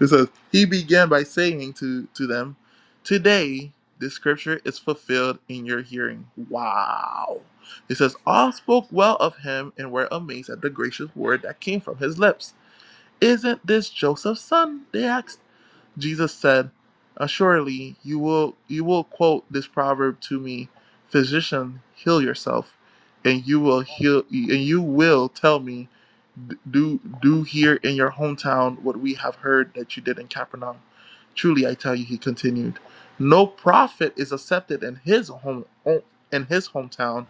It says, He began by saying to, to them, Today, the scripture is fulfilled in your hearing. Wow. It says, All spoke well of him and were amazed at the gracious word that came from his lips. Isn't this Joseph's son? They asked. Jesus said, Assuredly, you will, you will quote this proverb to me, 'Physician, heal yourself, and you will heal, and you will tell me, 'Do do here in your hometown what we have heard that you did in Capernaum. Truly, I tell you, he continued, no prophet is accepted in his home, in his hometown.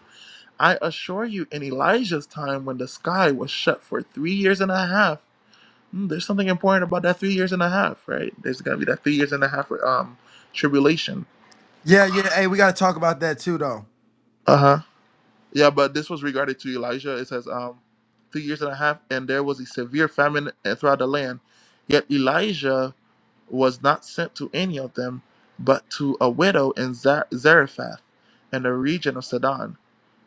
I assure you, in Elijah's time, when the sky was shut for three years and a half Mm, There's something important about that three years and a half, right? There's gonna be that three years and a half um tribulation. yeah, yeah. Hey, we gotta talk about that too, though. Uh huh. Yeah, but this was regarded to Elijah. It says um three years and a half, and there was a severe famine uh, throughout the land. Yet Elijah was not sent to any of them, but to a widow in Za- Zarephath, in the region of Sidon.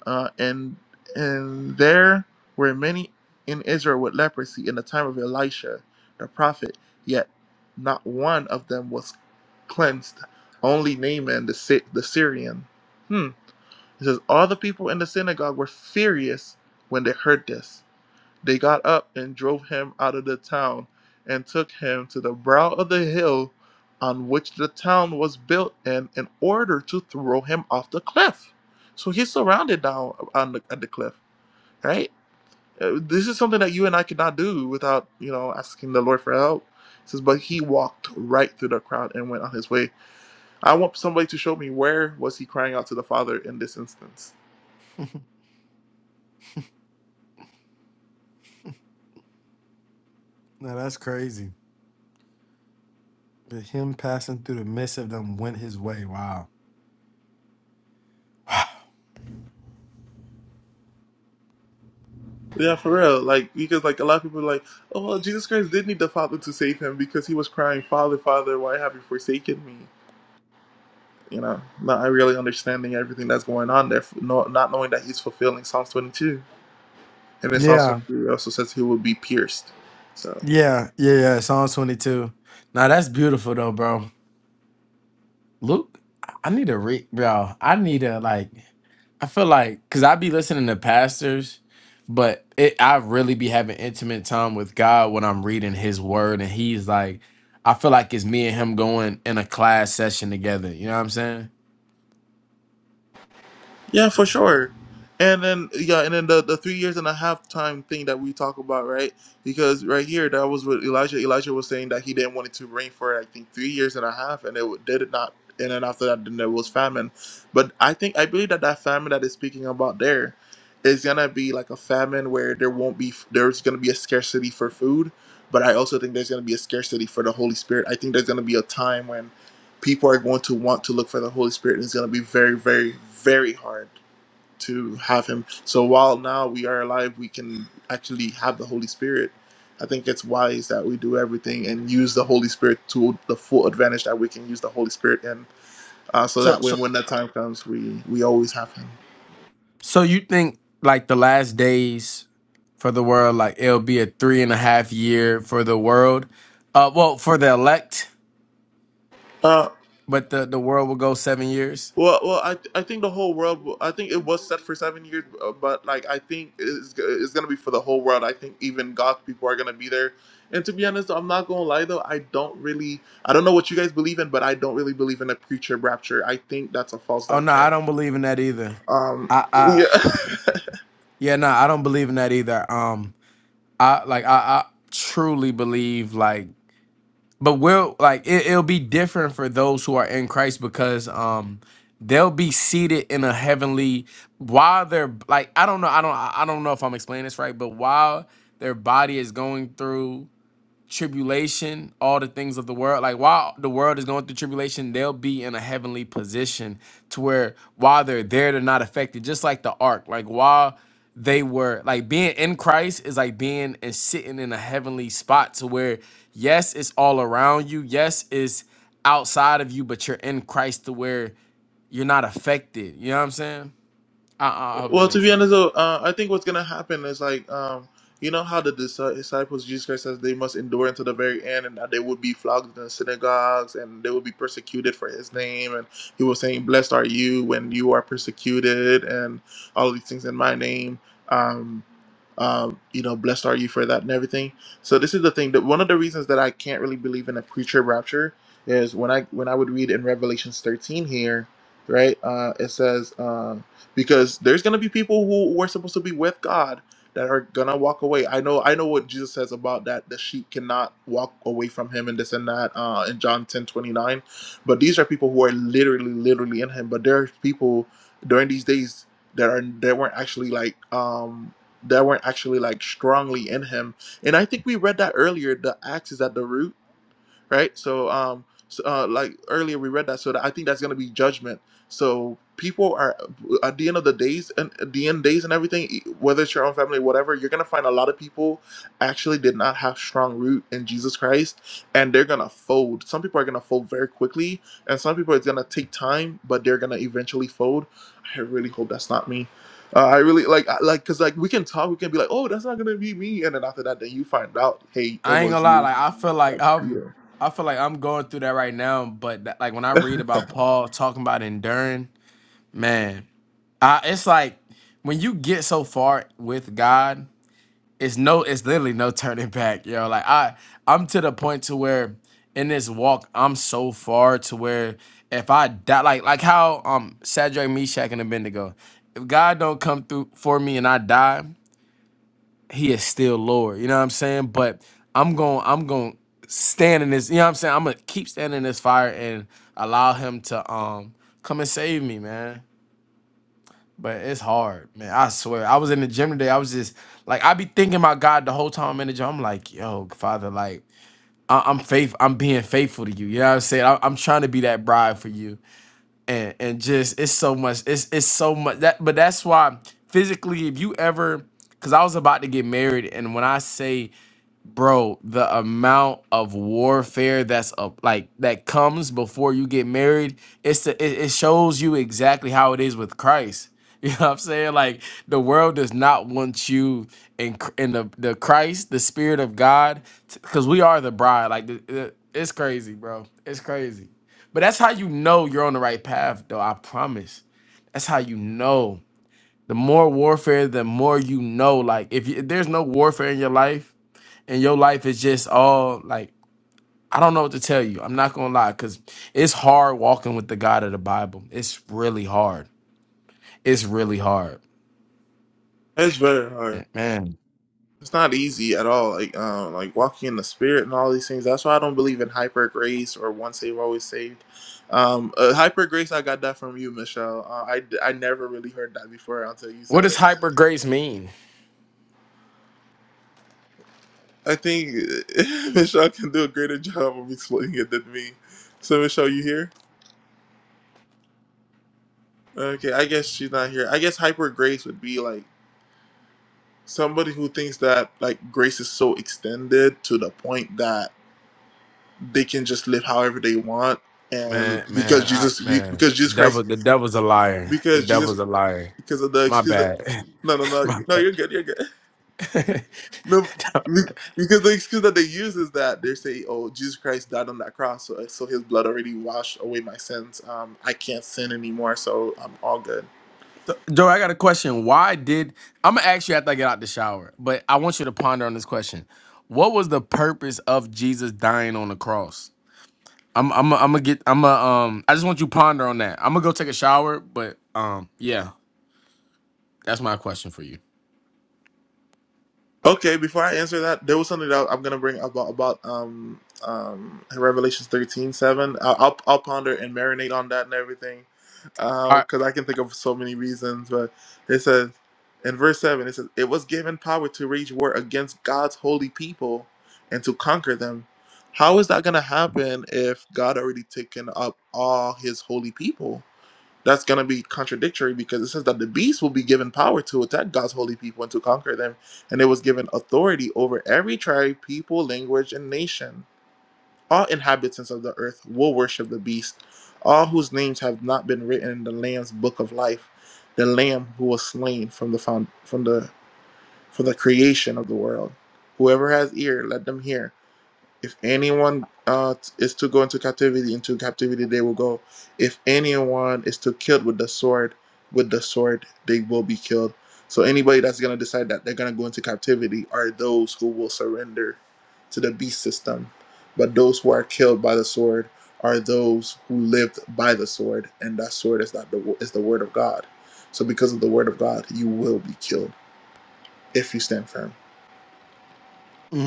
uh, and and there were many in Israel with leprosy in the time of Elisha the prophet. Yet not one of them was cleansed. Only Naaman the Sy- the Syrian. Hmm. It says all the people in the synagogue were furious when they heard this. They got up and drove him out of the town, and took him to the brow of the hill on which the town was built, and in order to throw him off the cliff. So he's surrounded down on the, at the cliff, right? Uh, This is something that you and I could not do without, you know, asking the Lord for help. It says, but he walked right through the crowd and went on his way. I want somebody to show me where was he crying out to the Father in this instance. Now that's crazy. But him passing through the midst of them went his way. Wow. Yeah, for real. Like because like a lot of people are like, oh well, Jesus Christ did need the Father to save him because he was crying, Father, Father, why have you forsaken me? You know, not really understanding everything that's going on there, no, not knowing that he's fulfilling Psalms 22. And then Psalms Yeah. 23 also says he will be pierced. so. Yeah, yeah, yeah. Psalm 22. Now that's beautiful though, bro. Luke, I I need to read, bro. I need to like. I feel like because I be listening to pastors, but it I really be having intimate time with God when I'm reading His Word, and He's like, I feel like it's me and Him going in a class session together. You know what I'm saying? Yeah, for sure. And then yeah, and then the, the three years and a half time thing that we talk about, right? Because right here, that was what Elijah Elijah was saying that he didn't want it to rain for I think three years and a half, and it w- did it not. And then after that, then there was famine. But I think I believe that that famine that is speaking about there is gonna be like a famine where there won't be there's gonna be a scarcity for food, but I also think there's gonna be a scarcity for the Holy Spirit. I think there's gonna be a time when people are going to want to look for the Holy Spirit, and it's gonna be very, very, very hard to have him. So while now we are alive, we can actually have the Holy Spirit. I think it's wise that we do everything and use the Holy Spirit to the full advantage that we can use the Holy Spirit in. Uh, so So, that when so, when that time comes, we we always have Him. so you think like the last days for the world, like it'll be a three and a half year for the world, uh, well, for the elect Uh, but the the world will go seven years. Well, well, I th- I think the whole world. will- I think it was set for seven years, uh, but like I think it's g- it's gonna be for the whole world. I think even God's people are gonna be there. And to be honest, I'm not gonna lie though. I don't really. I don't know what you guys believe in, but I don't really believe in a future rapture. I think that's a false Oh no, I doctrine. don't believe in that either. Um, I I yeah. [laughs] yeah no, I don't believe in that either. Um, I like I I truly believe like, but we'll like it, it'll be different for those who are in Christ because um they'll be seated in a heavenly while they're like I don't know I don't I I don't know if I'm explaining this right, but while their body is going through. tribulation, all the things of the world. Like while the world is going through tribulation, they'll be in a heavenly position to where while they're there, they're not affected. Just like the ark. Like while they were like being in Christ is like being and sitting in a heavenly spot to where yes, it's all around you. Yes, it's outside of you, but you're in Christ to where you're not affected. You know what I'm saying? I, I I hope that Well, to makes be sense. honest, though, uh, I think what's gonna happen is like, um, you know how the dis- uh, disciples Jesus Christ says they must endure until the very end, and that they would be flogged in the synagogues, and they would be persecuted for His name, and He was saying, "Blessed are you when you are persecuted," and all of these things in My name. Um, um, you know, blessed are you for that and everything. So this is the thing that one of the reasons that I can't really believe in a pre-trib rapture is when I when I would read in Revelations 13 here, right? Uh, it says um, because there's gonna be people who were supposed to be with God that are gonna walk away. I know I know what Jesus says about that the sheep cannot walk away from Him and this and that uh, in John 10:29. but these are people who are literally literally in Him. But there are people during these days that are that weren't actually like um that weren't actually like strongly in him. And I think we read that earlier. The axe is at the root right? So, um, so, uh, like earlier we read that, so that I think that's going to be judgment. So people are at the end of the days and at the end days and everything, e- whether it's your own family, whatever, you're going to find a lot of people actually did not have strong root in Jesus Christ, and they're going to fold. Some people are going to fold very quickly, and some people it's going to take time, but they're going to eventually fold. I really hope that's not me. Uh, I really like I- like because like we can talk, we can be like, oh, that's not gonna be me, and then after that, then you find out, hey, it I ain't was gonna lie, you, like I feel like like yeah. I'm I feel like I'm going through that right now, but that, like when I read about Paul talking about enduring, man, I, it's like when you get so far with God, it's no it's literally no [laughs] turning back, yo. Like I I'm to the point to where in this walk, I'm so far to where if I die like like how um Sadrach, Meshach, and Abednego, if God don't come through for me and I die he is still Lord. You know what I'm saying? But I'm going I'm going to stand in this, you know what I'm saying? I'm going to keep standing in this fire and allow him to um come and save me, man. But it's hard, man. I swear. I was in the gym today. I was just like I be thinking about God the whole time I'm in the gym. I'm like, "Yo, Father, like I- I'm faith I'm being faithful to you. You know what I'm saying? I- I'm trying to be that bride for you." And and just it's so much it's it's so much that but that's why physically if you ever cuz I was about to get married and when I say bro the amount of warfare that's up like that comes before you get married it's the it, it shows you exactly how it is with christ [laughs] you know what i'm saying like the world does not want you in Cr- in the, the christ the spirit of god because we are the bride like the, the- it's crazy bro it's crazy but that's how you know you're on the right path though i promise that's how you know the more warfare the more you know like if, you, if there's no warfare in your life and your life is just all like I don't know what to tell you. I'm not gonna lie, cause it's hard walking with the God of the Bible. It's really hard. It's really hard, It's very Yeah, hard. man. It's not easy at all. Like um, like walking in the spirit and all these things. That's why I don't believe in hyper grace or once saved always saved. Um, uh, hyper grace. I got that from you, Michelle. Uh, I I never really heard that before until you What said does it. hyper grace mean, I think [laughs] Michelle can do a greater job of explaining it than me. So Michelle, you here? Okay, I guess she's not here. I guess hyper grace would be like somebody who thinks that like grace is so extended to the point that they can just live however they want and man? because Man, I, jesus be- man, because the jesus devil, christ the devil's a liar. The because jesus devil's a liar. because of the My excuse that bad. no no [laughs] My no no bad. you're good you're good [laughs] no be- because the excuse that they use is that they say oh jesus christ died on that cross so, so his blood already washed away my sins um i can't sin anymore so i'm all good so, Joe, I got a question. Why did I'm gonna ask you after I get out the shower? But I want you to ponder on this question. What was the purpose of Jesus dying on the cross? I'm I'm I'm gonna get I'm a um I just want you to ponder on that. I'm gonna go take a shower, but um yeah, that's my question for you. Okay, before I answer that, there was something that I'm gonna bring up about about um um Revelations thirteen seven. I'll I'll, I'll ponder and marinate on that and everything, All right. because I can think of so many reasons. But it says in verse seven, it says it was given power to wage war against God's holy people and to conquer them. How is that gonna happen if God already taken up all His holy people? that's going to be contradictory because it says that the beast will be given power to attack God's holy people and to conquer them, and it was given authority over every tribe, people, language, and nation. All inhabitants of the earth will worship the beast, all whose names have not been written in the Lamb's book of life, the Lamb who was slain from the found, from the from the creation of the world. Whoever has ear, let them hear if anyone uh, is to go into captivity, into captivity they will go. If anyone is to kill with the sword, with the sword they will be killed. So anybody that's gonna decide that they're gonna go into captivity are those who will surrender to the beast system. But those who are killed by the sword are those who lived by the sword, and that sword is not the is the word of God. So because of the word of God, you will be killed if you stand firm.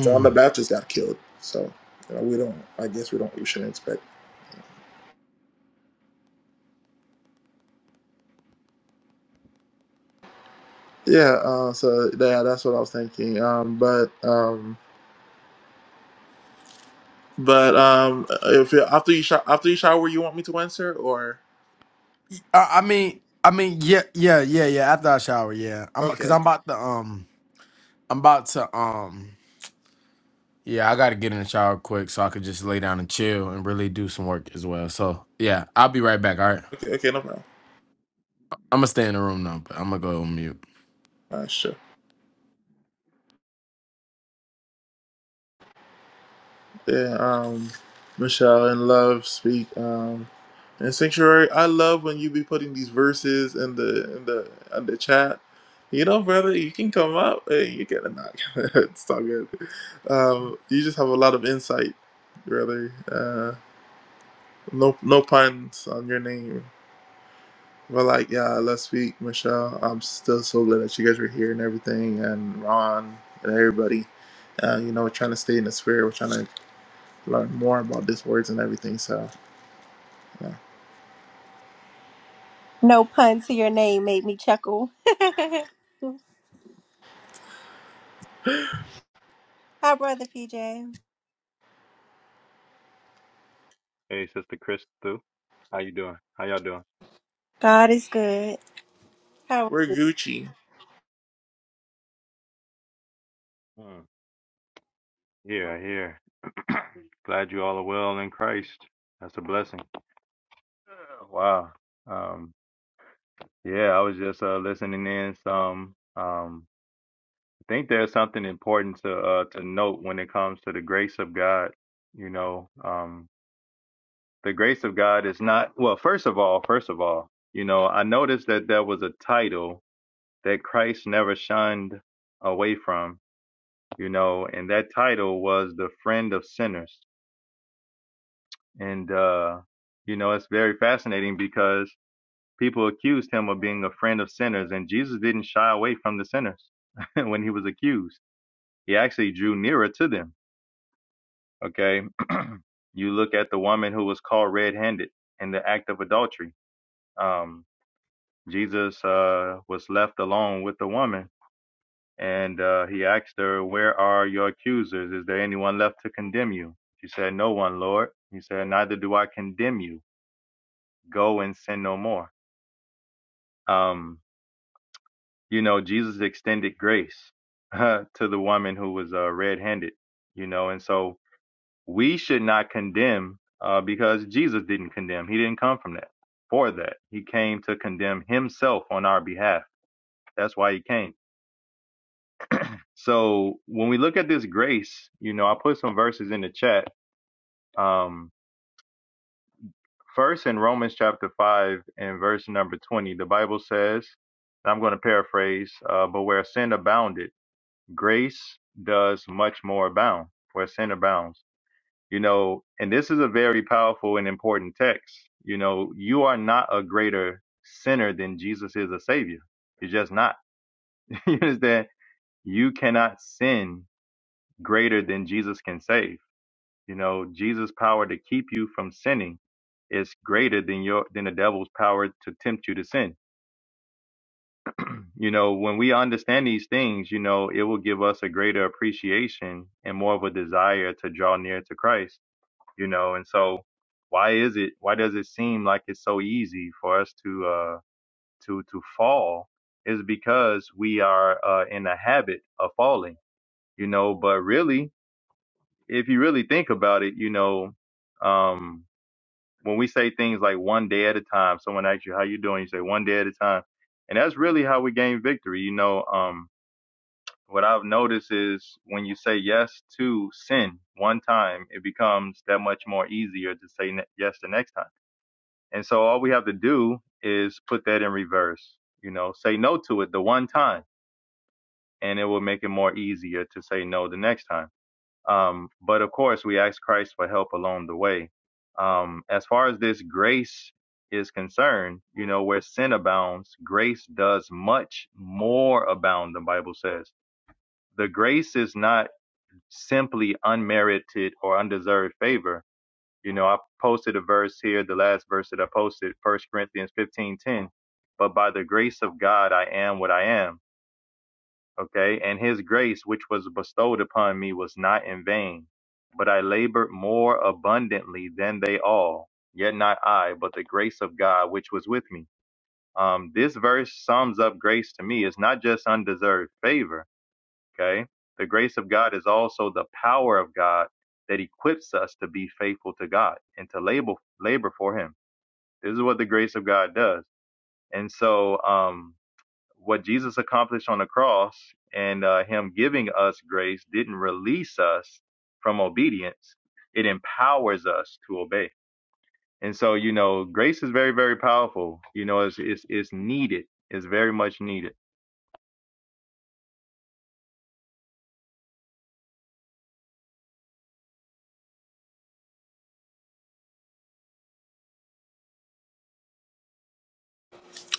John the Baptist got killed, so you know, we don't. I guess we don't. We shouldn't expect. Yeah. Uh, so yeah, that's what I was thinking. Um, but um, but um, uh, if you, after you sho- after you shower, you want me to answer or? I, I mean I mean yeah yeah yeah yeah after I shower yeah I'm Okay. because I'm Okay. about to um I'm about to um yeah I gotta get in the shower quick so I could just lay down and chill and really do some work as well. So yeah, I'll be right back. All right, Okay. Okay. No problem. I'm gonna stay in the room now, but I'm gonna go on mute. All right, sure. Yeah, um, Michelle and Love speak. Um, and Sanctuary, I love when you be putting these verses in the in the in the chat. You know, brother, you can come up. Hey, you get a knock. [laughs] it's all good. Um, you just have a lot of insight, brother. Uh, no no puns on your name. But like, yeah, let's speak, Michelle. I'm still so glad that you guys were here and everything, and Ron and everybody. Uh, you know, we're trying to stay in the spirit. We're trying to learn more about these words and everything. So No pun to your name made me chuckle. [laughs] Hi, Brother PJ. Hey, Sister Chris, Thu, how you doing? How y'all doing? God is good. How we're Gucci. Hmm. Here, here. [clears throat] Glad you all are well in Christ. That's a blessing. Uh, Wow. Um, yeah, I was just uh, listening in some. Um, I think there's something important to uh, to note when it comes to the grace of God. You know, um, the grace of God is not well. First of all, first of all, you know, I noticed that there was a title that Christ never shunned away from you know, and that title was The Friend of Sinners. And, uh, you know, it's very fascinating because people accused him of being a friend of sinners, and Jesus didn't shy away from the sinners [laughs] when he was accused. He actually drew nearer to them. Okay. [clears throat] you look at the woman who was caught red handed in the act of adultery. Um, Jesus uh, was left alone with the woman And uh, he asked her, Where are your accusers? Is there anyone left to condemn you? She said, No one, Lord. He said, Neither do I condemn you. Go and sin no more. Um, you know, Jesus extended grace [laughs] to the woman who was uh, red handed, you know, and so we should not condemn uh, because Jesus didn't condemn. He didn't come from that for that. He came to condemn himself on our behalf. That's why he came. So when we look at this grace, you know, I put some verses in the chat Um, first, in Romans chapter 5 and verse number 20, the Bible says, and I'm going to paraphrase, uh, but where sin abounded, grace does much more abound, where sin abounds. You know, and this is a very powerful and important text. You know, you are not a greater sinner than Jesus is a savior. You're just not. [laughs] you understand? You cannot sin greater than Jesus can save You know, Jesus' power to keep you from sinning is greater than your than the devil's power to tempt you to sin. You know, when we understand these things, you know, it will give us a greater appreciation and more of a desire to draw near to Christ, you know, and so why is it why does it seem like it's so easy for us to uh to to fall is because we are uh in the habit of falling, you know, but really if you really think about it, you know, um when we say things like one day at a time, someone asks you how you doing, you say one day at a time. And that's really how we gain victory. You know, um, what I've noticed is when you say yes to sin one time, it becomes that much more easier to say ne- yes the next time. And so all we have to do is put that in reverse, you know, say no to it the one time and it will make it more easier to say no the next time. Um, but of course, we ask Christ for help along the way. Um, as far as this grace is concerned, you know, where sin abounds, grace does much more abound, the Bible says. The grace is not simply unmerited or undeserved favor. You know, I posted a verse here, the last verse that I posted, First Corinthians fifteen ten. But by the grace of God, I am what I am okay? And his grace, which was bestowed upon me, was not in vain, but I labored more abundantly than they all, yet not I, but the grace of God, which was with me. Um, this verse sums up grace to me. It's not just undeserved favor, okay? The grace of God is also the power of God that equips us to be faithful to God and to labor labor for Him. This is what the grace of God does. And so, um, what Jesus accomplished on the cross and uh, Him giving us grace didn't release us from obedience. It empowers us to obey. And so, you know, grace is very, very powerful. You know, it's it's, it's needed. It's very much needed.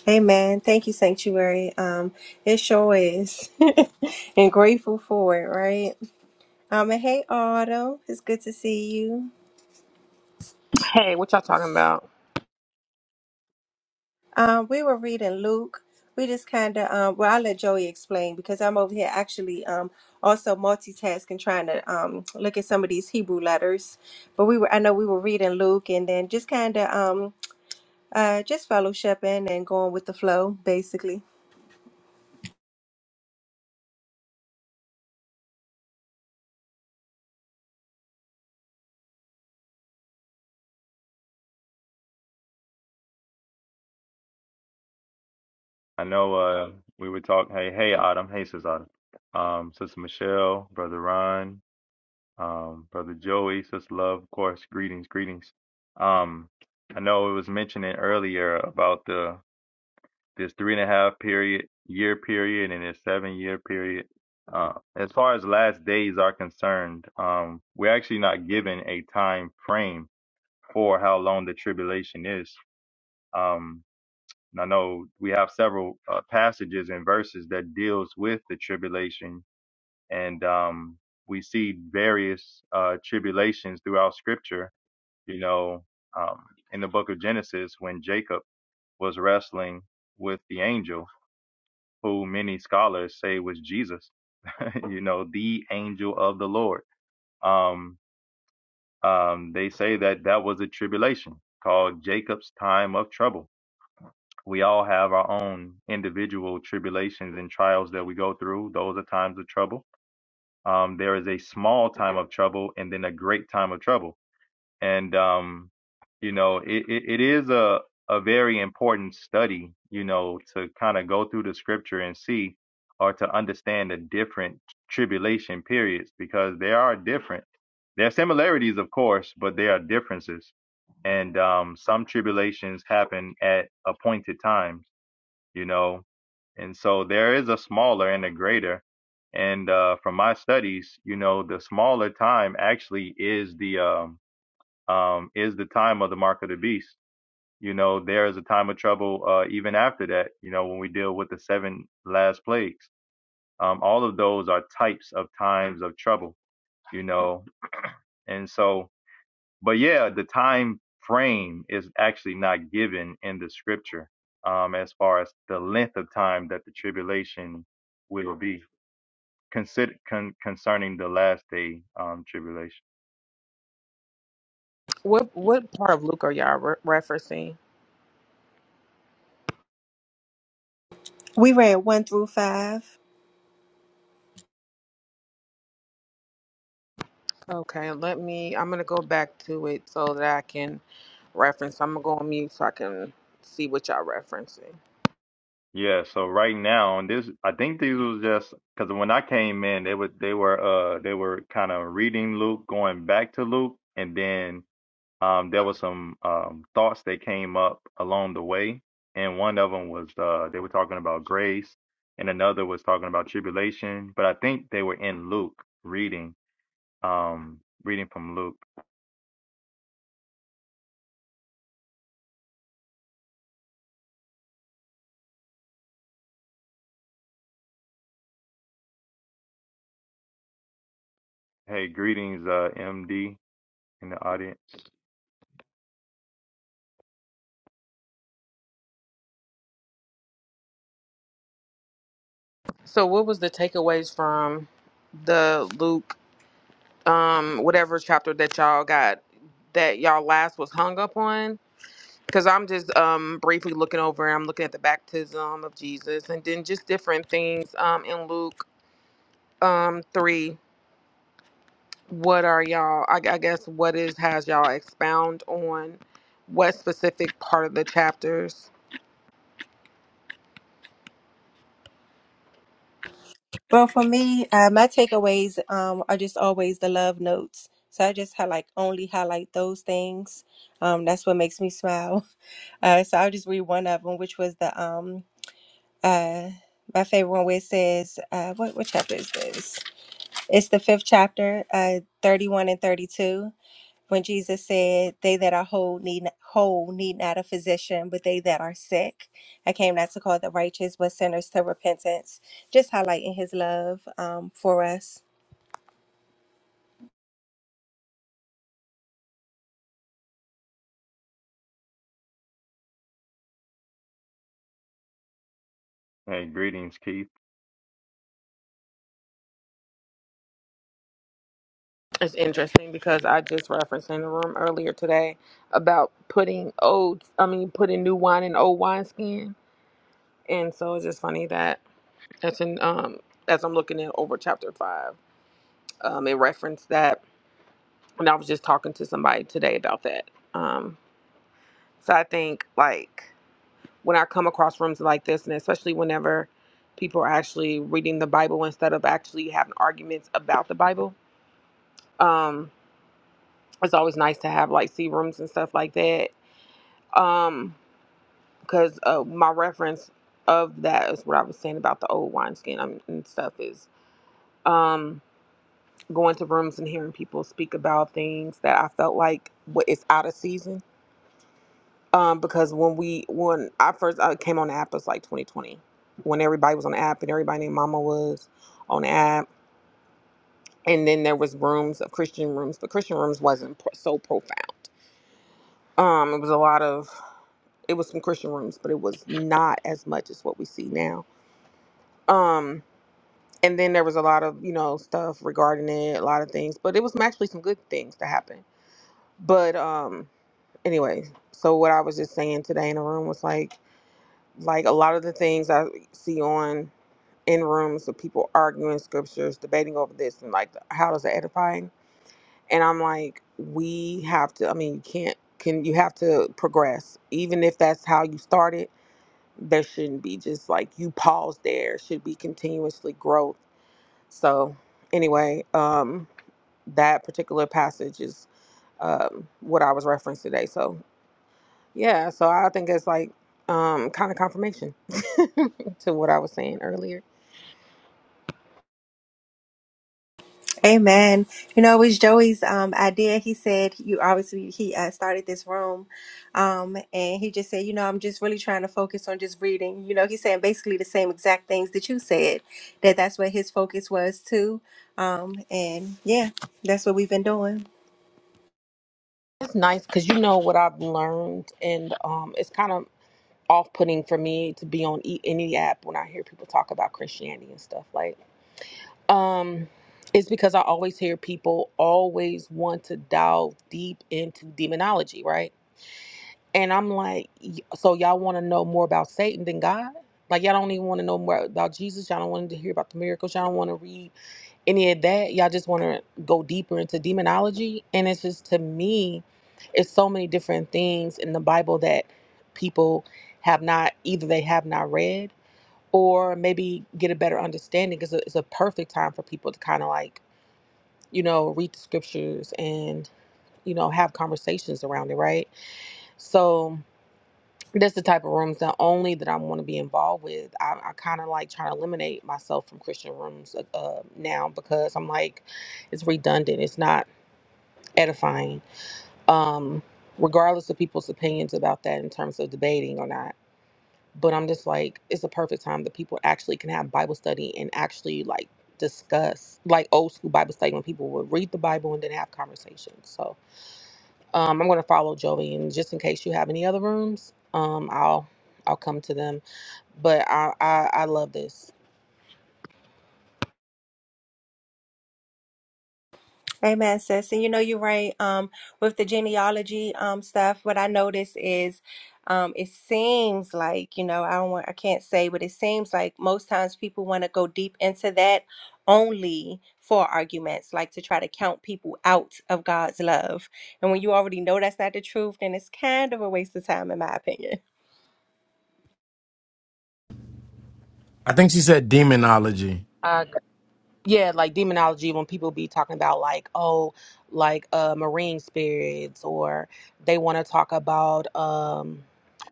Amen. Thank you, Sanctuary. Um, it sure is. [laughs] and grateful for it, right? Um, and hey, Autumn, it's good to see you. Hey, what y'all talking about? Um, we were reading Luke. We just kind of, um, well, I'll let Joey explain because I'm over here actually um, also multitasking, trying to um, look at some of these Hebrew letters. But we were, I know we were reading Luke and then just kind of um, uh, just fellowshipping and going with the flow, basically. I know uh, we were talking. Hey, hey, Autumn. Hey, Sis Autumn. Um, Sister Michelle, Brother Ron, um, Brother Joey, Sister Love, of course. Greetings, greetings. Um, I know it was mentioning earlier about the There's three and a half period year period and there's seven year period. Uh, as far as last days are concerned, um, we're actually not given a time frame for how long the tribulation is. Um, and I know we have several uh, passages and verses that deals with the tribulation, and um, we see various uh, tribulations throughout Scripture. You know, um, in the book of Genesis, when Jacob was wrestling with the angel, who many scholars say was Jesus, [laughs] you know, the angel of the Lord. Um, um, they say that that was a tribulation called Jacob's time of trouble. We all have our own individual tribulations and trials that we go through. Those are times of trouble. Um, there is a small time of trouble and then a great time of trouble and um, you know it, it, it is a a very important study you know to kind of go through the scripture and see or to understand the different tribulation periods because they are different there are similarities of course but there are differences and um, some tribulations happen at appointed times you know and so there is a smaller and a greater and uh, from my studies you know the smaller time actually is the um, um, is the time of the mark of the beast. You know, there is a time of trouble uh, even after that, you know, when we deal with the seven last plagues. Um, all of those are types of times of trouble, you know. And so, but yeah, the time frame is actually not given in the scripture um, as far as the length of time that the tribulation will be consider, con- concerning the last day um, tribulation. What what part of Luke are y'all re- referencing? We read one through five. Okay, let me. I'm gonna go back to it so that I can reference. I'm gonna go on mute so I can see what y'all referencing. Yeah, so right now, and this I think these was just because when I came in, they were they were uh they were kind of reading Luke, going back to Luke, and then um there was some um thoughts that came up along the way, and one of them was uh they were talking about grace, and another was talking about tribulation, but I think they were in Luke reading um reading from Luke. Hey, greetings, uh MD in the audience. So, what was the takeaways from the Luke, um, whatever chapter that y'all got that y'all last was hung up on? Because I'm just um briefly looking over. I'm looking at the baptism of Jesus and then just different things um in Luke um three what are y'all I, I guess what is has y'all expound on what specific part of the chapters Well, for me, uh, my takeaways um, are just always the love notes. So I just highlight only highlight those things. Um, that's what makes me smile. [laughs] Uh, so I'll just read one of them, which was the um uh my favorite one where it says uh what what chapter is this? It's the fifth chapter, uh thirty one and thirty two. when Jesus said, "They that are whole need whole need not a physician, but they that are sick." I came not to call the righteous, but sinners to repentance. Just highlighting His love um, for us. Hey, greetings, Keith. it's interesting because i just referenced in the room earlier today about putting old i mean putting new wine in old wineskin and so it's just funny that that's in um as i'm looking at over chapter five um it referenced that and i was just talking to somebody today about that um so i think like when I come across rooms like this, and especially whenever people are actually reading the Bible instead of actually having arguments about the Bible. Um, it's always nice to have like see rooms and stuff like that. Um, because uh, my reference of that is what I was saying about the old wineskin um, and stuff is um going to rooms and hearing people speak about things that I felt like what is out of season Um, because when we when I first I came on the app, it was like 2020, when everybody was on the app and everybody named Mama was on the app, and then there was rooms of Christian rooms, but Christian rooms wasn't pro- so profound. Um, it was a lot of it was some Christian rooms, but it was not as much as what we see now. Um, and then there was a lot of you know stuff regarding it, a lot of things, but it was actually some good things to happen. But um, anyway, so what I was just saying today in the room was like like a lot of the things I see on in rooms with people arguing scriptures, debating over this and like how does it edifying? And I'm like, we have to. I mean, you can't. Can you have to progress? Even if that's how you started, there shouldn't be just like you pause there. It Should be continuously growth. So anyway, um, that particular passage is um, what I was referenced today. So yeah, so I think it's like um, kind of confirmation [laughs] to what I was saying earlier. Amen. You know, it was Joey's um, idea. He said, "You obviously he uh, started this room, um, and he just said, you know, I'm just really trying to focus on just reading. You know, he's saying basically the same exact things that you said. That that's what his focus was too. Um, and yeah, that's what we've been doing. It's nice because you know what I've learned, and um, it's kind of off-putting for me to be on e- any app when I hear people talk about Christianity and stuff. Like, um, it's because I always hear people always want to delve deep into demonology, right? And I'm like, y- so y'all want to know more about Satan than God? Like, y'all don't even want to know more about Jesus. Y'all don't want to hear about the miracles. Y'all don't want to read any of that. Y'all just want to go deeper into demonology. And it's just to me, it's so many different things in the Bible that people have not, either they have not read or maybe get a better understanding because it's a perfect time for people to kind of like, you know, read the scriptures and, you know, have conversations around it, right? So, that's the type of rooms not only that I want to be involved with. I, I kind of like trying to eliminate myself from Christian rooms uh, uh, now because I'm like, it's redundant. It's not edifying, um, regardless of people's opinions about that in terms of debating or not. But I'm just like, it's a perfect time that people actually can have Bible study and actually like discuss like old school Bible study when people would read the Bible and then have conversations. So um, I'm going to follow Joey, and just in case you have any other rooms, um, I'll I'll come to them but I, I I love this. Amen, sis. And you know, you're right. Um, with the genealogy um stuff, what I notice is um it seems like, you know, I don't want I can't say, but it seems like most times people want to go deep into that only for arguments, like to try to count people out of God's love. And when you already know that's not the truth, then it's kind of a waste of time in my opinion. I think she said demonology. I Yeah, like demonology when people be talking about like oh like uh marine spirits or they want to talk about um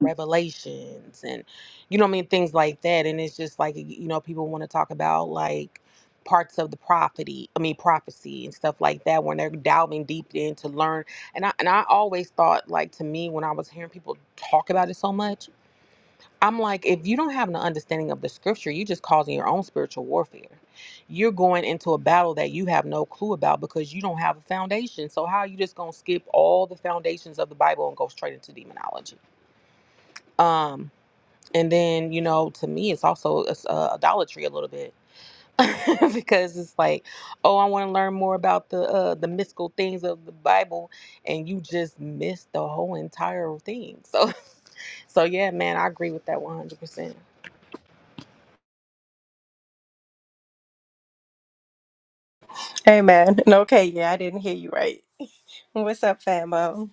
revelations and you know what I mean things like that and it's just like you know people want to talk about like parts of the prophecy I mean prophecy and stuff like that when they're delving deep in to learn and I and I always thought like to me when I was hearing people talk about it so much I'm like, if you don't have an understanding of the scripture, you're just causing your own spiritual warfare. You're going into a battle that you have no clue about because you don't have a foundation. So how are you just gonna skip all the foundations of the Bible and go straight into demonology? Um, and then you know, to me, it's also it's, uh, idolatry a little bit [laughs] because it's like, oh, I want to learn more about the uh, the mystical things of the Bible, and you just miss the whole entire thing. So, [laughs] so yeah, man, I agree with that 100. percent Amen. [laughs] And okay, yeah, I didn't hear you right. What's up, famo?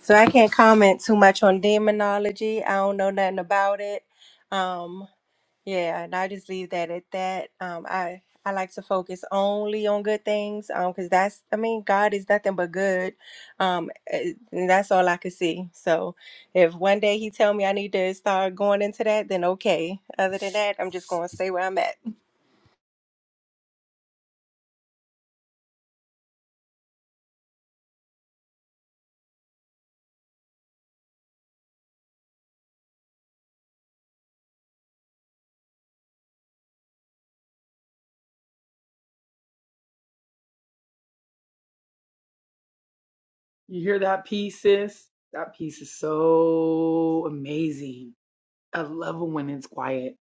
So I can't comment too much on demonology. I don't know nothing about it. Um, yeah, and I just leave that at that. Um, I I like to focus only on good things. Um, because that's I mean God is nothing but good. Um, eh, and that's all I could see. So if one day He tell me I need to start going into that, then okay. Other than that, I'm just gonna stay where I'm at. You hear that piece, sis? That piece is so amazing I love it when it's quiet.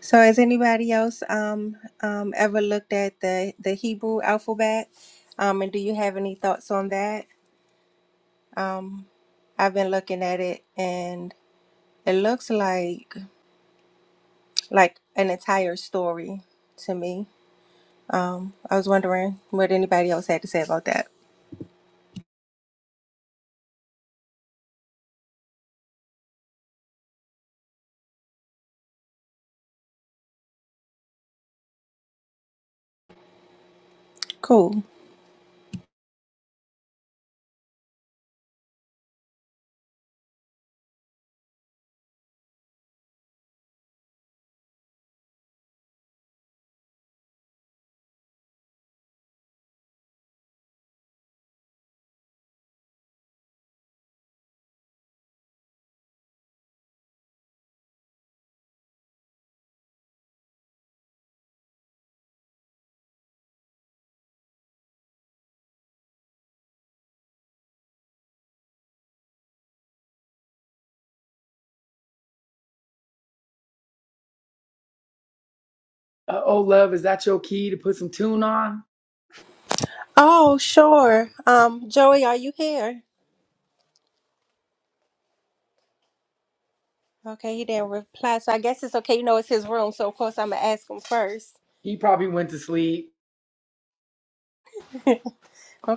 So has anybody else um um ever looked at the the Hebrew alphabet? Um, and do you have any thoughts on that? Um, I've been looking at it and it looks like like an entire story to me. Um, I was wondering what anybody else had to say about that. Cool. Uh, oh, love, is that your key to put some tune on? Oh, sure. Um, Joey, are you here? Okay, he didn't reply, so I guess it's okay. You know, it's his room, so of course I'm gonna ask him first. [laughs] He probably went to sleep.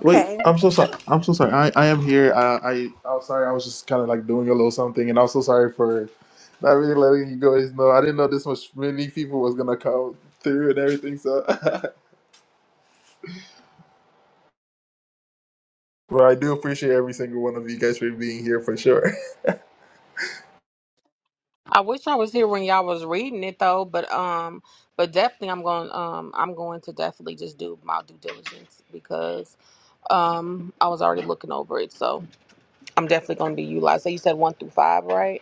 Wait, I'm so sorry. I'm so sorry. I, I am here. I, I I'm sorry. I was just kind of like doing a little something, and I'm so sorry for not really letting you guys know. I didn't know this much many people was gonna come through and everything. So, [laughs] but I do appreciate every single one of you guys for being here for sure. I wish I was here when y'all was reading it though, but um, but definitely I'm going um I'm going to definitely just do my due diligence because um I was already looking over it, so I'm definitely going to be utilized. So you said one through five, right?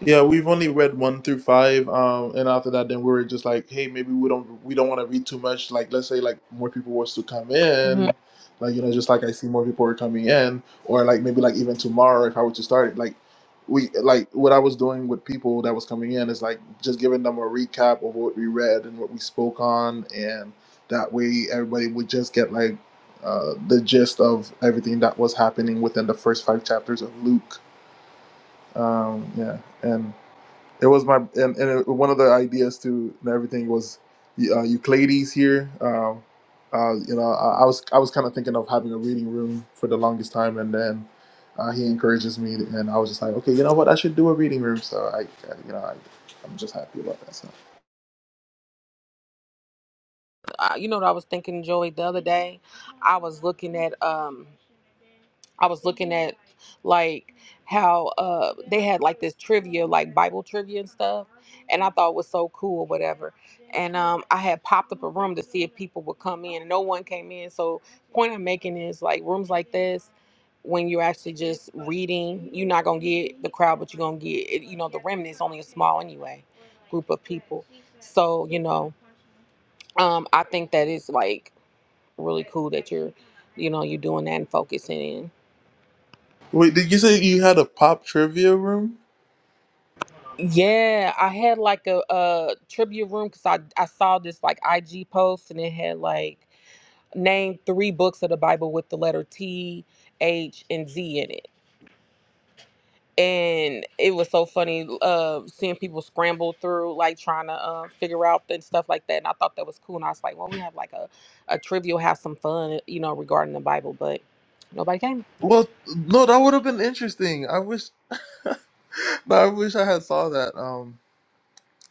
Yeah, we've only read one through five, um, and after that, then we were just like, hey, maybe we don't we don't want to read too much. Like, let's say like more people was to come hmm in, like you know, just like I see more people are coming in, or like maybe like even tomorrow if I were to start it, like we like what I was doing with people that was coming in is like just giving them a recap of what we read and what we spoke on, and that way everybody would just get like uh, the gist of everything that was happening within the first five chapters of Luke. Um, yeah, and it was my and, and it, one of the ideas to and everything was uh, Euclides here. Um, uh, you know, I, I was I was kind of thinking of having a reading room for the longest time, and then uh, he encourages me, and I was just like, okay, you know what, I should do a reading room. So I, I you know, I, I'm just happy about that. So. Uh, you know what I was thinking, Joey, the other day. I was looking at um. I was looking at like how uh they had like this trivia, like Bible trivia and stuff, and I thought it was so cool or whatever. And um I had popped up a room to see if people would come in. and No one came in. So point I'm making is like rooms like this, when you're actually just reading, you're not gonna get the crowd, but you're gonna get you know, the remnant. remnants only a small anyway group of people. So, you know, um I think that it's like really cool that you're you know, you're doing that and focusing in. Wait, did you say you had a pop trivia room? Yeah, I had like a, a tribute room because I, I saw this like IG post and it had like named three books of the Bible with the letter T, H, and Z in it. And it was so funny uh, seeing people scramble through like trying to uh, figure out and stuff like that. And I thought that was cool. And I was like, well, we have like a, a trivia, we'll have some fun, you know, regarding the Bible. But nobody came. Well, no, that would have been interesting. I wish, [laughs] no, I wish I had saw that. Um,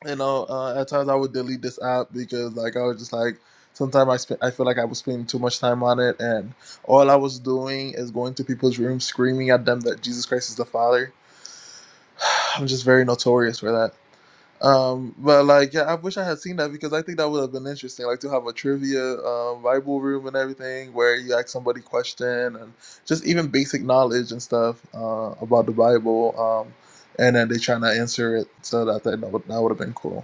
you know, uh, at times I would delete this app because like I was just like sometimes I sp- I feel like I was spending too much time on it, and all I was doing is going to people's rooms screaming at them that Jesus Christ is the Father. [sighs] I'm just very notorious for that. Um, but like, yeah, I wish I had seen that because I think that would have been interesting, like to have a trivia um, Bible room and everything where you ask somebody question and just even basic knowledge and stuff uh, about the Bible, um, and then they trying to answer it. So that that would that would have been cool.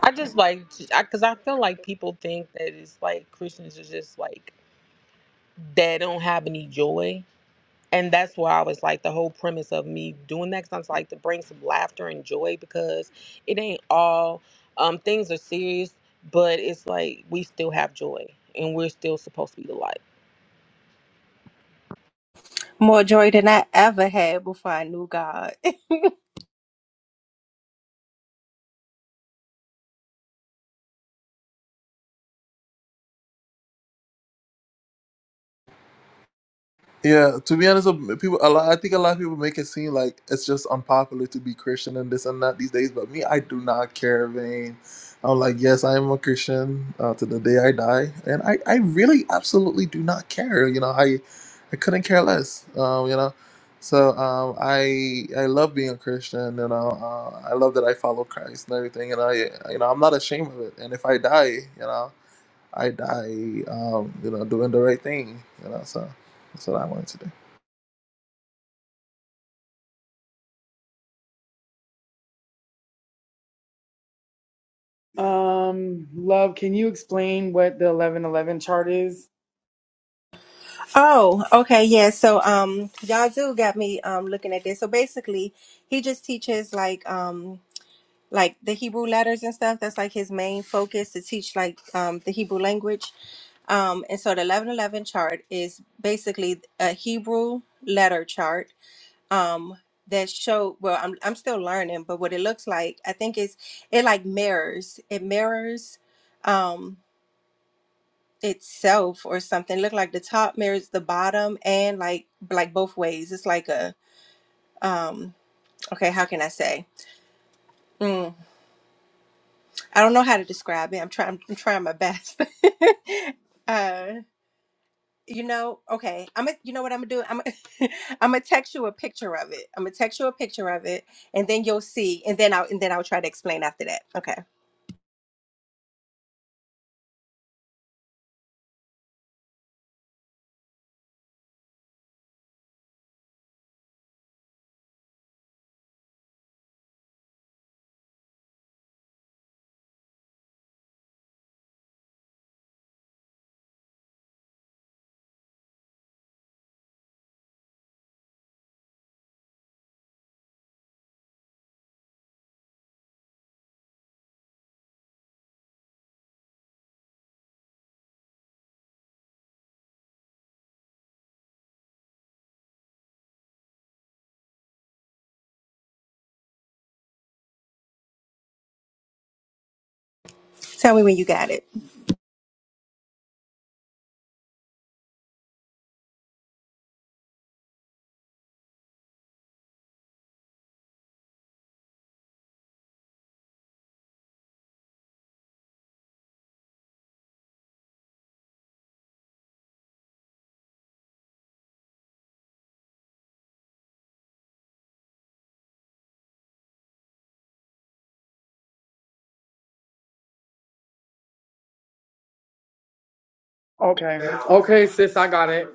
I just like, because I feel like people think that it's like Christians are just like, that don't have any joy and that's why I was like the whole premise of me doing that. Cause I was like to bring some laughter and joy because it ain't all um, things are serious, but it's like we still have joy and we're still supposed to be the light. More joy than I ever had before I knew God. Yeah, to be honest, uh, people a lot, I think a lot of people make it seem like it's just unpopular to be Christian and this and that these days. But me, I do not care, vain. I'm like, yes, I am a Christian uh, to the day I die, and I, I really absolutely do not care. You know, I I couldn't care less. Um, you know, so um, I I love being a Christian. You know, uh, I love that I follow Christ and everything, and I you know I'm not ashamed of it. And if I die, you know. I, I um, you know, doing the right thing. You know, so that's what I wanted to do. Um, love, can you explain what the 1111 chart is? [laughs] oh, okay, yeah. So um Yazoo got me um looking at this. So basically he just teaches like um like the Hebrew letters and stuff. That's like his main focus to teach like um, the Hebrew language. Um, and so the eleven eleven chart is basically a Hebrew letter chart um, that show. Well, I'm I'm still learning, but what it looks like, I think is it like mirrors. It mirrors um, itself or something. Look like the top mirrors the bottom and like like both ways. It's like a um, okay. How can I say? Hmm. I don't know how to describe it. I'm trying. I'm trying my best. [laughs] uh, you know, okay. I'm gonna. You know what I'm gonna do? I'm. going [laughs] I'm gonna text you a picture of it. I'm gonna text you a picture of it, and then you'll see. And then I'll. And then I'll try to explain after that. Okay. Tell me when you got it. Okay. Okay, sis, I got it.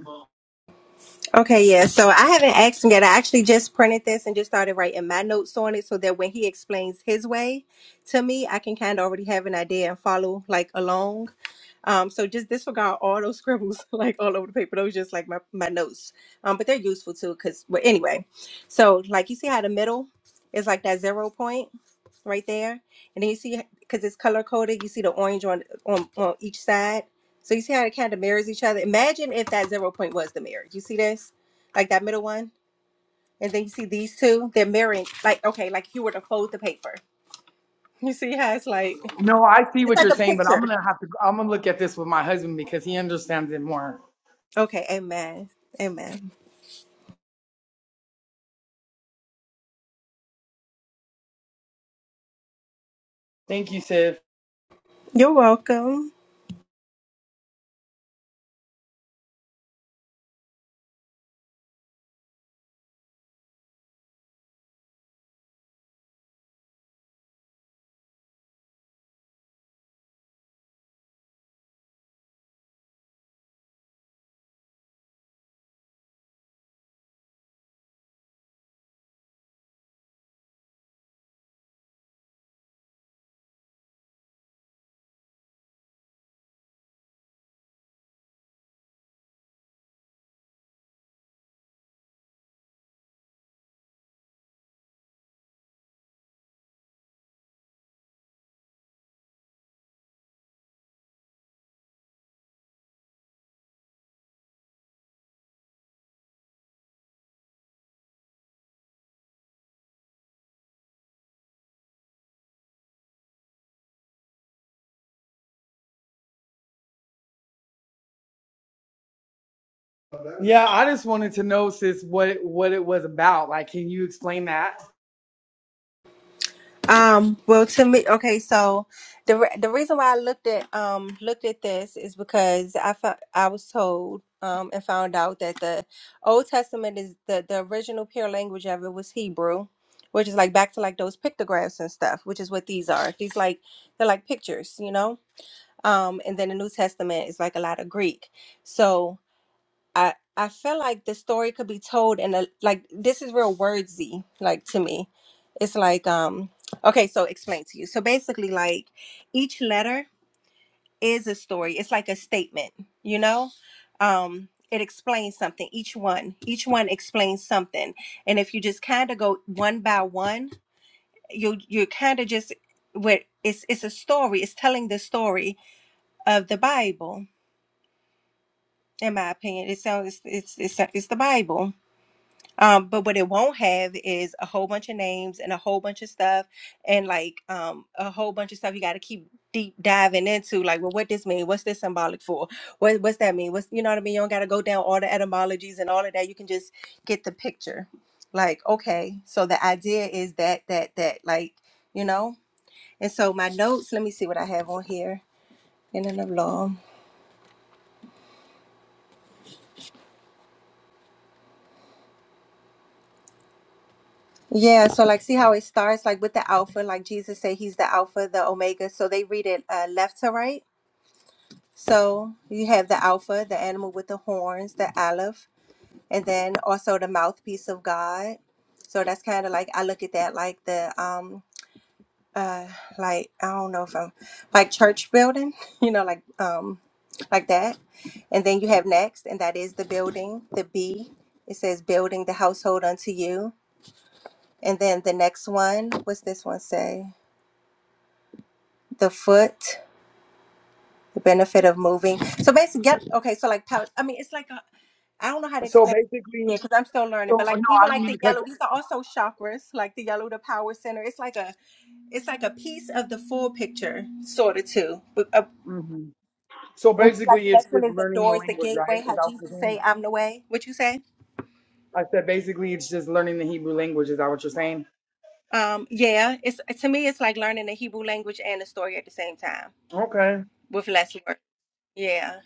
Okay, yeah. So I haven't asked him yet. I actually just printed this and just started writing my notes on it so that when he explains his way to me, I can kind of already have an idea and follow like along. Um, so just disregard all those scribbles [laughs] like all over the paper. Those just like my, my notes. Um, but they're useful too because but anyway. So like you see how the middle is like that zero point right there, and then you see because it's color coded, you see the orange on on on each side. So you see how it kind of mirrors each other. Imagine if that zero point was the mirror. You see this? Like that middle one? And then you see these two, they're mirroring like okay, like you were to fold the paper. [laughs] You see how it's like No, I see it's what like you're a saying, but I'm picture. gonna have to. I'm gonna look at this with my husband because he understands it more. Okay, amen. Amen. Thank you, sis. You're welcome. Yeah, I just wanted to know, sis, what what it was about. Like, can you explain that? Um, well, to me, okay, so the re- the reason why I looked at um looked at this is because I fo- I was told um and found out that the Old Testament is the the original pure language of it was Hebrew, which is like back to like those pictographs and stuff, which is what these are. These like they're like pictures, you know. Um, and then the New Testament is like a lot of Greek. So I I feel like the story could be told in a like this is real wordsy like to me. It's like um okay, so explain to you. So basically like each letter is a story. It's like a statement, you know? Um it explains something each one. Each one explains something. And if you just kind of go one by one, you you kind of just with it's it's a story. It's telling the story of the Bible. In my opinion, it sounds it's it's it's it's the Bible Um, but what it won't have is a whole bunch of names and a whole bunch of stuff and like um a whole bunch of stuff you gotta keep deep diving into like well what this mean what's this symbolic for what what's that mean what's you know what i mean you don't gotta go down all the etymologies and all of that you can just get the picture like okay so the idea is that that that like you know and so my notes let me see what i have on here in and of law yeah, so like see how it starts like with the alpha, like Jesus say he's the alpha, the omega. So they read it uh, left to right. So you have the Alpha, the animal with the horns, the Aleph, and then also the mouthpiece of God. So that's kind of like I look at that like the um uh like I don't know if I'm like church building, [laughs] you know, like um like that. And then you have next, and that is the building, the B. It says building the household unto you. And then the next one, what's this one say? The foot. the benefit of moving. So basically, get okay. So like, pou- I mean, it's like a, I don't know how to So explain. basically, it because I'm still learning. so But like, no, even I didn't like mean the to cut. yellow, these are also chakras. Like the yellow, the power center. It's like a, it's like a piece of the full picture, sort of too. But, uh, You. hmm So it's like basically, the it's next one just is the learning the doors, the language, right? gateway. Is How that what you're Jesus saying? say, "I'm the way." What you say? I said basically it's just learning the Hebrew language. Is that what you're saying? Um, yeah. It's to me, it's like learning the Hebrew language and the story at the same time Okay. with less work. Yeah.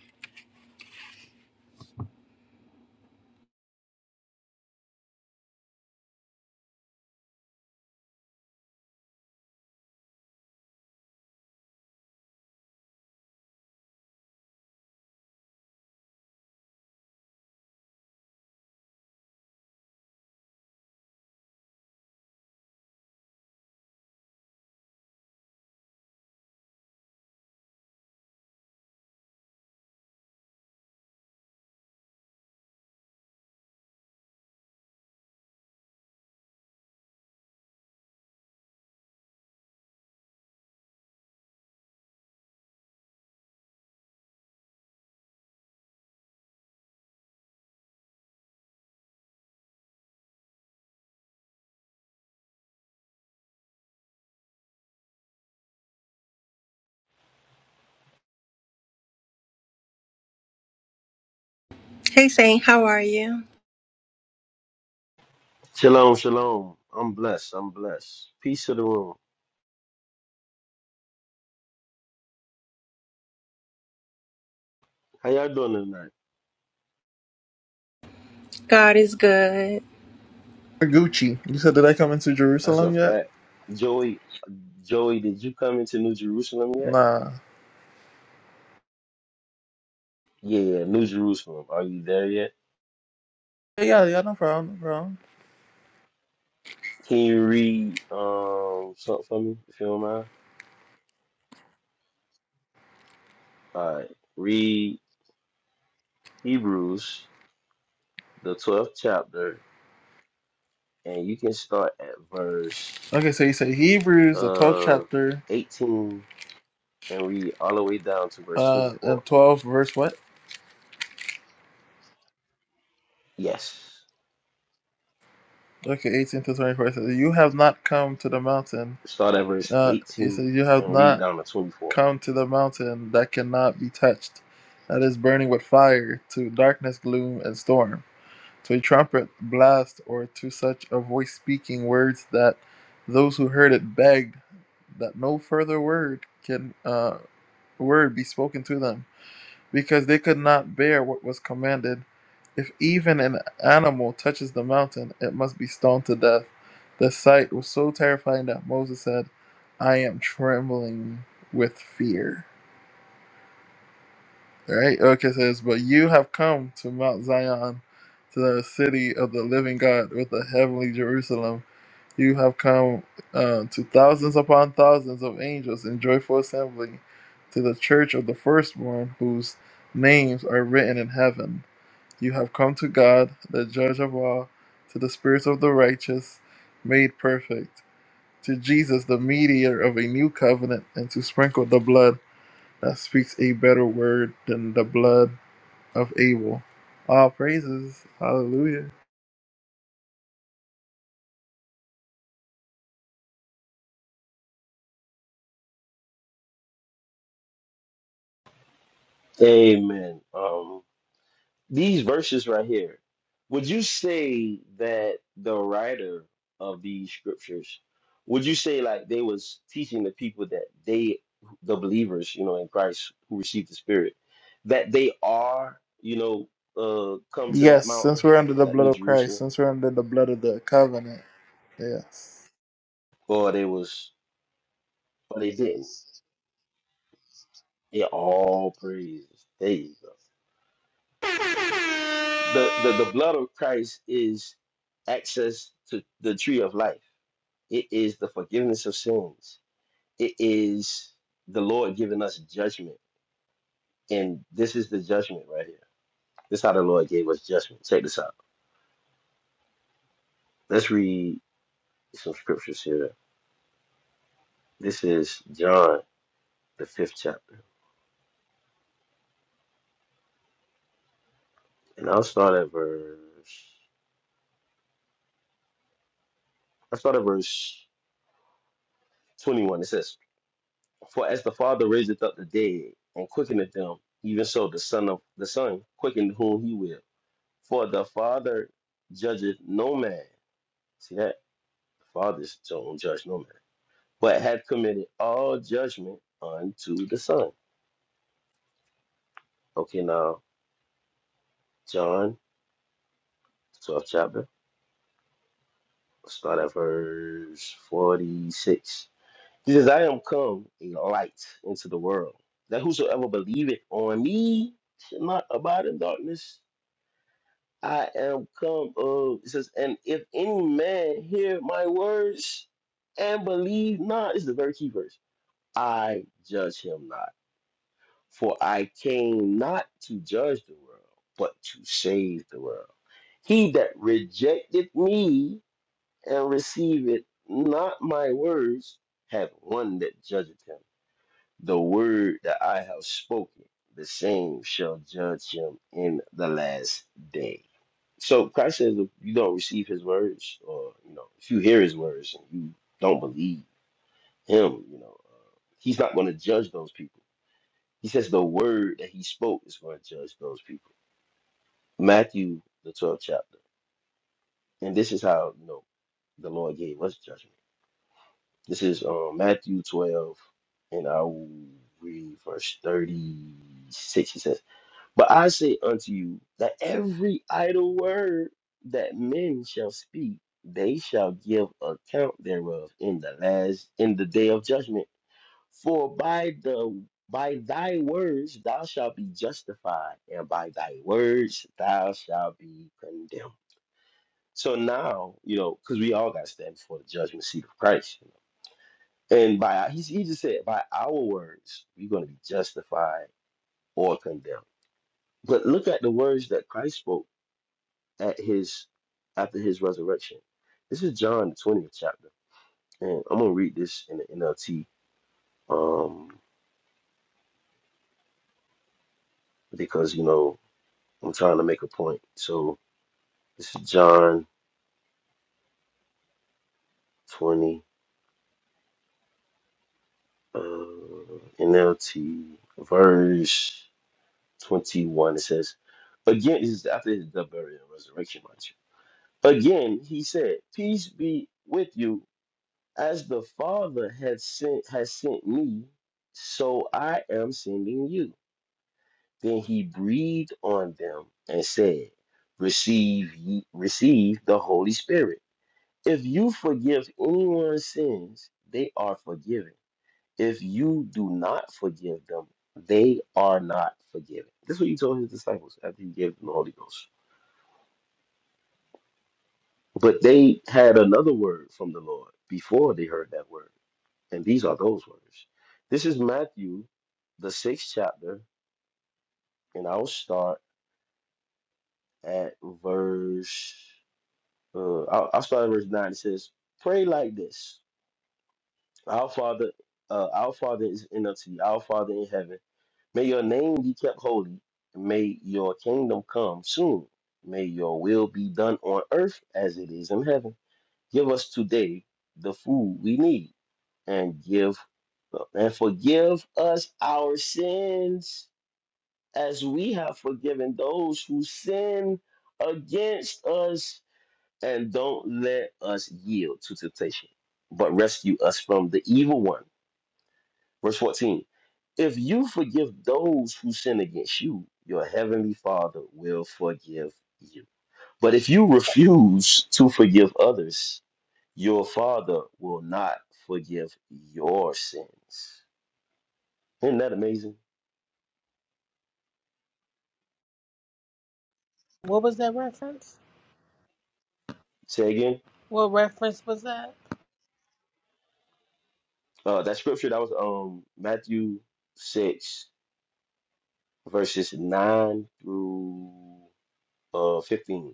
Hey, Saint, how are you? Shalom, shalom. I'm blessed. I'm blessed. Peace to the room. How y'all doing tonight? God is good. Gucci, you said, did I come into That's a Jerusalem yet? fact. Joey, Joey, did you come into New Jerusalem yet? Nah. Yeah, yeah, New Jerusalem. Are you there yet? Yeah, yeah, yeah, no problem, no problem. Can you read um something for me, if you don't mind? All right. Read Hebrews, the twelfth chapter, and you can start at verse Okay, so you say Hebrews, the 12th uh chapter, eighteen and read all the way down to verse uh, twenty-four. and 12 verse what? Yes. Okay, 18 to 24 says, You have not come to the mountain. Start at verse Uh, you 18 said, You have and read not down to 24. come to the mountain that cannot be touched, that is burning with fire, to darkness, gloom, and storm to a trumpet blast or to such a voice speaking words that those who heard it begged that no further word can uh, word be spoken to them because they could not bear what was commanded if even an animal touches the mountain it must be stoned to death the sight was so terrifying that moses said i am trembling with fear all right, okay, it says, But you have come to Mount Zion, to the city of the living God with the heavenly Jerusalem. You have come uh, to thousands upon thousands of angels in joyful assembly, to the church of the firstborn, whose names are written in heaven. You have come to God, the judge of all, to the spirits of the righteous made perfect, to Jesus, the mediator of a new covenant, and to sprinkle the blood that speaks a better word than the blood of Abel. All praises. Hallelujah. Amen. Um, these verses right here, would you say that the writer of these scriptures, would you say like they was teaching the people that they, the believers, you know, in Christ who received the Spirit, that they are, you know, uh, come to that Yes, since mountain, we're under the that blood New of Christ, Jerusalem, since we're under the blood of the covenant. Yes. or they was, or they didn't. It all praises. There you go. The, the the blood of Christ is access to the tree of life. It is the forgiveness of sins. It is the Lord giving us judgment. And this is the judgment right here. This is how the Lord gave us judgment. Check this out. Let's read some scriptures here. This is John, the fifth chapter. And I'll start at verse I'll start at verse 21. It says, For as the Father raiseth up the dead and quickeneth them, even so the Son of the Son quickened whom he will. For the Father judgeth no man. See that? The Father don't judge no man. But hath committed all judgment unto the Son. Okay, now, John, 12th chapter, start at verse 46. He says, I am come a light into the world, that whosoever believeth on me should not abide in darkness. I am come of, it says, and if any man hear my words and believe not, this is the very key verse I judge him not. For I came not to judge the world, but to save the world. He that rejected me and received not my words, hath one that judgeth him. The word that I have spoken, the same shall judge him in the last day. So Christ says, if you don't receive his words, or you know, if you hear his words and you don't believe him, you know, uh, he's not going to judge those people he says the word that he spoke is going to judge those people. Matthew, the 12th chapter. And this is how, you know, the Lord gave us judgment. This is um, Matthew 12, and I will read verse 36. He says, But I say unto you that every idle word that men shall speak, they shall give account thereof in the last in the day of judgment. For by the by thy words thou shalt be justified, and by thy words thou shalt be condemned. So now, you know, because we all got to stand before the judgment seat of Christ. You know? And by he, he just said, by our words, we're going to be justified or condemned. But look at the words that Christ spoke at his after his resurrection. This is John the 20th chapter. And I'm gonna read this in the NLT. Um, because you know, I'm trying to make a point. So This is John 20, uh, NLT, verse 21. It says, Again, this is after his death, burial, and resurrection, mind you. Again, he said, Peace be with you. As the Father has sent, has sent me, so I am sending you. Then he breathed on them and said, Receive ye, receive the Holy Spirit. If you forgive anyone's sins, they are forgiven If you do not forgive them, they are not forgiven. This is what he told his disciples after he gave them the Holy Ghost. But they had another word from the Lord before they heard that word. And these are those words. This is Matthew, the sixth chapter, and I'll start at verse, uh, I'll, I'll start at verse 9. It says, Pray like this Our Father, uh, our Father is in the, our Father in heaven May your name be kept holy, and may your kingdom come soon. May your will be done on earth as it is in heaven. Give us today the food we need, and give and forgive us our sins as we have forgiven those who sin against us, and don't let us yield to temptation, but rescue us from the evil one. Verse 14. If you forgive those who sin against you, your heavenly Father will forgive you. But if you refuse to forgive others, your Father will not forgive your sins. Isn't that amazing? What was that reference? Say again. What reference was that? Uh, that scripture that was um Matthew six verses nine through uh fifteen.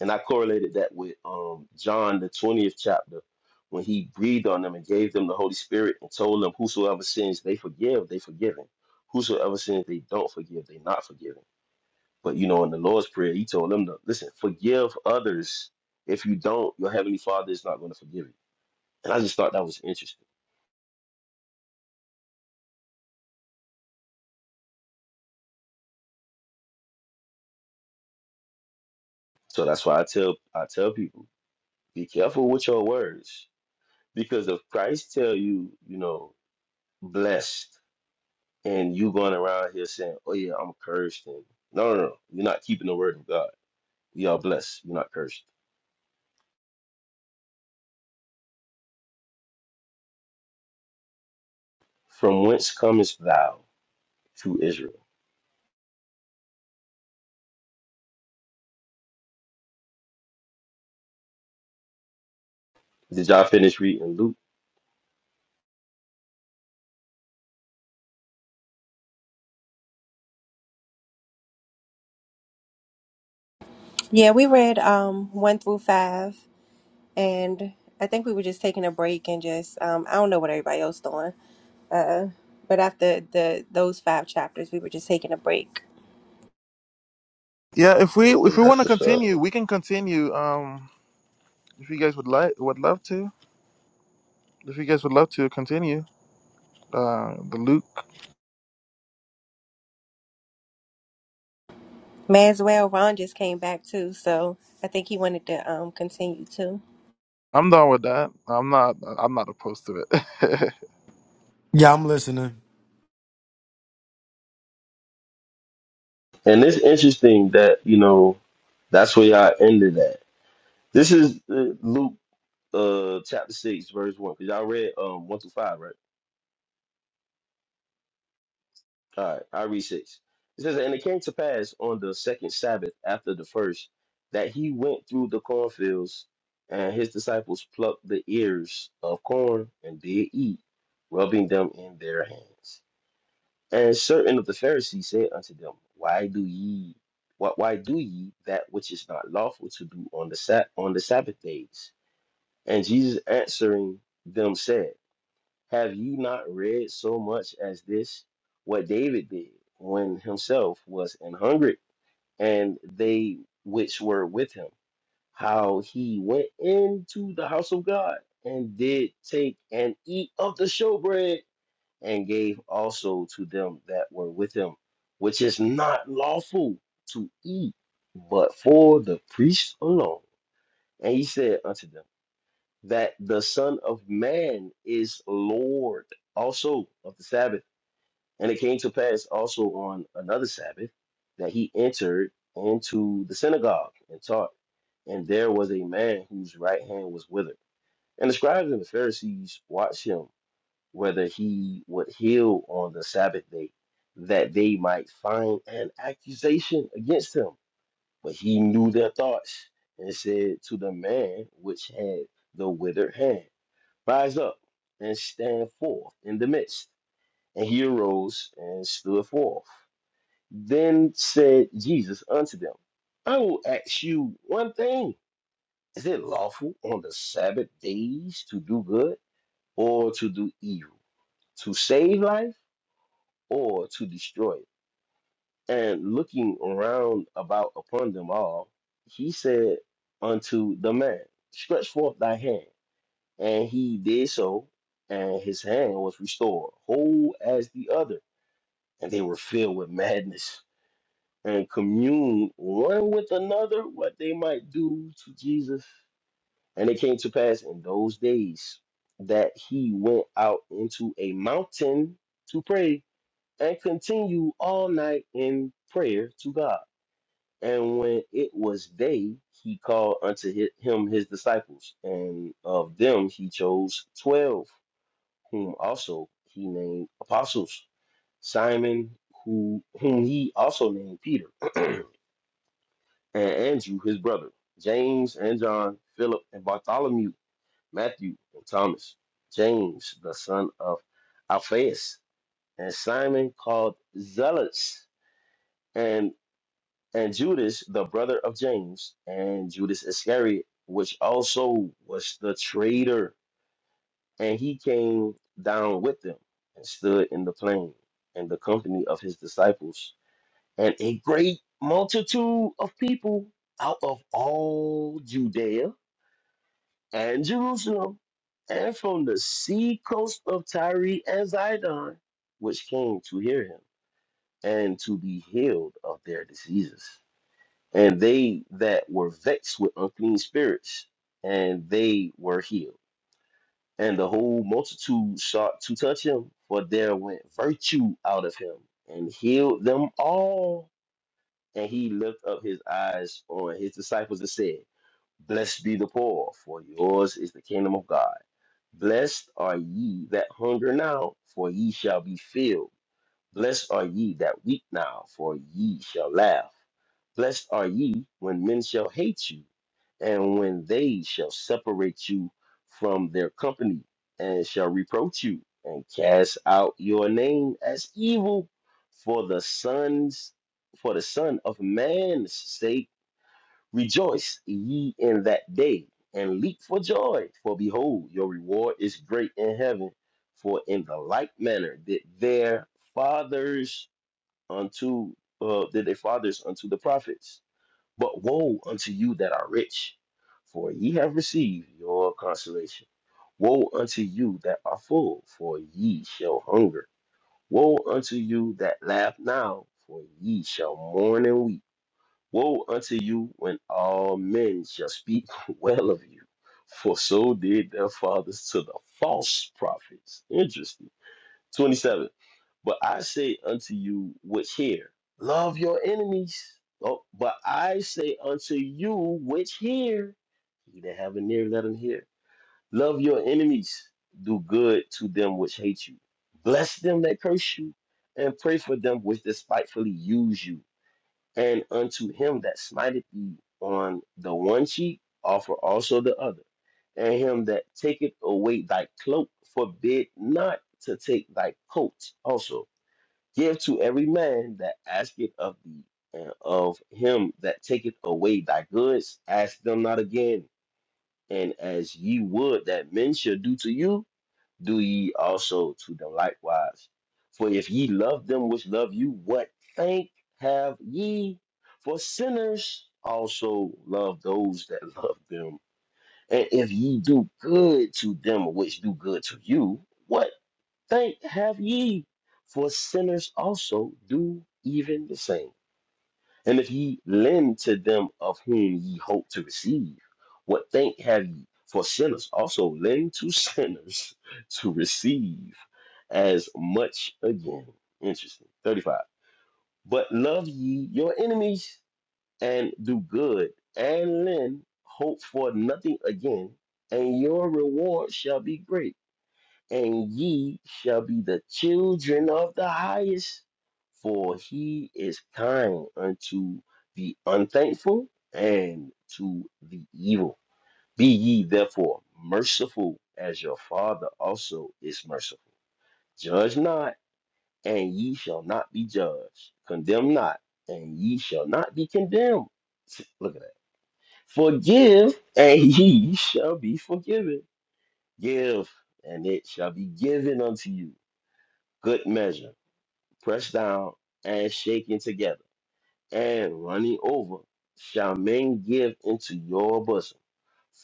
And I correlated that with um, John, the 20th chapter, when he breathed on them and gave them the Holy Spirit and told them, Whosoever sins they forgive, they forgiven. Whosoever sins they don't forgive, they not forgiven. But you know, in the Lord's Prayer, he told them to listen, forgive others. If you don't, your heavenly father is not going to forgive you. And I just thought that was interesting. So that's why I tell I tell people, be careful with your words. Because if Christ tell you, you know, blessed and you going around here saying, "Oh yeah, I'm cursed," and no, no, no, you're not keeping the word of God. You are blessed. You're not cursed. From whence comest thou to Israel? Did y'all finish reading Luke? Yeah, we read um one through five, and I think we were just taking a break and just um I don't know what everybody else doing. Uh, but after the those five chapters, we were just taking a break. Yeah, if we if Okay, we want that's to what's up. continue, we can continue. Um if you guys would like would love to. If you guys would love to continue. Uh the Luke. Maswell Ron just came back too, so I think he wanted to um continue too. I'm done with that. I'm not I'm not opposed to it. [laughs] Yeah, I'm listening. And it's interesting that you know that's where y'all ended at. This is uh, Luke uh, chapter six, verse one. Cause y'all read um one through five, right? All right, I read six. It says, And it came to pass on the second Sabbath after the first that he went through the cornfields, and his disciples plucked the ears of corn and did eat, rubbing them in their hands. And certain of the Pharisees said unto them, Why do ye what why do ye that which is not lawful to do on the Sab- on the Sabbath days? And Jesus answering them said. Have you not read so much as this? What David did when himself was an hungry, and they which were with him, how he went into the house of God and did take and eat of the showbread, and gave also to them that were with him, which is not lawful to eat, but for the priests alone. And he said unto them, that the Son of Man is Lord also of the Sabbath. And it came to pass also on another Sabbath that he entered into the synagogue and taught. And there was a man whose right hand was withered. And the scribes and the Pharisees watched him whether he would heal on the Sabbath day, that they might find an accusation against him. But he knew their thoughts and said to the man which had the withered hand Rise up and stand forth in the midst. And he arose and stood forth. Then said Jesus unto them, I will ask you one thing. Is it lawful on the Sabbath days to do good or to do evil, to save life or to destroy it? And looking around about upon them all, he said unto the man, Stretch forth thy hand. And he did so, and his hand was restored, whole as the other. And they were filled with madness and communed one with another what they might do to Jesus. And it came to pass in those days that he went out into a mountain to pray and continued all night in prayer to God. And when it was day, he called unto hi- him his disciples, and of them he chose twelve whom also he named apostles, Simon, who whom he also named Peter, and Andrew his brother, James and John, Philip and Bartholomew, Matthew and Thomas, James the son of Alphaeus, and Simon called Zealots, and and Judas the brother of James, and Judas Iscariot, which also was the traitor. And he came down with them and stood in the plain in the company of his disciples and a great multitude of people out of all Judea and Jerusalem and from the sea coast of Tyre and Zidon, which came to hear him and to be healed of their diseases. And they that were vexed with unclean spirits, and they were healed And the whole multitude sought to touch him, for there went virtue out of him and healed them all. And he lifted up his eyes on his disciples and said, Blessed be the poor, for yours is the kingdom of God. Blessed are ye that hunger now, for ye shall be filled. Blessed are ye that weep now, for ye shall laugh. Blessed are ye when men shall hate you, and when they shall separate you from their company, and shall reproach you, and cast out your name as evil for the sons for the son of man's sake Rejoice ye in that day, and leap for joy, for behold, your reward is great in heaven. For in the like manner did their fathers unto uh, did their fathers unto the prophets. But woe unto you that are rich, for ye have received your consolation. Woe unto you that are full, for ye shall hunger. Woe unto you that laugh now, for ye shall mourn and weep. Woe unto you when all men shall speak [laughs] well of you, for so did their fathers to the false prophets. Interesting. 27. But I say unto you which hear, love your enemies. Oh, but I say unto you which hear, he that have an ear, let him hear. Love your enemies, do good to them which hate you, bless them that curse you, and pray for them which despitefully use you. And unto him that smiteth thee on the one cheek, offer also the other. And him that taketh away thy cloak, forbid not to take thy coat also. Give to every man that asketh of thee, and of him that taketh away thy goods, ask them not again. And as ye would that men should do to you, do ye also to them likewise. For if ye love them which love you, what thank have ye? For sinners also love those that love them. And if ye do good to them which do good to you, what thank have ye? For sinners also do even the same. And if ye lend to them of whom ye hope to receive, what thank have ye? For sinners also lend to sinners [laughs] to receive as much again. Interesting. 35. But love ye your enemies and do good and lend, hope for nothing again, and your reward shall be great and ye shall be the children of the highest, for he is kind unto the unthankful and to the evil. Be ye therefore merciful, as your Father also is merciful. Judge not, and ye shall not be judged. Condemn not, and ye shall not be condemned. [laughs] Look at that. Forgive, and [laughs] ye shall be forgiven. Give, and it shall be given unto you good measure, pressed down and shaken together, and running over, shall men give into your bosom.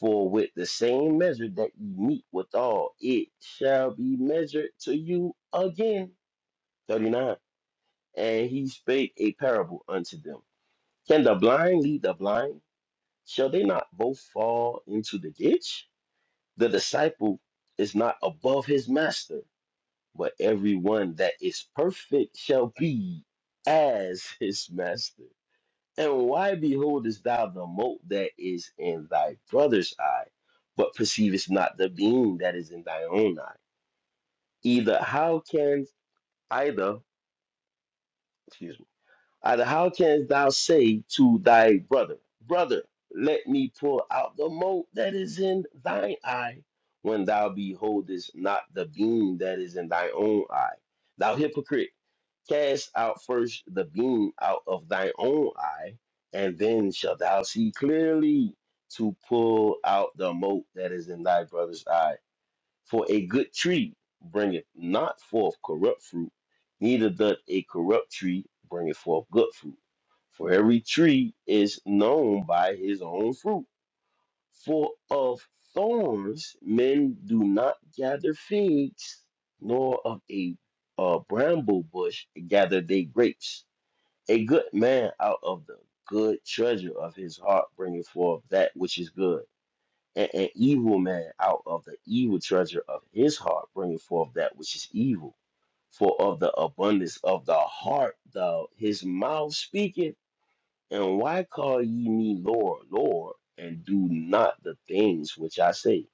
For with the same measure that ye meet withal, it shall be measured to you again. 39. And he spake a parable unto them Can the blind lead the blind? Shall they not both fall into the ditch? The disciple is not above his master, But everyone that is perfect shall be as his master. And why beholdest thou the mote that is in thy brother's eye, but perceivest not the beam that is in thy own eye? Either how can either, excuse me And how canst thou say to thy brother, Brother, let me pour out the mote that is in thine eye, when thou beholdest not the beam that is in thy own eye? Thou hypocrite, cast out first the beam out of thine own eye, and then shalt thou see clearly to pull out the mote that is in thy brother's eye. For a good tree bringeth not forth corrupt fruit, neither doth a corrupt tree bringeth forth good fruit. For every tree is known by his own fruit. For of thorns men do not gather figs, nor of a, a bramble bush gather they grapes. A good man out of the good treasure of his heart bringeth forth that which is good and an evil man out of the evil treasure of his heart bringing forth that which is evil. For of the abundance of the heart, thou his mouth speaketh. And why call ye me Lord, Lord, and do not the things which I say?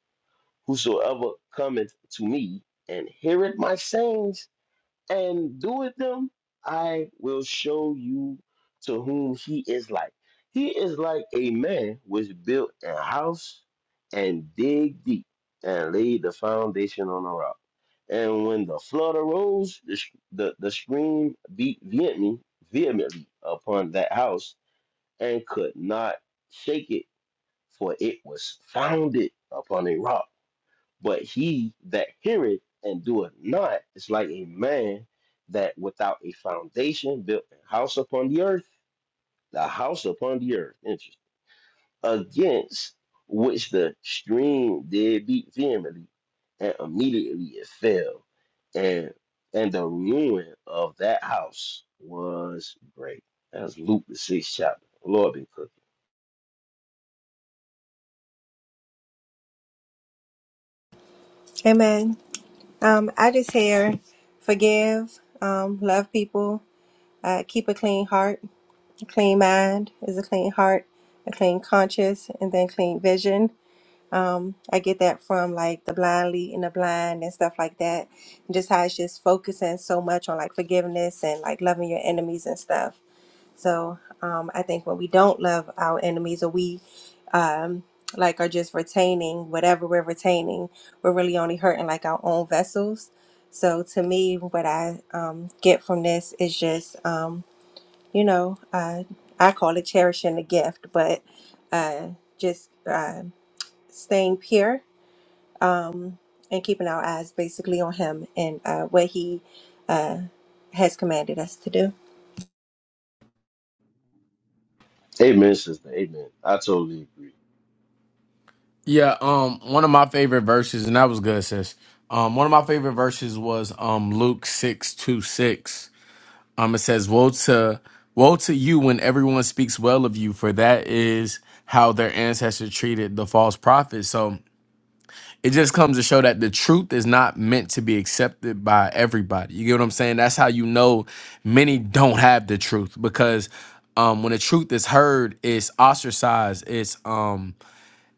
Whosoever cometh to me and heareth my sayings and doeth them, I will show you to whom he is like. He is like a man which built a house and dig deep and laid the foundation on a rock. And when the flood arose, the, sh- the, the stream beat vehemently, vehemently upon that house and could not shake it, for it was founded upon a rock but he that heareth and doeth not is like a man that without a foundation built a house upon the earth, the house upon the earth, interesting, against which the stream did beat vehemently, and immediately it fell, and and the ruin of that house was great. That's Luke the sixth chapter. Lord be cooking. Amen. Um, I just hear forgive, um, love people, uh, keep a clean heart. A clean mind is a clean heart, a clean conscience, and then clean vision. Um, I get that from like the blind leading the blind and stuff like that. And just how it's just focusing so much on like forgiveness and like loving your enemies and stuff. So um, I think when we don't love our enemies or we um, like are just retaining whatever we're retaining, we're really only hurting like our own vessels. So to me, what I um, get from this is just, um, you know, uh, I call it cherishing the gift, but uh, just uh, staying pure um, and keeping our eyes basically on Him and uh, what He uh, has commanded us to do. Amen, sister. Amen. I totally agree. Yeah, um, one of my favorite verses, and that was good, sis. Um, one of my favorite verses was um Luke six two six. Um, it says, "Woe to woe to you when everyone speaks well of you, for that is how their ancestors treated the false prophets." So it just comes to show that the truth is not meant to be accepted by everybody. You get what I'm saying? That's how you know many don't have the truth because um, when the truth is heard, it's ostracized. It's um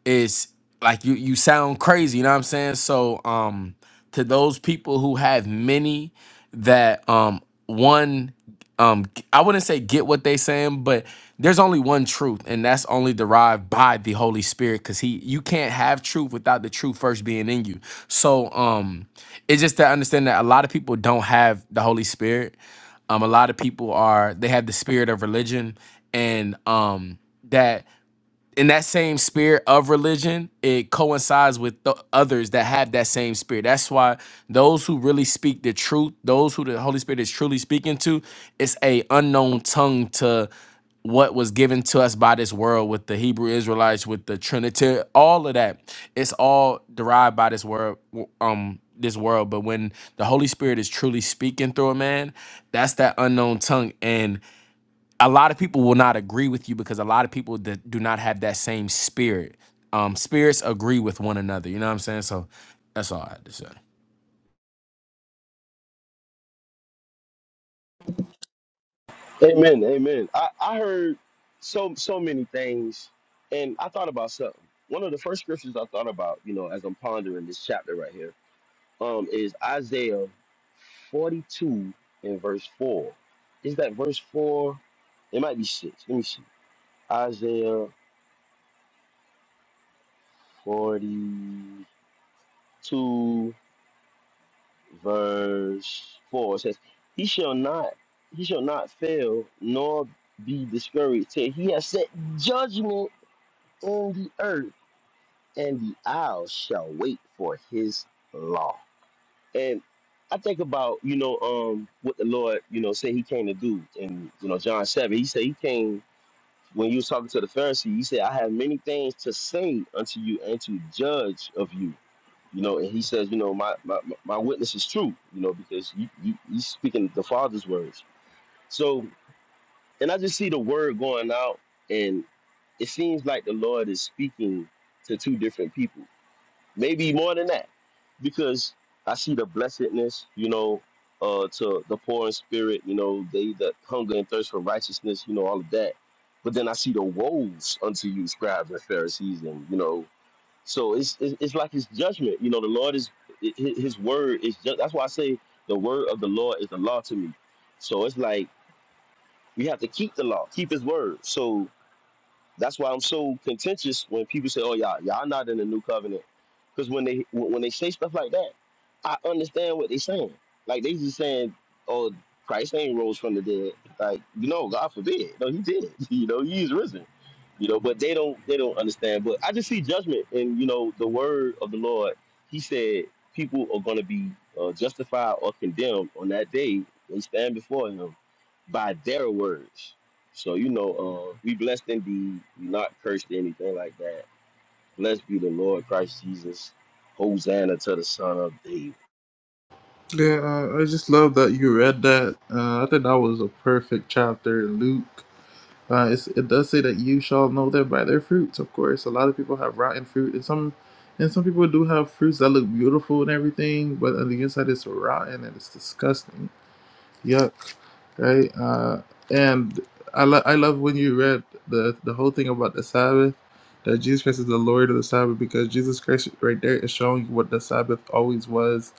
it's like you you sound crazy you know what i'm saying so um to those people who have many that um one um g- i wouldn't say get what they saying but there's only one truth and that's only derived by the holy spirit because he you can't have truth without the truth first being in you so um it's just to understand that a lot of people don't have the holy spirit um a lot of people are they have the spirit of religion and um in that same spirit of religion, it coincides with the others that have that same spirit. That's why those who really speak the truth, those who the Holy Spirit is truly speaking to, it's a unknown tongue to what was given to us by this world with the Hebrew Israelites, with the Trinity, all of that. It's all derived by this word, um, this world. But when the Holy Spirit is truly speaking through a man, that's that unknown tongue. And a lot of people will not agree with you because a lot of people that do not have that same spirit. Um, spirits agree with one another. You know what I'm saying? So that's all I had to say. Amen. Amen. I, I heard so so many things, and I thought about something. One of the first scriptures I thought about, you know, as I'm pondering this chapter right here, um, is Isaiah 42 and verse four. Is that verse four? It might be six. Let me see. Isaiah 42 verse four it says, "He shall not, he shall not fail, nor be discouraged till he has set judgment." in the earth, and the isles shall wait for his law. And I think about, you know, um, what the Lord, you know, said he came to do in, you know, John 7. He said he came when he was talking to the Pharisees, he said, I have many things to say unto you and to judge of you. You know, and he says, you know, my, my, my witness is true, you know, because you, you, you speaking the Father's words. So, and I just see the word going out, and it seems like the Lord is speaking to two different people maybe more than that, because I see the blessedness, you know, uh, to the poor in spirit, you know, they that hunger and thirst for righteousness, you know, all of that. But then I see the woes unto you, scribes and Pharisees, and you know, so it's it's, it's like His judgment, you know. The Lord is hi- hi- His word is just, that's why I say the word of the Lord is the law to me. So it's like we have to keep the law, keep His word. So that's why I'm so contentious when people say, "Oh, y'all, y'all not in the new covenant," because when they when when they say stuff like that, I understand what they saying. Like they just saying, "Oh, Christ ain't rose from the dead." Like you know, God forbid. No, he did. [laughs] You know, he is risen. You know, but they don't they don't understand. But I just see judgment, and you know, the word of the Lord. He said people are going to be uh, justified or condemned on that day when they stand before Him by their words. So you know, uh, we blessed indeed. We not cursed or anything like that. Blessed be the Lord Christ Jesus. Hosanna to the Son of David. yeah, uh, I just love that you read that. Uh, I think that was a perfect chapter in Luke. Uh, it's, it does say that you shall know them by their fruits. Of course, a lot of people have rotten fruit, and some and some people do have fruits that look beautiful and everything, but on the inside it's rotten and it's disgusting. Yuck right? Uh, and I, lo- I love when you read the, the whole thing about the Sabbath, that Jesus Christ is the Lord of the Sabbath, because Jesus Christ right there is showing what the Sabbath always was.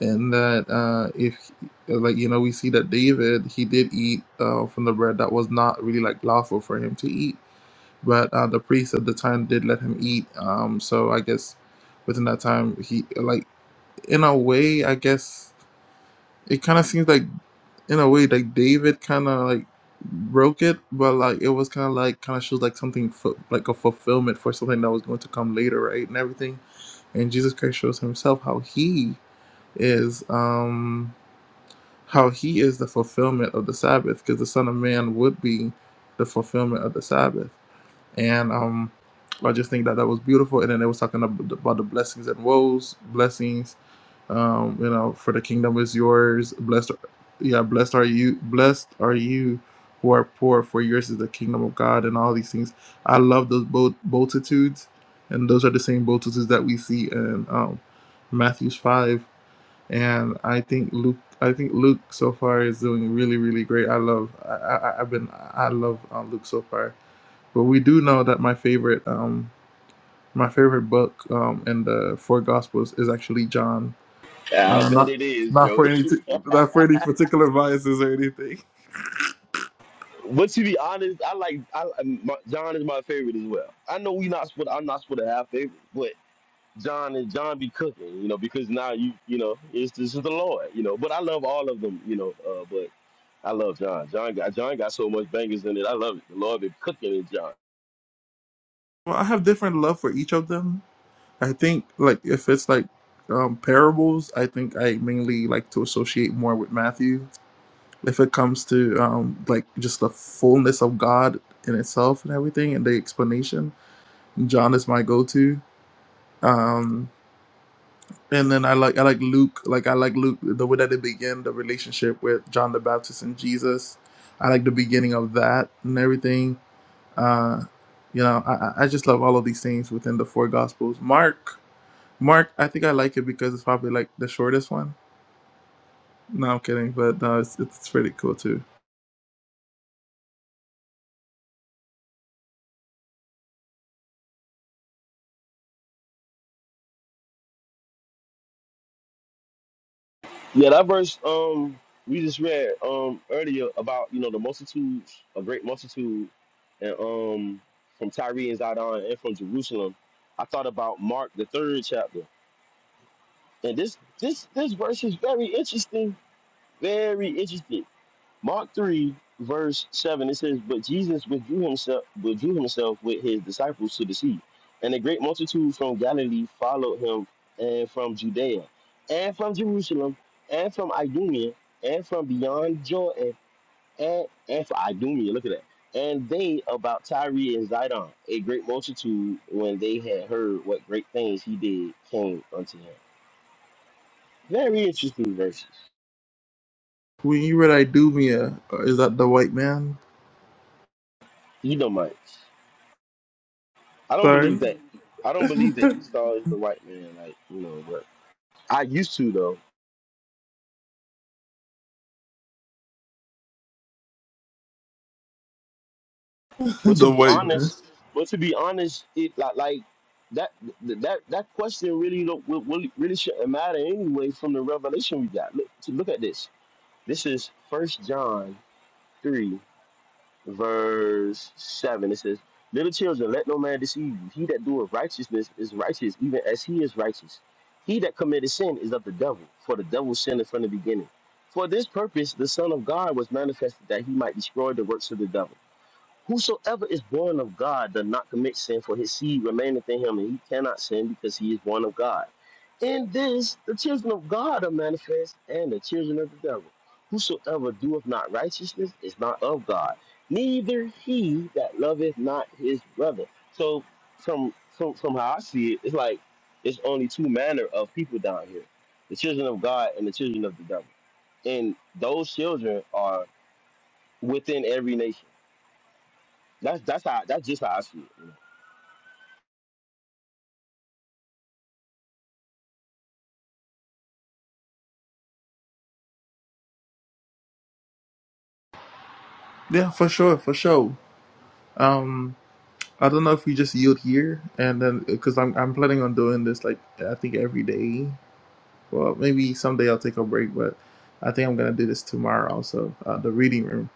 And that uh, if, like, you know, we see that David, he did eat uh, from the bread that was not really like lawful for him to eat, but uh, the priest at the time did let him eat. Um, so I guess within that time, he, like, in a way, I guess it kind of seems like, in a way, like David kind of like broke it, but like it was kind of like kind of shows like something fu- like a fulfillment for something that was going to come later, right? And everything. And Jesus Christ shows himself how he is um how he is the fulfillment of the Sabbath because the Son of Man would be the fulfillment of the Sabbath. And um I just think that that was beautiful. And then it was talking ab- about the blessings and woes, blessings um you know for the kingdom is yours blessed yeah blessed are you blessed are you who are poor for yours is the kingdom of god and all these things i love those both multitudes and those are the same multitudes that we see in um matthew's 5 and i think luke i think luke so far is doing really really great i love i, I i've been i love uh, luke so far but we do know that my favorite um my favorite book um in the four gospels is actually john Ah, I uh, bet not it is, not for Joey. any t- not for any particular biases or anything. [laughs] but to be honest, I like I, um, my, John is my favorite as well. I know we not supposed. I'm not supposed to have favorites, but John and John be cooking, you know, because now you you know it's this is the Lord, you know. But I love all of them, you know. Uh, but I love John. John got John got so much bangers in it. I love it. The Lord been cooking in John. Well, I have different love for each of them. I think like if it's like um, parables, I think I mainly like to associate more with Matthew. If it comes to um, like just the fullness of God in itself and everything, and the explanation, John is my go-to. Um, and then I like I like Luke. Like I like Luke the way that they begin the relationship with John the Baptist and Jesus. I like the beginning of that and everything Uh, you know, I, I just love all of these things within the four gospels. Mark, Mark, I think I like it because it's probably like the shortest one. No, I'm kidding, but no, it's it's pretty cool too. Yeah, that verse um we just read um earlier about you know the multitudes, a great multitude, and um from Tyre and Zidon and from Jerusalem. I thought about Mark the third chapter, and this this this verse is very interesting, very interesting. Mark 3, verse 7, it says, But Jesus withdrew himself, withdrew himself with his disciples to the sea, and a great multitude from Galilee followed him, and from Judea, and from Jerusalem, and from Idumea, and from beyond Jordan, and, and from Idumea, look at that. And they about Tyre and Zidon, a great multitude, when they had heard what great things he did, came unto him. Very interesting verses. When you read Idumea, or is that the white man? You don't mind. I don't Sorry, believe that. I [laughs] don't believe that the Esau is the white man. Like you know, but I used to though. But to be white man. honest, but to be honest, it like like that th- that that question really don't will- will- really shouldn't matter anyway. From the revelation we got, look to look at this. This is First John three. verse 7. It says, Little children, let no man deceive you. He that doeth righteousness is righteous, even as he is righteous. He that committeth sin is of the devil, for the devil sinned from the beginning. For this purpose the Son of God was manifested that he might destroy the works of the devil. Whosoever is born of God does not commit sin, for his seed remaineth in him, and he cannot sin because he is born of God. In this, the children of God are manifest, and the children of the devil. Whosoever doeth not righteousness is not of God, neither he that loveth not his brother. So, from from, from how I see it, it's like it's only two manner of people down here: the children of God and the children of the devil. And those children are within every nation that's that's how that's just how I see it. Yeah, for sure, for sure. Um, I don't know if we just yield here and then because I'm I'm planning on doing this like I think every day. Well, maybe someday I'll take a break, but I think I'm gonna do this tomorrow also. Uh, the reading room.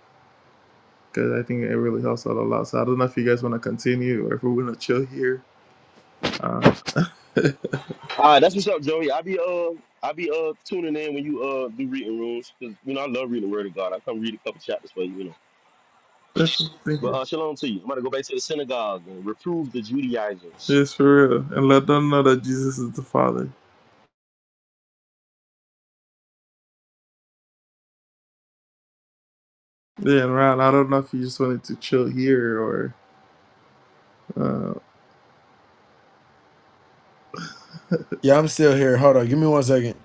because I think it really helps out a lot. So I don't know if you guys want to continue or if we're gonna chill here. Uh, All right, that's what's up, Joey. I be uh I be uh tuning in when you uh do reading rooms because you know I love reading the Word of God. I come read a couple chapters for you, you know. that's But uh, shalom to you. I'm gonna go back to the synagogue and reprove the Judaizers. Yes, for real, and let them know that Jesus is the Father. Yeah, and Ron, I don't know if you just wanted to chill here or. Uh, Yeah, I'm still here. Hold on, give me one second.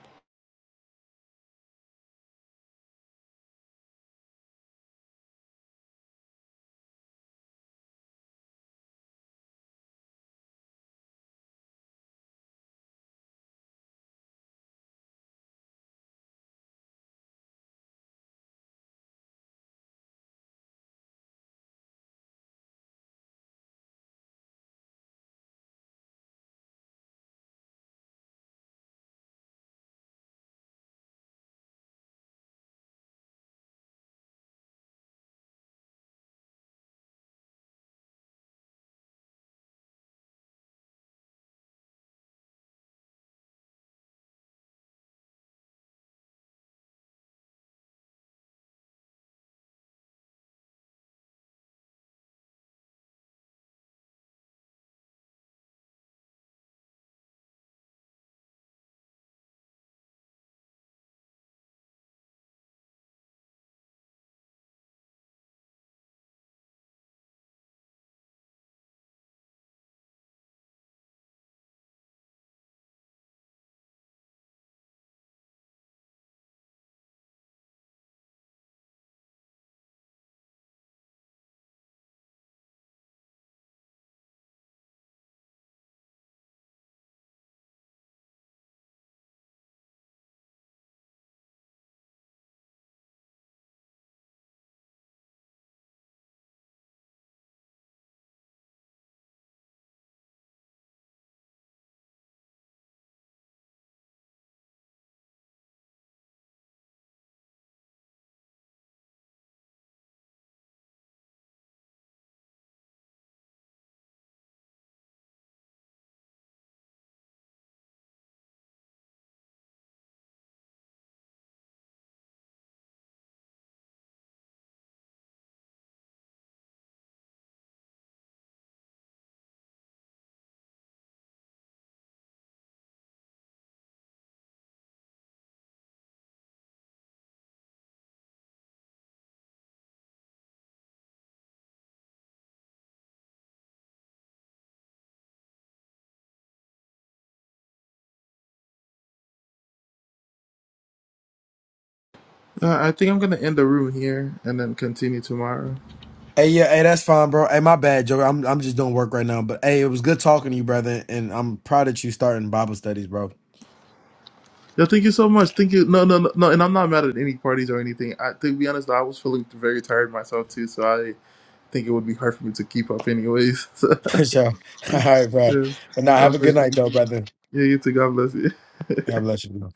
I I think I'm gonna end the room here and then continue tomorrow. Hey, yeah, hey, that's fine, bro. Hey, my bad, Joker. I'm I'm just doing work right now. But hey, it was good talking to you, brother. And I'm proud that you starting Bible studies, bro. Yeah, thank you so much. Thank you. No, no, no, no. And I'm not mad at any parties or anything. I to be honest, I was feeling very tired myself too, so I think it would be hard for me to keep up, anyways. [laughs] So, [laughs] For sure. All right, bro. yeah. But now have a Okay. good night, though, brother. Yeah, you too. God bless you. God bless you. bro.